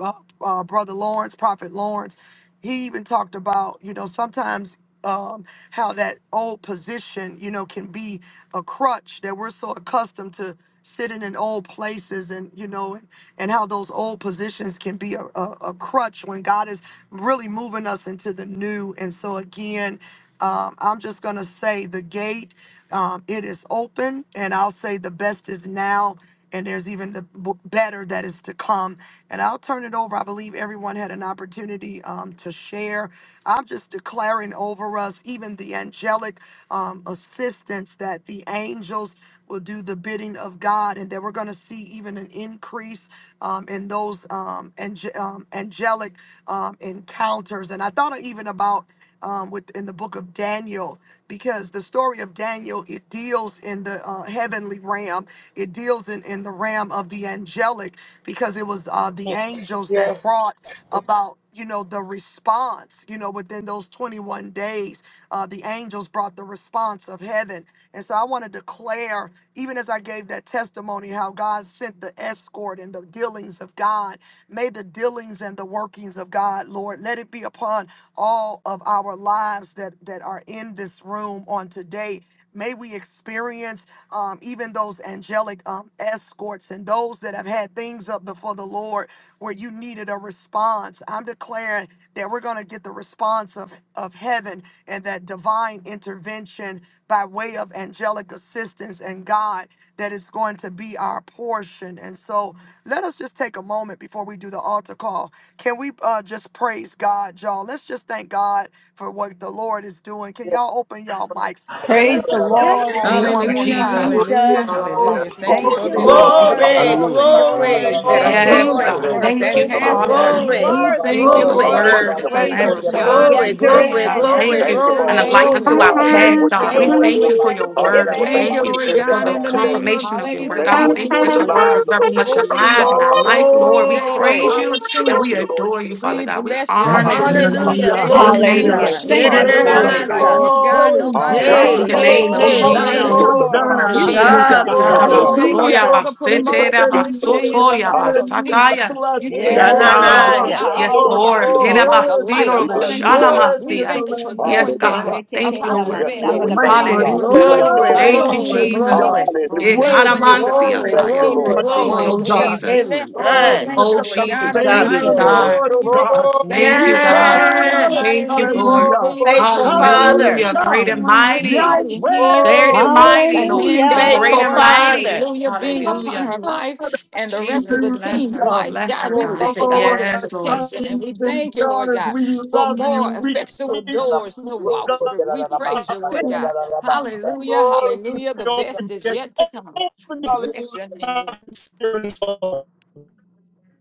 S1: uh, uh, brother Lawrence, Prophet Lawrence. He even talked about, you know, sometimes um, how that old position, you know, can be a crutch that we're so accustomed to sitting in old places and, you know, and, and how those old positions can be a, a, a crutch when God is really moving us into the new. And so, again, um, I'm just going to say the gate, um, it is open, and I'll say the best is now, and there's even the b- better that is to come. And I'll turn it over. I believe everyone had an opportunity um, to share. I'm just declaring over us, even the angelic um, assistance, that the angels will do the bidding of God, and that we're going to see even an increase um, in those um, ange- um, angelic um, encounters. And I thought even about um, with, in the book of Daniel, because the story of Daniel, it deals in the uh, heavenly realm. It deals in, in the realm of the angelic, because it was uh, the angels that
S2: Yes.
S1: brought about, you know, the response, you know, within those 21 days, uh, the angels brought the response of heaven. And so I want to declare declare, even as I gave that testimony, how God sent the escort and the dealings of God. May the dealings and the workings of God, Lord, let it be upon all of our lives that, that are in this room on today. May we experience um, even those angelic um, escorts and those that have had things up before the Lord where you needed a response. I'm declaring that we're going to get the response of, of heaven and that divine intervention by way of angelic assistance and God that is going to be our portion. And so let us just take a moment before we do the altar call. Can we uh, just praise God, y'all? Let's just thank God for what the Lord is doing. Can
S3: Yeah.
S1: y'all open y'all mics and let's
S9: Praise the
S1: just give him
S9: Lord.
S1: glory.
S5: Yes,
S9: Thank you,
S14: Hallelujah,
S5: Lord.
S6: Yes.
S14: hallelujah,
S9: Jesus.
S3: Glory,
S5: Yes,
S14: hallelujah. Thank you
S3: glory,
S5: Lord.
S9: Thank
S14: for
S9: you,
S14: the
S3: glory,
S5: Hallelujah.
S14: doors
S9: Lord, for
S4: Glory,
S5: Hallelujah.
S9: open
S13: Hallelujah. Hallelujah.
S4: glory,
S9: doors.
S14: that
S13: Praise
S14: are
S5: Thank
S9: Thank you,
S5: you,
S13: God.
S6: Yes,
S14: being
S9: Lord,
S6: God.
S4: glory,
S14: opened and
S5: Jesus.
S13: Hallelujah.
S9: for
S14: that,
S6: Thank
S14: that
S5: Thank
S6: you,
S13: Thank
S5: you,
S13: you,
S14: has
S13: Lord.
S14: been
S5: Lord.
S9: Lord,
S6: Father.
S9: you
S14: opened.
S4: glory,
S14: We
S9: are the
S14: thank
S6: For
S14: you,
S9: door,
S6: your
S9: you
S4: glory, glory,
S14: Lord,
S9: are
S14: for
S9: the
S14: the
S6: word
S5: Hallelujah.
S6: is a
S5: We
S1: Thank
S9: gate,
S14: favor
S1: you,
S6: lamp
S5: bless
S14: of
S6: unto
S5: you,
S9: and
S5: Lord
S9: we
S6: our
S14: God
S1: Jesus.
S4: glory,
S14: and
S9: enter
S5: Jesus.
S6: hearts,
S4: glory,
S14: man.
S9: in,
S6: God.
S14: We
S4: glory,
S9: enter
S6: Thank
S5: Thank
S6: you.
S14: bless
S9: into
S5: you for
S14: your
S9: his
S6: And a
S5: all
S9: courts
S6: light
S9: with
S14: name
S5: things,
S6: unto
S4: glory,
S14: this
S5: God.
S6: our
S9: praise
S14: day
S5: Thank
S14: in
S5: you
S9: and
S14: the
S6: path,
S9: his
S5: for what you're
S6: God.
S14: name
S6: We
S14: of
S9: gates
S5: doing.
S6: thank
S9: with
S6: you
S14: Jesus.
S6: for your
S5: Hallelujah.
S6: word. We
S5: Well, Thank you
S14: Thank
S5: for
S6: thank
S14: you,
S5: what
S9: thanksgiving.
S6: you
S5: you
S14: Lord
S5: did in this
S6: for
S14: God,
S6: the
S5: room
S14: in the
S5: today.
S14: name of
S6: confirmation of your word.
S5: Thank
S6: God,
S5: you
S6: we
S14: Jesus.
S5: for
S9: Hallelujah.
S5: what you're
S6: thank you
S14: Thank
S5: doing
S14: you,
S5: in
S6: that
S5: the
S6: your
S14: Lord
S6: word
S5: lives
S6: is
S14: God,
S5: of
S14: for
S6: very
S7: Thank
S5: those who
S6: much
S7: you.
S5: are here,
S14: open
S6: alive
S5: God.
S6: in our
S14: doors
S6: life,
S5: Hallelujah.
S14: this
S6: Lord. We
S14: day of
S4: glory.
S6: praise
S5: Oh,
S6: you
S5: we
S6: and
S5: bless
S6: we
S14: opportunity.
S5: you, Lord
S6: adore you, Father
S14: We
S5: Jesus.
S6: God. We
S14: bless your
S7: Yes,
S6: honor you,
S14: name
S5: Hallelujah.
S14: this
S6: God.
S4: Hallelujah.
S7: hallelujah,
S14: day
S5: Hallelujah.
S14: in
S6: In
S4: Glory
S14: the
S6: the
S4: be to
S5: We
S6: name
S14: name
S6: of
S7: hallelujah.
S9: Hallelujah.
S14: of
S5: thank
S4: God.
S5: you,
S4: Hey,
S14: Jesus.
S9: Thank
S4: da,
S9: you,
S5: Father.
S4: da,
S6: Jesus,
S5: We
S4: da,
S7: Praise
S9: Father
S5: thank
S14: Nobody
S7: to
S6: Lord.
S7: the
S5: you.
S14: like
S4: massa.
S9: God.
S7: Lord.
S14: you, God.
S7: Praise to
S14: Nobody like
S9: Thank
S6: In
S5: Hallelujah.
S7: God.
S4: hey,
S6: the
S9: you,
S14: you.
S4: hey,
S6: name of
S5: Hallelujah.
S4: hey.
S9: Lord. Thank
S14: Promotion
S5: Thank
S4: hey.
S9: you,
S7: Hosanna,
S5: you for
S14: comes
S5: such
S6: Jesus.
S5: a
S14: from
S9: Lord.
S4: To
S5: powerful
S7: Hosanna,
S14: you,
S5: move, oh
S14: God.
S5: God.
S4: God
S6: Jesus.
S7: hallelujah,
S4: be the
S14: And we
S4: glory.
S14: thank
S5: Hallelujah.
S14: you
S6: Arabasoya
S7: hallelujah.
S14: for
S3: glory.
S14: the
S5: Thank you
S6: basete,
S5: for open
S14: promotion
S5: gates,
S14: this day
S5: Lord.
S14: in
S7: Hallelujah,
S6: rabasotoya
S14: the name of
S5: Hallelujah.
S7: hallelujah.
S14: Jesus.
S6: basataya.
S14: You
S5: In the
S7: Blessing,
S14: said
S5: name
S14: you
S6: Yes,
S5: of
S9: Yes,
S7: glory,
S14: sit
S3: Hallelujah. Glory, glory, glory, glory, glory,
S5: Jesus,
S6: God.
S14: us
S3: glory, glory,
S7: honor,
S5: we
S9: Lord.
S4: Sananaya.
S14: high
S5: bless
S14: up
S5: you,
S6: Yes,
S5: Lord
S14: on
S7: power.
S14: a
S9: Hallelujah.
S6: Lord.
S5: Jesus.
S3: glory.
S14: hill like a
S7: Worthy is
S14: light
S6: Herabasilo
S7: the
S5: We
S14: upon a
S7: Lamb,
S5: bless you,
S6: roboshana
S14: hill.
S5: Lord.
S14: We
S7: worthy is
S6: masia.
S7: the
S14: thank you for
S7: Lamb that
S6: Yes,
S7: was
S14: doing that
S6: God.
S5: Hallelujah.
S7: slain.
S14: for
S6: Thank you,
S7: The
S14: Apostle
S6: Lord.
S5: Yes,
S14: Sandy.
S5: Lord, we
S14: We
S5: thank you,
S14: thank
S7: Lamb
S14: you,
S7: of
S9: Hallelujah.
S5: God.
S14: Lord
S5: We
S6: Hallelujah,
S14: God,
S5: thank
S6: God.
S14: in
S5: you,
S14: the
S4: Glory,
S5: Lord.
S14: mighty
S6: Thank
S7: Judah,
S6: you,
S14: name
S4: glory,
S14: of
S7: hallelujah.
S6: Jesus.
S4: glory,
S14: Jesus.
S1: Oh,
S5: Hallelujah.
S1: my
S14: Thank you,
S7: Worthy is
S1: God.
S14: Lord
S7: the
S14: God,
S5: We
S6: Ekanamansia
S14: in
S4: glory,
S14: the
S3: Yes,
S5: thank
S7: Christ,
S5: you,
S6: haya.
S14: name
S4: glory,
S14: of
S3: Lord.
S5: Lord.
S7: much one,
S14: Jesus
S4: glory.
S7: O
S6: Oh,
S14: for
S3: Hallelujah.
S7: God.
S14: just
S6: Jesus.
S14: blessing. We
S7: Oh, we
S1: Oh,
S4: Amen.
S14: thank
S7: lift
S14: you,
S6: Oh,
S7: up
S14: Lord
S7: the
S4: To
S14: God,
S6: Jesus.
S3: Yes.
S14: in the
S4: God be
S6: Thank
S7: banner
S4: the
S6: you,
S14: mighty
S7: of the
S14: name
S4: glory.
S14: of
S6: God.
S7: Lord, O
S14: Jesus.
S7: God.
S3: Glory,
S6: Thank
S14: Thank
S6: you,
S14: you,
S7: Jesus,
S14: Lord
S6: God.
S14: God, in the
S4: Yes.
S14: mighty
S6: Thank you,
S14: name
S6: Lord.
S14: of
S7: hallelujah,
S3: glory, glory,
S14: Jesus.
S4: Faithful
S14: Hallelujah.
S4: Father.
S6: Hallelujah.
S1: Jesus.
S6: Great
S7: hallelujah,
S6: and
S14: On your
S6: mighty.
S14: mighty hand
S7: Yahweh,
S6: Great
S3: glory,
S6: and mighty,
S14: the
S6: Lord.
S14: hand
S6: You're
S14: of the
S9: Hallelujah.
S7: hallelujah,
S6: great
S4: Faithful
S6: and
S14: Lord,
S6: mighty.
S4: Father.
S14: hallelujah, being upon
S6: Hallelujah.
S14: her life and the rest of
S6: Jesus,
S14: the
S6: bless
S14: team's
S6: her.
S7: hallelujah.
S14: life.
S6: Bless
S14: God,
S6: her,
S14: we
S4: Glory
S6: God.
S14: thank
S4: to
S14: you
S4: God.
S14: for
S7: Oh,
S14: their
S6: Yes, Lord.
S14: protection and
S7: sons
S14: we
S7: and
S14: thank you, Lord
S7: daughters,
S14: God,
S7: we
S14: for
S7: love you.
S14: more
S7: We,
S14: effectual
S7: we,
S14: doors to
S3: glory,
S14: walk
S7: God,
S14: through. We praise you, Lord God.
S2: Mm.
S14: Hallelujah,
S3: glory to you.
S14: hallelujah. The best
S7: open
S14: is
S7: gates,
S14: yet to come.
S7: open
S14: We
S7: the
S3: Hallelujah.
S14: bless your name, Lord.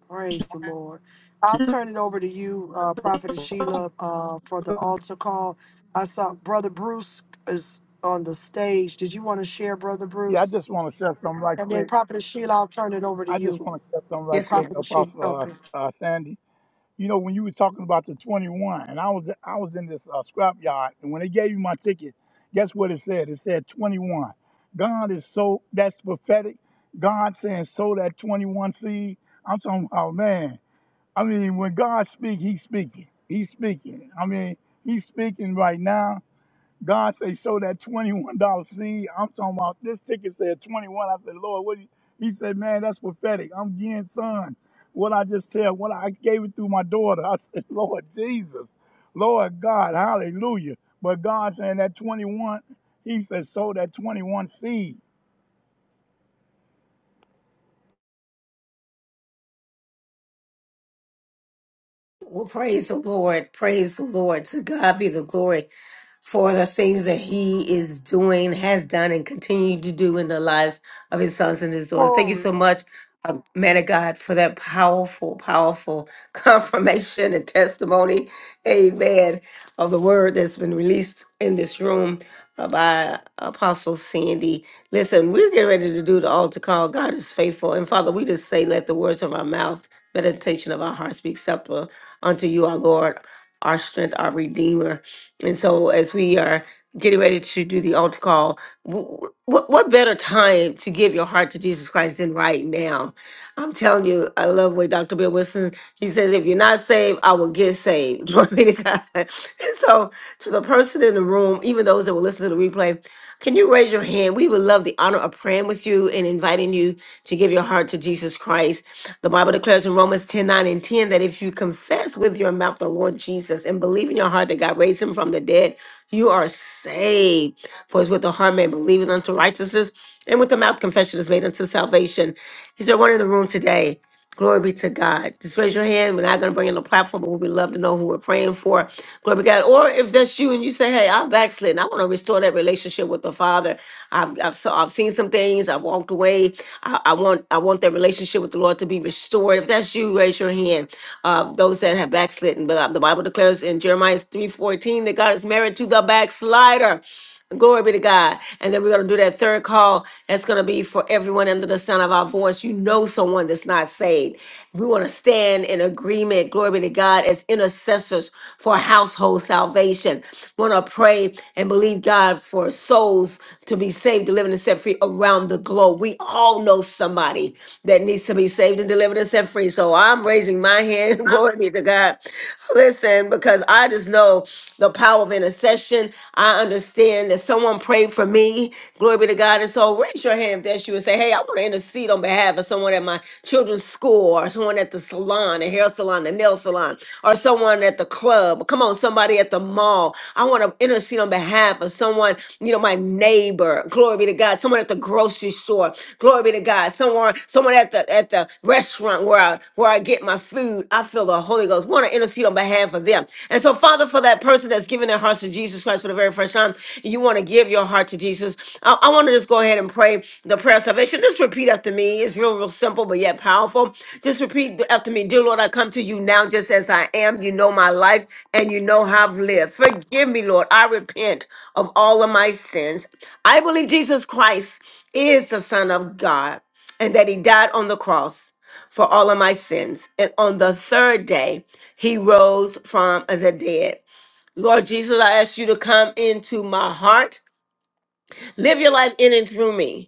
S1: Praise the Lord. I'll turn it over to you, uh, Prophetess Sheila, uh, for the altar call. I saw Brother Bruce is on the stage. Did you want to share, Brother
S15: Yeah, I
S1: Bruce?
S15: just want to share something right
S1: And then
S15: quick.
S1: Prophetess Sheila, I'll turn it over to
S15: I just
S1: you.
S15: want to share something right
S4: Yes, ma'am.
S15: quick,
S1: Prophetess Sheila,
S15: Apostle
S1: okay.
S15: uh, uh, Sandy. You know, when you were talking about the 21, and I was I was in this uh, scrap yard, and when they gave me my ticket, guess what it said? It said 21. God is so that's prophetic. God saying sow that 21 seed. I'm talking. Oh man, I mean, when God speak, He's speaking. He's speaking. I mean, He's speaking right now God say, show that $21 seed. I'm talking about this ticket said 21. I said, Lord, what do you? He said, man, that's prophetic. I'm getting son. What I just tell, what I gave it through my daughter. I said, Lord Jesus, Lord God, hallelujah. But God saying that 21, he said, sow that 21 seed.
S4: Well, praise the Lord. Praise the Lord. To God be the glory for the things that He is doing, has done, and continue to do in the lives of His sons and His daughters. Thank you
S1: Glory.
S4: so much, uh, man of God, for that powerful, powerful confirmation and testimony. Amen. Of the word that's been released in this room uh, by Apostle Sandy. Listen, we're getting ready to do the altar call. God is faithful. And Father, we just say, let the words of our mouth meditation of our hearts be acceptable unto you, our Lord, our strength, our Redeemer. And so, as we are getting ready to do the altar call, what, what better time to give your heart to Jesus Christ than right now? I'm telling you, I love what Dr. Bill Wilson he says. If you're not saved, I will get saved. Glory be to God. And so, to the person in the room, even those that will listen to the replay, can you raise your hand? We would love the honor of praying with you and inviting you to give your heart to Jesus Christ. The Bible declares in Romans 10 9 and 10 that if you confess with your mouth the Lord Jesus and believe in your heart that God raised him from the dead, you are saved. For it's with the heart man believeth unto righteousness, and with the mouth confession is made unto salvation. Is there one in the room today? Glory be to God. Just raise your hand. We're not going to bring in the platform, but we'd love to know who we're praying for. Glory be to God. Or if that's you and you say, hey, I'm backslidden. I want to restore that relationship with the Father. I've, I've, saw, I've seen some things. I've walked away. I, I want I want that relationship with the Lord to be restored. If that's you, raise your hand. Uh, those that have backslidden. But uh, the Bible declares in Jeremiah 3.14 that God is married to the backslider. Glory be to God. And then we're going to do that third call. That's going to be for everyone under the sound of our voice. You know someone that's not saved. We want to stand in agreement, glory be to God, as intercessors for household salvation. want to pray and believe God for souls to be saved, delivered, and set free around the globe. We all know somebody that needs to be saved and delivered and set free. So I'm raising my hand. Glory be to God. Listen, because I just know the power of intercession. I understand that someone prayed for me. Glory be to God. And so raise your hand if that's you and say, hey, I want to intercede on behalf of someone at my children's school or someone at the salon, the hair salon, the nail salon, or someone at the club. Come on, somebody at the mall. I want to intercede on behalf of someone, you know, my neighbor. Glory be to God. Someone at the grocery store. Glory be to God. Someone, someone at the at the restaurant where I where I get my food. I feel the Holy Holy Ghost. Want to intercede on behalf of them. And so, Father, for that person that's giving their hearts to Jesus Christ for the very first time, and you want to give your heart to Jesus. I, I want to just go ahead and pray the prayer of salvation. Just repeat after me. It's real, real simple, but yet powerful. Just repeat after me. Dear Lord, I come to you now just as I am. You know my life and you know how I've lived. Forgive me, Lord. I repent of all of my sins. I believe Jesus Christ is the Son of God and that he died on the cross for all of my sins. And on the third day, he rose from the dead. Lord Jesus, I ask you to come into my heart. Live your life in and through me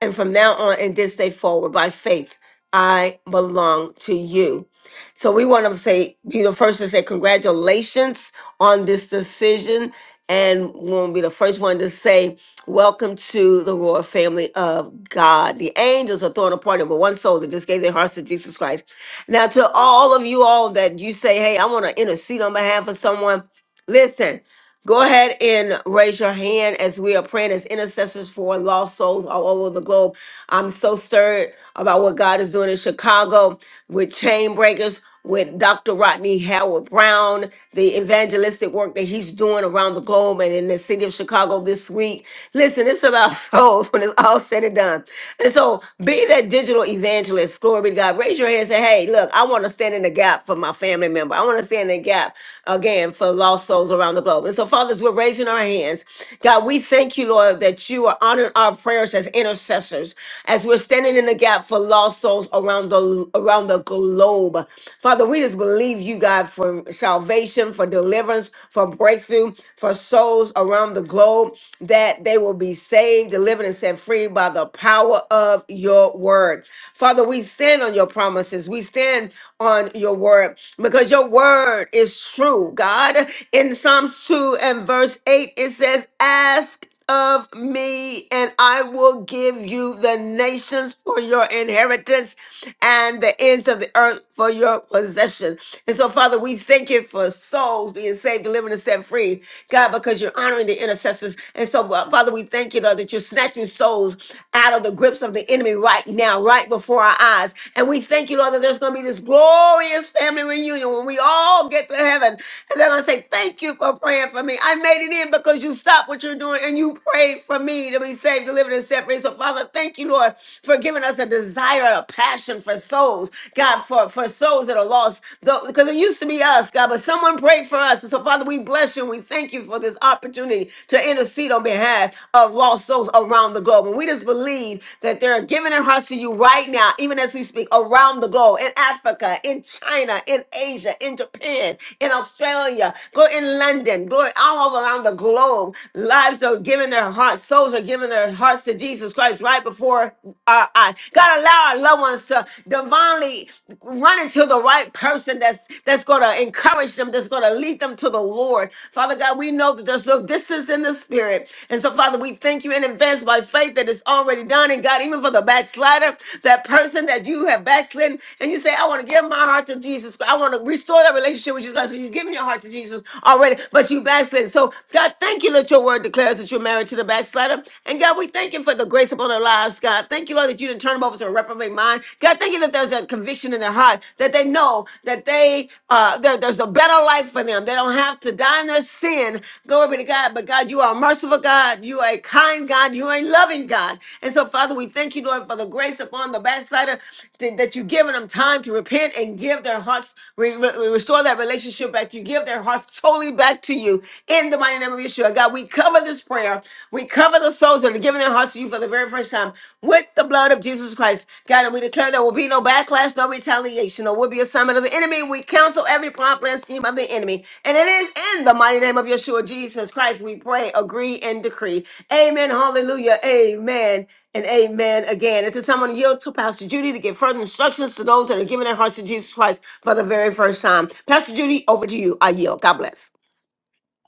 S4: and from now on and this day forward by faith i belong to you so we want to say be the first to say congratulations on this decision and we want to be the first one to say welcome to the royal family of god the angels are throwing a party but one soul that just gave their hearts to jesus christ now to all of you all that you say hey i want to intercede on behalf of someone listen Go ahead and raise your hand as we are praying as intercessors for lost souls all over the globe. I'm so stirred about what God is doing in Chicago with chain breakers, with Dr. Rodney Howard Brown, the evangelistic work that he's doing around the globe and in the city of Chicago this week. Listen, it's about souls when it's all said and done. And so be that digital evangelist. Glory be to God. Raise your hand and say, hey, look, I want to stand in the gap for my family member. I want to stand in the gap again for lost souls around the globe. And so, fathers, we're raising our hands. God, we thank you, Lord, that you are honoring our prayers as intercessors, as we're standing in the gap for lost souls around the around the globe. Father, we just believe you, God, for salvation, for deliverance, for breakthrough, for souls around the globe, that they will be saved, delivered, and set free by the power of your word. Father, we stand on your promises. We stand on your word because your word is true. God, in Psalms 2 and verse 8, it says, Ask of me, and I will give you the nations for your inheritance and the ends of the earth for your possession. And so, Father, we thank you for souls being saved, delivered, and set free, God, because you're honoring the intercessors. And so, uh, Father, we thank you, Lord, that you're snatching souls souls out of the grips of the enemy right now, right before our eyes. And we thank you, Lord, that there's going to be this glorious family reunion when we all get to heaven. And they're going to say, Thank you for praying for me. I made it in because you stopped what you're doing and you prayed for me to be saved, delivered, and set free. So, Father, thank you, Lord, for giving us a desire, a passion for souls, God, for, for souls that are lost. So, because it used to be us, God, but someone prayed for us. And so, Father, we bless you and we thank you for this opportunity to intercede on behalf of lost souls around the around the globe. And we just believe that they're giving their hearts to you right now, even as we speak, around the globe, in Africa, in China, in Asia, in Japan, in Australia, go in London, go all over around the globe. Lives are giving their hearts, souls are giving their hearts to Jesus Christ right before our eyes. God, allow our loved ones to divinely run into the right person that's that's going to encourage them, that's going to lead them to the Lord. Father God, we know that there's no distance in the spirit. And so, Father, we thank you in advance advance by faith that is already done. And God, even for the backslider, that person that you have backslidden, and you say, I want to give my heart to Jesus. I want to restore that relationship with Jesus. God, so you've given your heart to Jesus already, but you backslid. So, God, thank you that your word declares that you're married to the backslider. And God, we thank you for the grace upon our lives, God. Thank you, Lord, that you didn't turn them over to a reprobate mind. God, thank you that there's a conviction in their heart that they know that they uh there- there's a better life for them. They don't have to die in their sin. Glory be to God. But God, you are a merciful God. You are a kind God. You ain't loving God. And so, Father, we thank you, Lord, for the grace upon the backslider th- that you've given them time to repent and give their hearts, re- re- restore that relationship back to you. Give their hearts totally back to you in the mighty name of Yeshua. God, we cover this prayer. We cover the souls that are giving their hearts to you for the very first time with the blood of Jesus Christ. God, and we declare there will be no backlash, no retaliation, or will be a summon of the enemy. We counsel every plot, plan, scheme of the enemy. And it is in the mighty name of Yeshua, Jesus Christ, we pray, agree, and decree. Amen. Hallelujah. Amen. And amen again. At this time, I'm going to yield to Pastor Judy to give further instructions to those that are giving their hearts to Jesus Christ for the very first time. Pastor Judy, over to you. I yield. God bless.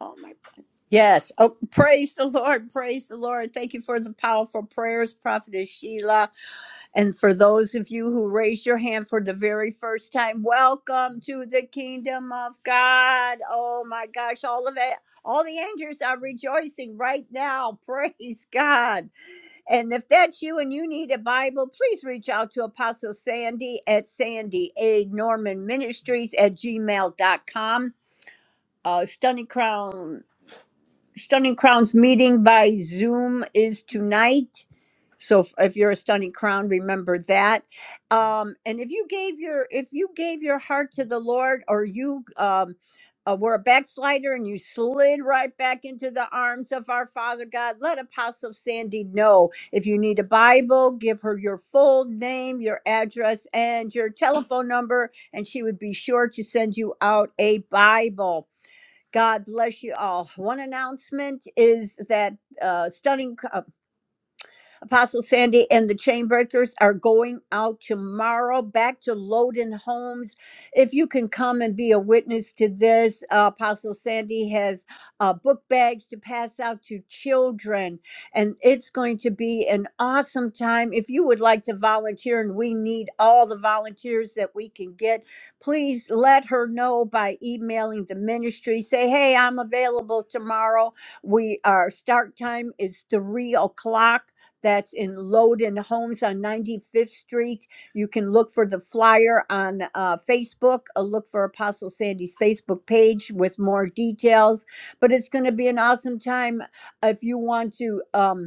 S9: Oh my God. Yes. Oh, praise the Lord. Praise the Lord. Thank you for the powerful prayers, Prophetess Sheila. And for those of you who raised your hand for the very first time, welcome to the kingdom of God. Oh my gosh, all of it, all the angels are rejoicing right now. Praise God. And if that's you and you need a Bible, please reach out to Apostle Sandy at Sandy A. Norman Ministries at gmail dot com. Uh, Stunning Crowns meeting by Zoom is tonight. So if, if you're a Stunning Crown, remember that. Um, and if you gave your if you gave your heart to the Lord, or you um, uh, were a backslider and you slid right back into the arms of our Father God, let Apostle Sandy know. If you need a Bible, give her your full name, your address, and your telephone number, and she would be sure to send you out a Bible. God bless you all. One announcement is that uh, stunning uh, Apostle Sandy and the Chainbreakers are going out tomorrow back to Loden Homes. If you can come and be a witness to this, uh, Apostle Sandy has uh, book bags to pass out to children, and it's going to be an awesome time. If you would like to volunteer, and we need all the volunteers that we can get, please let her know by emailing the ministry. Say, hey, I'm available tomorrow. We our start time is three o'clock that's in Loden Homes on 95th Street. You can look for the flyer on uh, Facebook, uh, look for Apostle Sandy's Facebook page with more details. But it's going to be an awesome time if you want to. Um,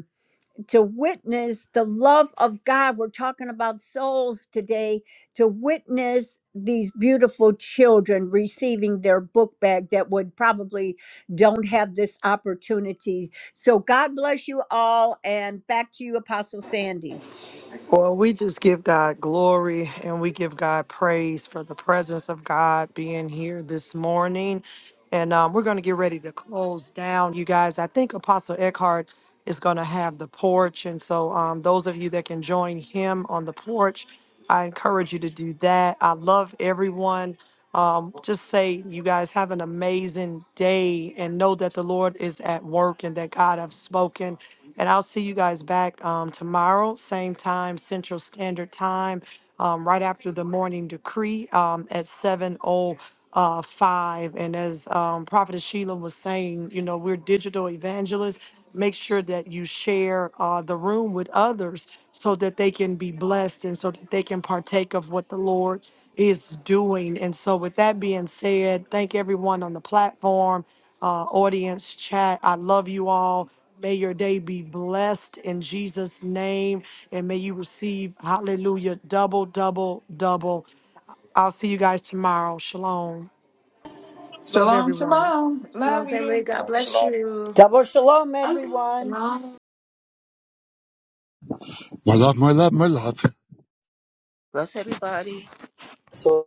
S9: to witness the love of God. We're talking about souls today, to witness these beautiful children receiving their book bag that would probably don't have this opportunity. So God bless you all and back to you Apostle Sandy.
S1: Well, we just give God glory and we give God praise for the presence of God being here this morning. And um, we're going to get ready to close down, you guys. I think Apostle Eckhart is going to have the porch. And so, um, those of you that can join him on the porch, I encourage you to do that. I love everyone. Um, just say, you guys have an amazing day and know that the Lord is at work and that God have spoken and I'll see you guys back um, tomorrow, same time, Central Standard Time, um, right after the morning decree um, at 7.05. And as um, Prophetess Sheila was saying, you know, we're digital evangelists. Make sure that you share uh, the room with others so that they can be blessed and so that they can partake of what the Lord is doing. And so, with that being said, thank everyone on the platform uh, audience chat. I love you all. May your day be blessed in Jesus' name. And may you receive, hallelujah, double, double, double. I'll see you guys tomorrow. Shalom. Love
S14: Shalom,
S1: everyone.
S14: shalom.
S4: Shalom,
S14: Love you.
S4: family. God
S5: Shalom,
S4: bless
S5: shalom.
S4: you.
S9: Double shalom, everyone.
S7: My love, my love, my love.
S3: Bless everybody.
S2: So.